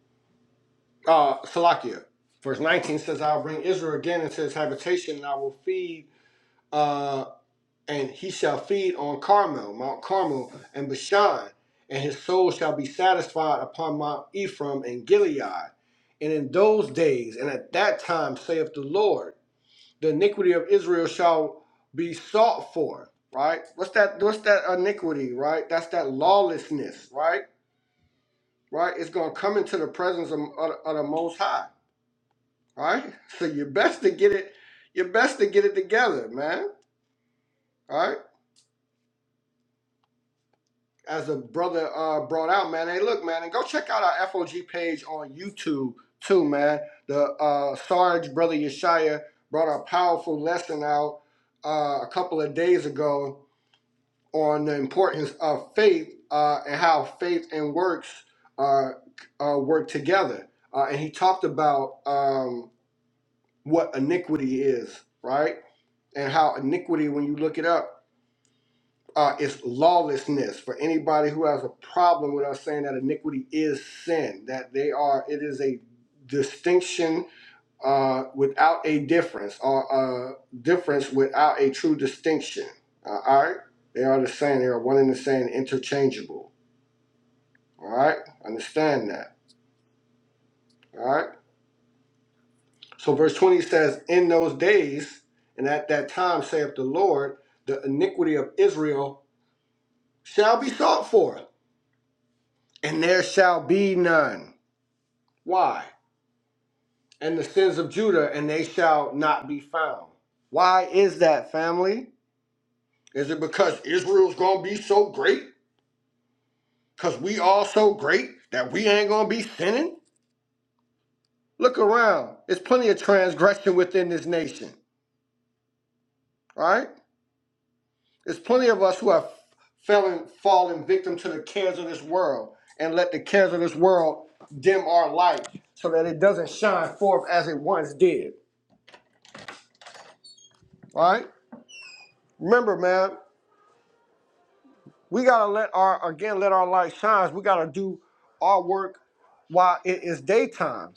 [SPEAKER 2] uh, Salakia. Verse 19 says, I will bring Israel again into his habitation, and I will feed, uh, and he shall feed on Carmel, Mount Carmel, and Bashan, and his soul shall be satisfied upon Mount Ephraim and Gilead. And in those days, and at that time, saith the Lord the iniquity of Israel shall be sought for, right? What's that what's that iniquity, right? That's that lawlessness, right? Right? It's gonna come into the presence of, of, of the most high. Right? So you best to get it, you best to get it together, man. All right. As a brother uh brought out, man. Hey, look, man, and go check out our FOG page on YouTube too, man. The uh Sarge brother Yeshaya brought a powerful lesson out uh, a couple of days ago on the importance of faith uh, and how faith and works uh, uh, work together. Uh, and he talked about um, what iniquity is, right? And how iniquity, when you look it up, uh, is lawlessness. For anybody who has a problem with us saying that iniquity is sin, that they are, it is a distinction uh, without a difference or a difference without a true distinction. Uh, all right? They are the same. They are one and the same, interchangeable. All right? Understand that. All right? So verse 20 says, In those days and at that time, saith the Lord, the iniquity of Israel shall be sought for, and there shall be none. Why? And the sins of Judah, and they shall not be found. Why is that, family? Is it because Israel's going to be so great? Cause we all so great that we ain't gonna be sinning? Look around. There's plenty of transgression within this nation, right? There's plenty of us who have fallen, fallen victim to the cares of this world and let the cares of this world dim our light so that it doesn't shine forth as it once did, right? Remember, man, we gotta let our, again, let our light shine. We gotta do our work while it is daytime.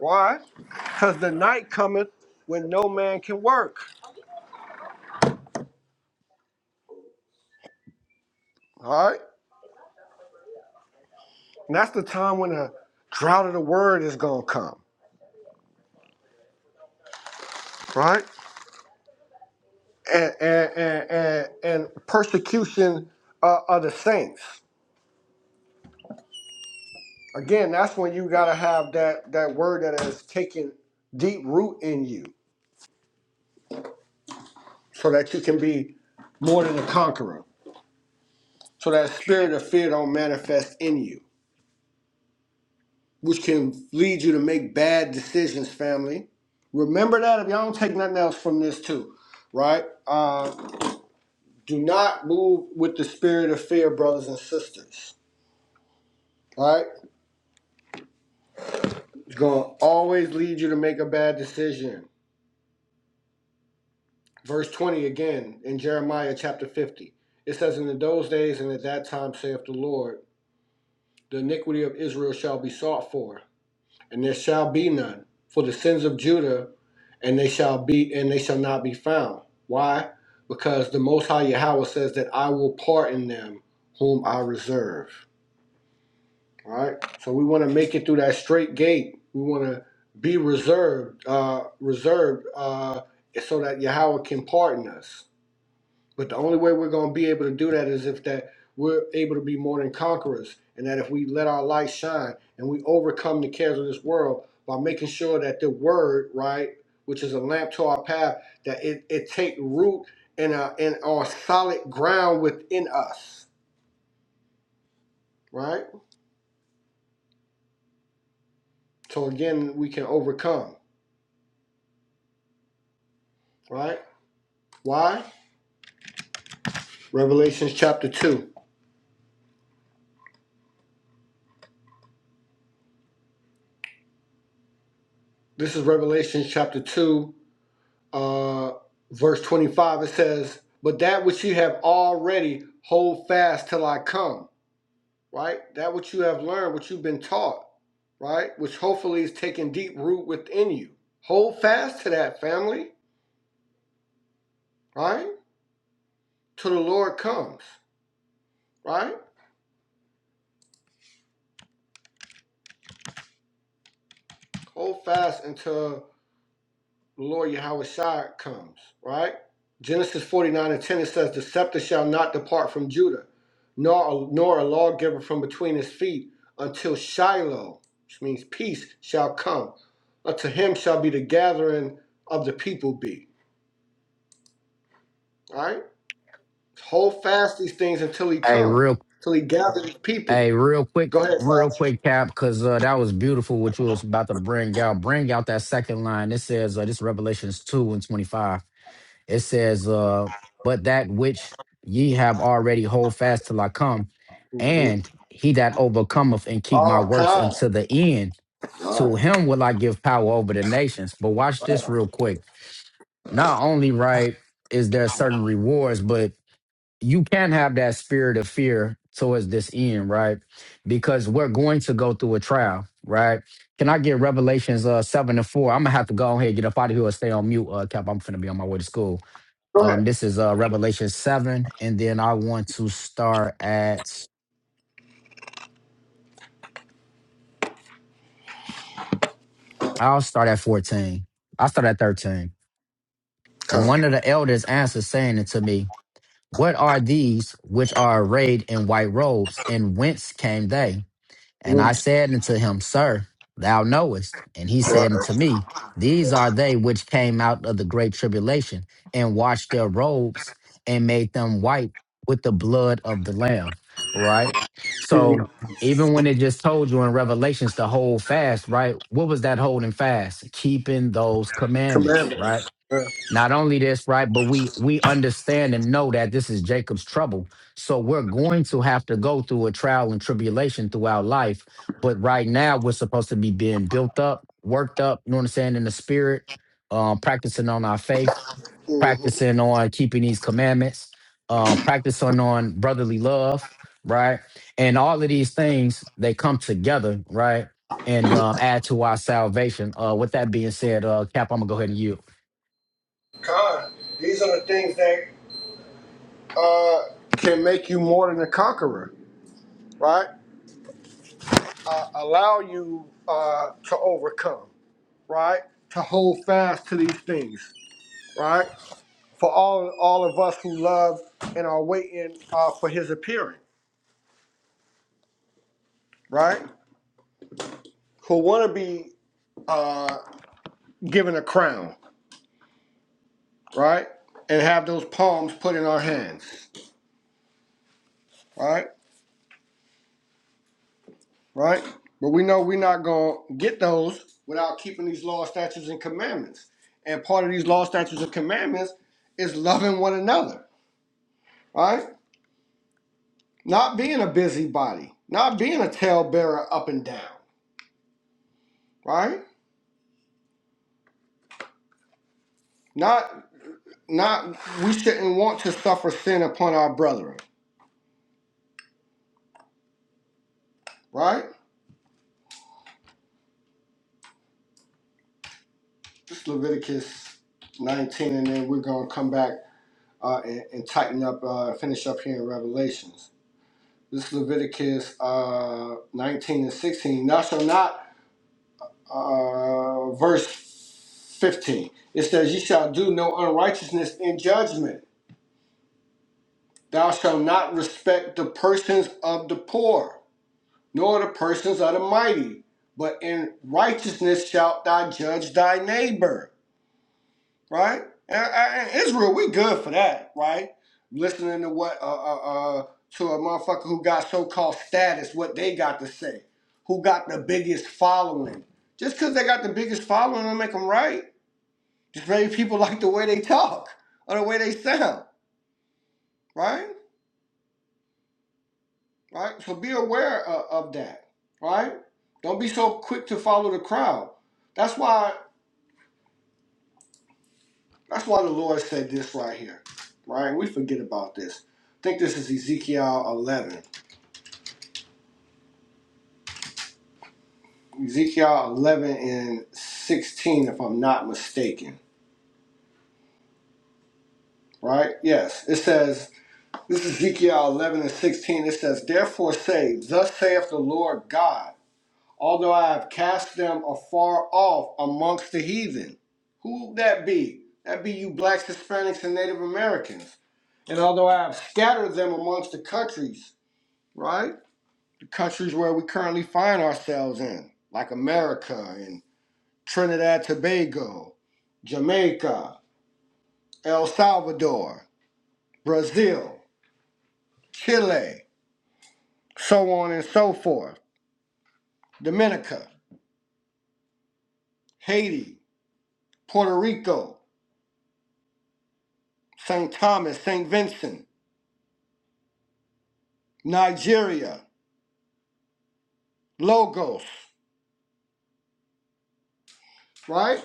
[SPEAKER 2] Why? Because the night cometh when no man can work. All right. And that's the time when the drought of the word is gonna come, right? And and and and, and persecution uh, of the saints. Again, that's when you gotta have that that word that has taken deep root in you, so that you can be more than a conqueror. So that spirit of fear don't manifest in you, which can lead you to make bad decisions, family. Remember that if y'all don't take nothing else from this too, right? Uh. Do not move with the spirit of fear, brothers and sisters. All right? It's going to always lead you to make a bad decision. Verse 20 again in Jeremiah chapter 50. It says, In those days and at that time, saith the Lord, the iniquity of Israel shall be sought for, and there shall be none. For the sins of Judah, and they shall be, and they shall not be found. Why? Because the Most High Yahweh says that I will pardon them whom I reserve. All right. So we want to make it through that straight gate. We want to be reserved, uh, reserved, uh, so that Yahweh can pardon us. But the only way we're going to be able to do that is if that we're able to be more than conquerors, and that if we let our light shine and we overcome the cares of this world by making sure that the word, right, which is a lamp to our path, that it, it take root in uh, in on solid ground within us, right. So again, we can overcome, right. Why? Revelations chapter 2. This is Revelations chapter 2, uh, verse 25. It says, But that which you have already hold fast till I come, right? That which you have learned, what you've been taught, right? Which hopefully is taking deep root within you. Hold fast to that family, right? Till the Lord comes, right? Hold fast until lawyer Hawashad comes, right? Genesis 49 and 10, it says, The scepter shall not depart from Judah, nor, nor a lawgiver from between his feet, until Shiloh, which means peace, shall come. Unto him shall be the gathering of the people be. All right? Hold fast these things until he
[SPEAKER 4] Hey,
[SPEAKER 2] come,
[SPEAKER 4] real
[SPEAKER 2] till he gather his people.
[SPEAKER 4] hey, real quick,
[SPEAKER 2] Go ahead,
[SPEAKER 4] real
[SPEAKER 2] Saj.
[SPEAKER 4] quick, Cap, because uh, that was beautiful what you was about to bring out. Bring out that second line. It says uh, this Revelations two and twenty five. it says, uh, but that which ye have already hold fast till I come,
[SPEAKER 2] Mm-hmm.
[SPEAKER 4] and he that overcometh and keep my
[SPEAKER 2] Oh,
[SPEAKER 4] works
[SPEAKER 2] Khan.
[SPEAKER 4] unto the end,
[SPEAKER 2] All
[SPEAKER 4] to
[SPEAKER 2] right.
[SPEAKER 4] him will I give power over the nations. But watch
[SPEAKER 2] All
[SPEAKER 4] this
[SPEAKER 2] right.
[SPEAKER 4] real quick. Not only, right, is there certain rewards, but you can have that spirit of fear towards this end, right? Because we're going to go through a trial, right? Can I get Revelations uh seven and four? I'm gonna have to go ahead, get up out of here, and stay on mute, uh Cap. I'm finna be on my way to school.
[SPEAKER 2] Go ahead.
[SPEAKER 4] Um, this is uh, Revelation 7, and then I want to start at, I'll start at 14. I'll start at 13. And
[SPEAKER 2] Khan.
[SPEAKER 4] one of the elders answered, saying unto me, What are these which are arrayed in white robes, and whence came they? And I
[SPEAKER 2] Mm.
[SPEAKER 4] said unto him, Sir, thou knowest. And he
[SPEAKER 2] All right.
[SPEAKER 4] said unto me, These are they which came out of the great tribulation and washed their robes and made them white with the blood of the Lamb. Right? So
[SPEAKER 2] Mm.
[SPEAKER 4] even when it just told you in Revelations to hold fast, right? What was that holding fast? Keeping those commandments, right?
[SPEAKER 2] Commandments. Yeah.
[SPEAKER 4] not only this right but we we understand and know that this is jacob's trouble so we're going to have to go through a trial and tribulation throughout life but right now we're supposed to be being built up worked up you know what i'm saying in the spirit um practicing on our faith practicing on keeping these commandments um practicing on brotherly love right and all of these things they come together right and um add to our salvation uh with that being said uh cap i'm gonna go ahead and yield
[SPEAKER 2] Con, these are the things that uh, can make you more than a conqueror, right? Uh, allow you uh, to overcome, right? To hold fast to these things, right? For all all of us who love and are waiting uh, for His appearing, right? Who want to be uh, given a crown, right? And have those palms put in our hands, right? right? But we know we're not going to get those without keeping these law, statutes, and commandments. And part of these law, statutes, and commandments is loving one another, right? Not being a busybody, not being a talebearer up and down, right? Not, not, we shouldn't want to suffer sin upon our brethren, right? This is Leviticus 19, and then we're going to come back uh, and, and tighten up, uh, finish up here in Revelations. This is Leviticus uh, 19 and 16. Thou shalt not, uh, verse 15. It says, Ye shall do no unrighteousness in judgment. Thou shalt not respect the persons of the poor, nor the persons of the mighty, but in righteousness shalt thou judge thy neighbor. right? And, and- Israel, we good for that, right? Listening to what uh, uh, uh, to a motherfucker who got so-called status, what they got to say, who got the biggest following. Just because they got the biggest following, don't make them right. Just maybe people like the way they talk or the way they sound, right? Right. So be aware of, of that, right? Don't be so quick to follow the crowd. That's why. That's why the Lord said this right here, right? We forget about this. I think this is Ezekiel 11. Ezekiel 11 and 16, if I'm not mistaken, right? Yes, it says, this is Ezekiel 11 and 16. It says, Therefore say, Thus saith the Lord God, although I have cast them afar off amongst the heathen. Who would that be? That be you blacks, Hispanics, and Native Americans. And although I have scattered them amongst the countries, right? countries where we currently find ourselves in, like America and Trinidad Tobago, Jamaica, El Salvador, Brazil, Chile, so on and so forth, Dominica, Haiti, Puerto Rico, St. Thomas, St. Vincent, Nigeria, Lagos, right?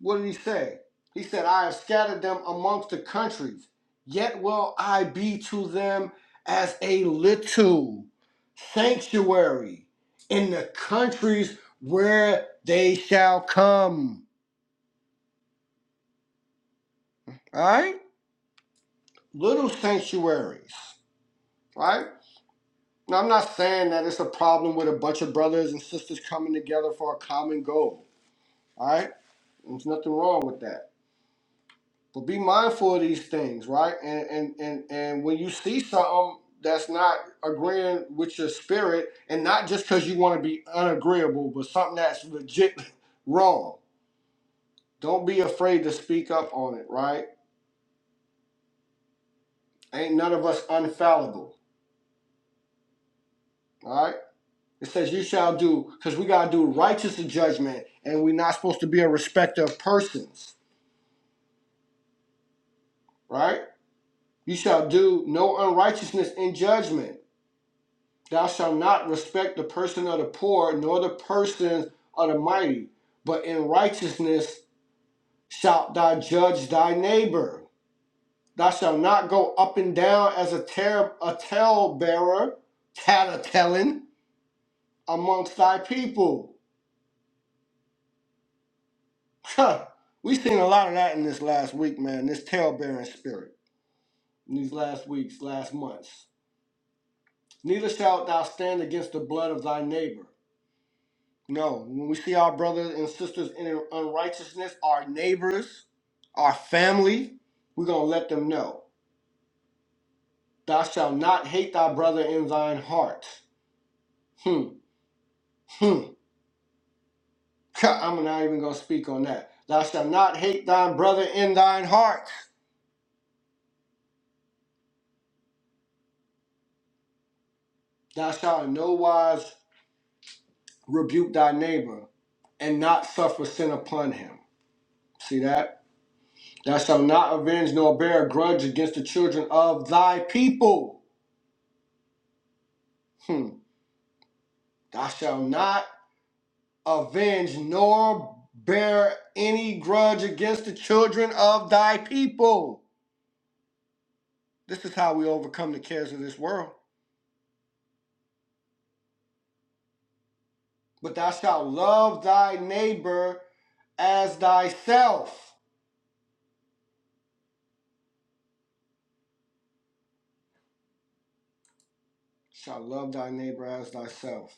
[SPEAKER 2] What did he say? He said, I have scattered them amongst the countries, yet will I be to them as a little sanctuary in the countries where they shall come. All right? Little sanctuaries. Right Now, I'm not saying that it's a problem with a bunch of brothers and sisters coming together for a common goal. All right? There's nothing wrong with that. But be mindful of these things, right? And and and and when you see something that's not agreeing with your spirit, and not just because you want to be unagreeable, but something that's legit wrong, don't be afraid to speak up on it, right? Ain't none of us unfallible, all right? It says you shall do, because we gotta do righteous judgment, and we're not supposed to be a respecter of persons, right? You shall do no unrighteousness in judgment. Thou shalt not respect the person of the poor, nor the persons of the mighty, but in righteousness shalt thou judge thy neighbor. Thou shalt not go up and down as a, ter- a tale bearer, tattletelling amongst thy people. Huh. We've seen a lot of that in this last week, man, this tale bearing spirit, in these last weeks, last months. Neither shalt thou stand against the blood of thy neighbor. No, when we see our brothers and sisters in unrighteousness, our neighbors, our family, we're going to let them know. Thou shalt not hate thy brother in thine heart. Hmm, hmm. I'm not even going to speak on that. Thou shalt not hate thine brother in thine heart. Thou shalt in no wise rebuke thy neighbor and not suffer sin upon him. See that? Thou shalt not avenge nor bear a grudge against the children of thy people. Hmm. Thou shalt not. avenge nor bear any grudge against the children of thy people. This is how we overcome the cares of this world. But thou shalt love thy neighbor as thyself. Shalt love thy neighbor as thyself,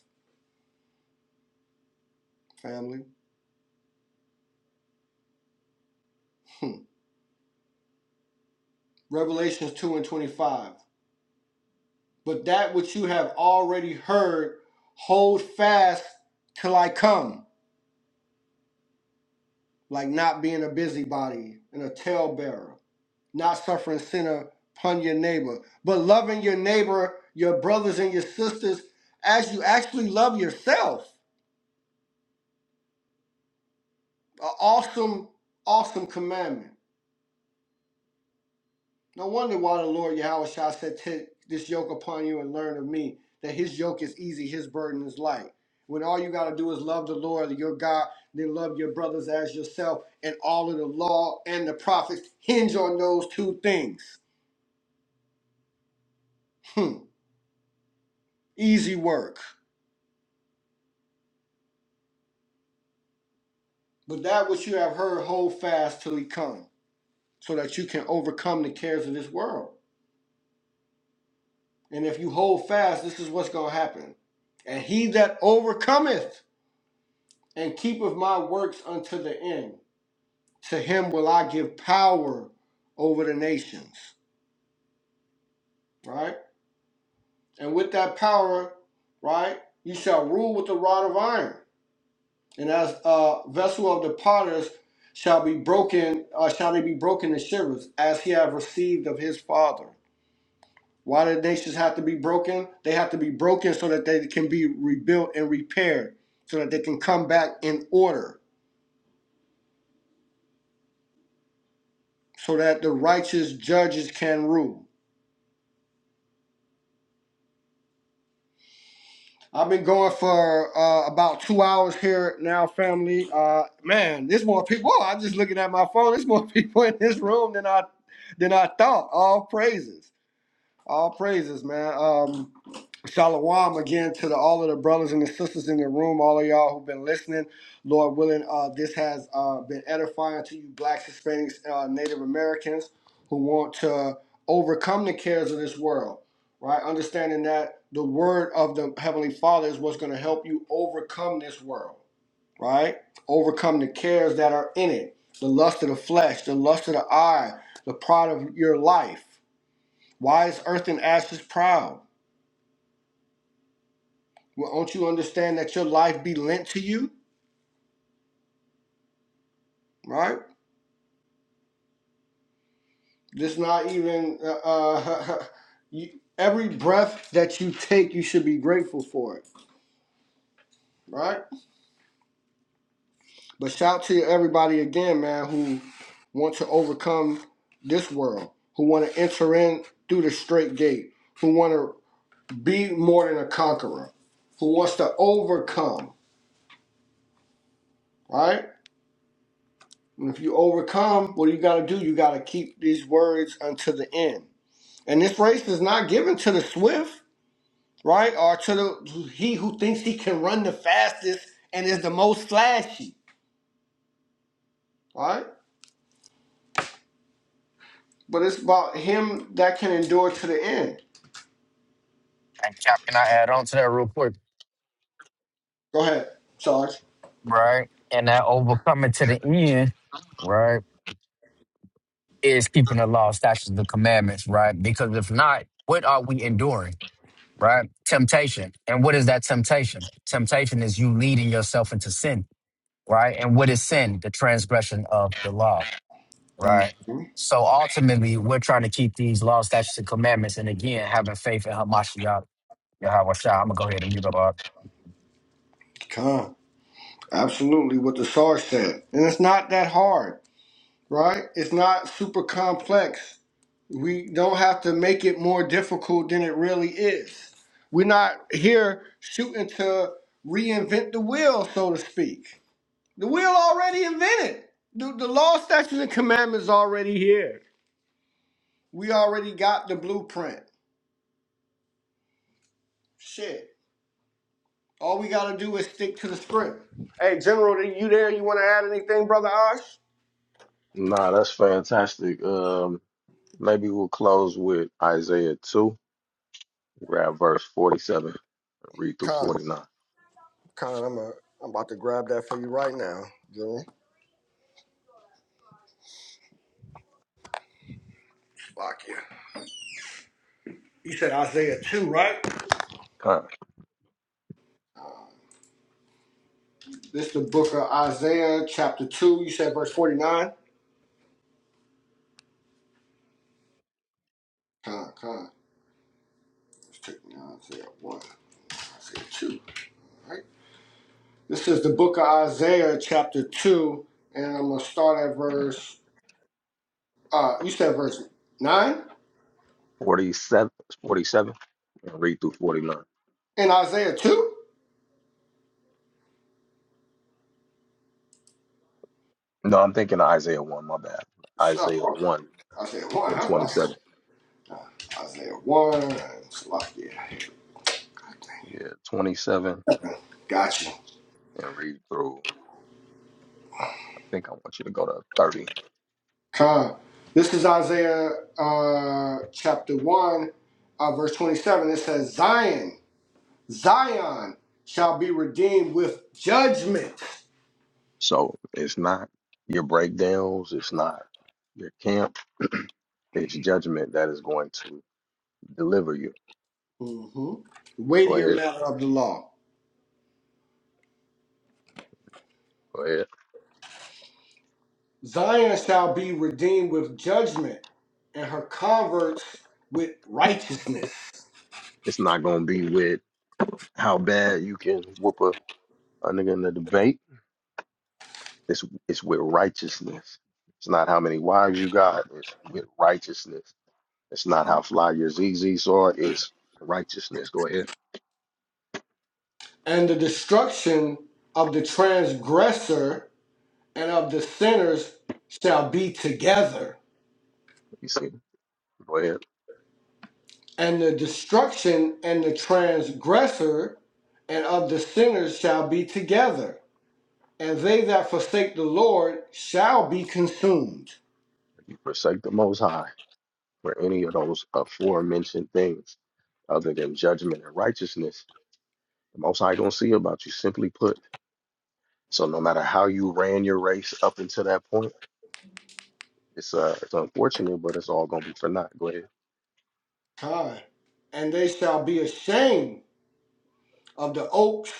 [SPEAKER 2] family. Hmm. Revelations 2 and 25. But that which you have already heard, hold fast till I come, like not being a busybody and a talebearer not suffering sinner upon your neighbor, but loving your neighbor, your brothers and your sisters, as you actually love yourself. An awesome, awesome commandment. No wonder why the Lord Yahweh Shah said, Take this yoke upon you and learn of me, that his yoke is easy, his burden is light. When all you got to do is love the Lord, your God, then love your brothers as yourself, and all of the law and the prophets hinge on those two things. Hmm. Easy work. But that which you have heard, hold fast till he come, so that you can overcome the cares of this world. And if you hold fast, this is what's going to happen. And he that overcometh and keepeth my works unto the end, to him will I give power over the nations. Right? And with that power, right, you shall rule with the rod of iron. And as a vessel of the potters shall be broken, uh, shall they be broken in shivers, as he have received of his father. Why do the nations have to be broken? They have to be broken so that they can be rebuilt and repaired, so that they can come back in order, so that the righteous judges can rule. I've been going for uh, about two hours here now, family. Uh, man, there's more people. Whoa, I'm just looking at my phone. There's more people in this room than I than I thought. All praises, all praises, man. Um, Shalom again to the, all of the brothers and the sisters in the room, all of y'all who've been listening. Lord willing, uh, this has uh, been edifying to you, Blacks, Hispanics, uh, Native Americans who want to overcome the cares of this world, right? Understanding that the word of the Heavenly Father is what's going to help you overcome this world, right? Overcome the cares that are in it the lust of the flesh, the lust of the eye, the pride of your life. Why is earth and ashes proud? Well, don't you understand that your life be lent to you, right? This not even uh, uh, you, every breath that you take, you should be grateful for it, right? But shout to everybody again, man, who want to overcome this world, who want to enter in through the straight gate, who want to be more than a conqueror, who wants to overcome, right? And if you overcome, what do you got to do? You got to keep these words until the end. And this race is not given to the swift, right? Or to the he who thinks he can run the fastest and is the most flashy, right? But it's about him that can endure to the end.
[SPEAKER 4] And Cap, can I add on to that real quick?
[SPEAKER 2] Go ahead, Sarge.
[SPEAKER 4] Right. And that overcoming to the end, right, is keeping the law, statutes, the commandments, right? Because if not, what are we enduring, right? Temptation. And what is that temptation? Temptation is you leading yourself into sin, right? And what is sin? The transgression of the law, right?
[SPEAKER 2] Mm-hmm.
[SPEAKER 4] So ultimately, we're trying to keep these law statutes, and commandments. And again, having faith in Hamashiach, Yahweh Shah. I'm going to go ahead and mute up. uh,
[SPEAKER 2] Come. Absolutely what the Sarge said. And it's not that hard, right? It's not super complex. We don't have to make it more difficult than it really is. We're not here shooting to reinvent the wheel, so to speak The wheel already invented. The, the law, statutes, and commandments already here. We already got the blueprint. Shit. All we gotta do is stick to the script. Hey, General, are you there? You wanna add anything, brother Osh?
[SPEAKER 1] Nah, that's fantastic. Um, maybe we'll close with Isaiah 2, grab verse 47, read through
[SPEAKER 2] Con,
[SPEAKER 1] 49.
[SPEAKER 2] Con, I'm, a, I'm about to grab that for you right now, General. Fuck yeah. You said Isaiah 2, right?
[SPEAKER 1] Kind of
[SPEAKER 2] This the book of Isaiah, chapter 2. You said verse 49? Con, con. Let's take me to Isaiah 1, Isaiah 2, right? This is the book of Isaiah, chapter 2, and I'm going to start at verse, uh, you said verse 9?
[SPEAKER 1] 47, 47, and read through 49.
[SPEAKER 2] In Isaiah 2?
[SPEAKER 1] No, I'm thinking of Isaiah 1, my bad.
[SPEAKER 2] So,
[SPEAKER 1] Isaiah
[SPEAKER 2] okay.
[SPEAKER 1] 1
[SPEAKER 2] Isaiah 1,
[SPEAKER 1] and
[SPEAKER 2] that's what I
[SPEAKER 1] 27.
[SPEAKER 2] said. Uh, Isaiah 1, and it's like, yeah, here we
[SPEAKER 1] Yeah, 27
[SPEAKER 2] go. Gotcha.
[SPEAKER 1] and read through. I think I want you to go to 30.
[SPEAKER 2] Come. This is Isaiah uh, chapter 1, uh, verse 27. It says, Zion, Zion shall be redeemed with judgment.
[SPEAKER 1] So it's not your breakdowns, it's not your camp, it's judgment that is going to deliver you.
[SPEAKER 2] mm hmm
[SPEAKER 1] Go
[SPEAKER 2] Weightier
[SPEAKER 1] ahead,
[SPEAKER 2] matter of the law.
[SPEAKER 1] go ahead.
[SPEAKER 2] Zion shall be redeemed with judgment, and her converts with righteousness.
[SPEAKER 1] It's not going to be with how bad you can whoop a, a nigga in the debate. It's it's with righteousness. It's not how many wives you got. It's with righteousness. It's not how fly your ZZs are. It's righteousness. Go ahead.
[SPEAKER 2] And the destruction of the transgressor and of the sinners shall be together.
[SPEAKER 1] You see, go ahead.
[SPEAKER 2] And the destruction and the transgressor and of the sinners shall be together. And they that forsake the Lord shall be consumed.
[SPEAKER 1] You forsake the Most High. for any of those aforementioned things other than judgment and righteousness, the most high gonna see about you, simply put. So no matter how you ran your race up until that point, it's uh it's unfortunate, but it's all gonna be for naught. Go ahead.
[SPEAKER 2] Time. And they shall be ashamed of the oaks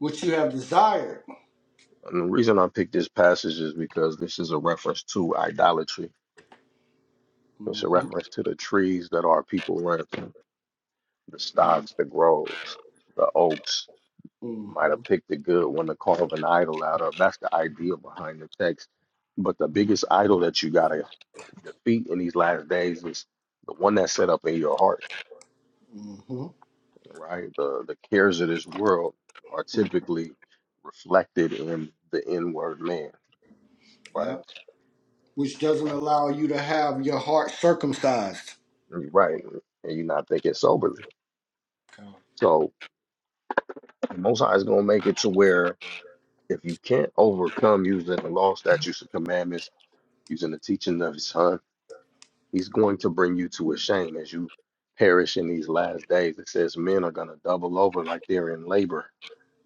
[SPEAKER 2] which you have desired
[SPEAKER 1] And the reason I picked this passage is because this is a reference to idolatry. It's a
[SPEAKER 2] Mm-hmm.
[SPEAKER 1] reference to the trees that our people run the stocks, the groves, the oaks. You might
[SPEAKER 2] Mm-hmm.
[SPEAKER 1] have picked a good one to carve an idol out of. That's the idea behind the text. But the biggest idol that you gotta the feet in these last days is the one that's set up in your heart,
[SPEAKER 2] Mm-hmm.
[SPEAKER 1] right? The the cares of this world are
[SPEAKER 2] hmm
[SPEAKER 1] typically reflected in the inward man, right?
[SPEAKER 2] Yep. Which doesn't allow you to have your heart circumcised.
[SPEAKER 1] You're right, and you're not thinking soberly.
[SPEAKER 2] Come.
[SPEAKER 1] So the Most High is gonna make it to where if you can't overcome using the law, statutes, and commandments, using the teaching of His Son, He's going to bring you to a shame as you perish in these last days. It says men are gonna double over like they're in labor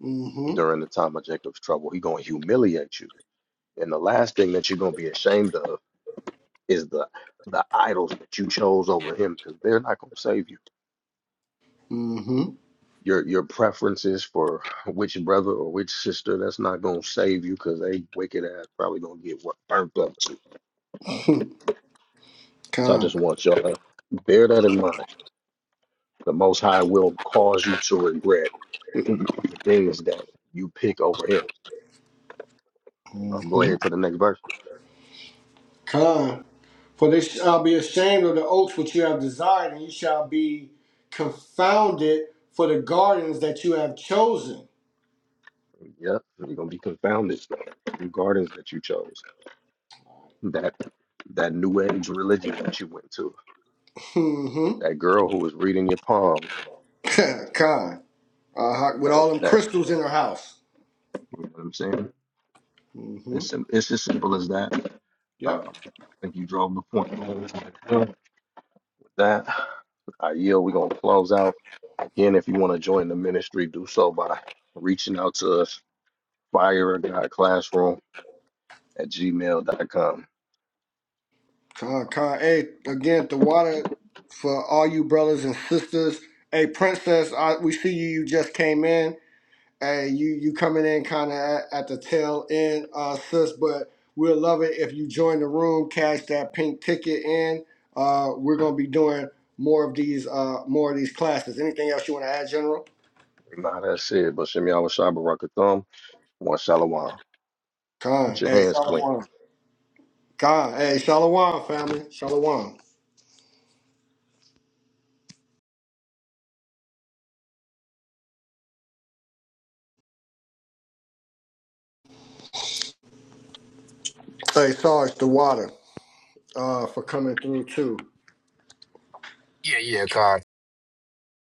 [SPEAKER 2] Mm-hmm.
[SPEAKER 1] during the time of Jacob's trouble. He's going to humiliate you. And the last thing that you're going to be ashamed of is the the idols that you chose over him because they're not going to save you.
[SPEAKER 2] Mm-hmm.
[SPEAKER 1] Your your preferences for which brother or which sister that's not going to save you because they wicked ass probably going to get what burnt up too. So I
[SPEAKER 2] Con.
[SPEAKER 1] just want y'all to bear that in mind. The Most High will cause you to regret the things that you pick over him. Um, go
[SPEAKER 2] Mm-hmm.
[SPEAKER 1] ahead to the next verse.
[SPEAKER 2] Con. For they shall be ashamed of the oaks which you have desired, and you shall be confounded for the gardens that you have chosen.
[SPEAKER 1] Yep, you're gonna be confounded regardless that you chose. That that new age religion that you went to,
[SPEAKER 2] Mm-hmm.
[SPEAKER 1] that girl who was reading your palms,
[SPEAKER 2] Con. Uh, with
[SPEAKER 1] that
[SPEAKER 2] all them
[SPEAKER 1] that
[SPEAKER 2] crystals in her house.
[SPEAKER 1] you know what I'm saying?
[SPEAKER 2] Mm-hmm.
[SPEAKER 1] It's sim- it's as simple as that.
[SPEAKER 2] Yep.
[SPEAKER 1] Um, I think you drove the point. home. With that, I yield. We're gonna close out. Again, if you want to join the ministry, do so by reaching out to us, fire God classroom at gmail.com.
[SPEAKER 2] Con, con. Hey, again, the water for all you brothers and sisters. Hey, princess, I, we see you. You just came in. Hey, you you coming in kind of at, at the tail end, uh, sis. But we'll love it if you join the room, cash that pink ticket in. Uh, we're gonna be doing more of these uh more of these classes. Anything else you want to add, General?
[SPEAKER 1] Not that's it, but Shem Yahweh Shai Barak Atham, one Shalom. Get
[SPEAKER 2] Con.
[SPEAKER 1] your
[SPEAKER 2] Hey,
[SPEAKER 1] hands clean.
[SPEAKER 2] Shalom. Con. Hey, Shalom, family. Shalom. Hey, Sarge, the water. Uh, for coming through too.
[SPEAKER 4] Yeah, yeah, God.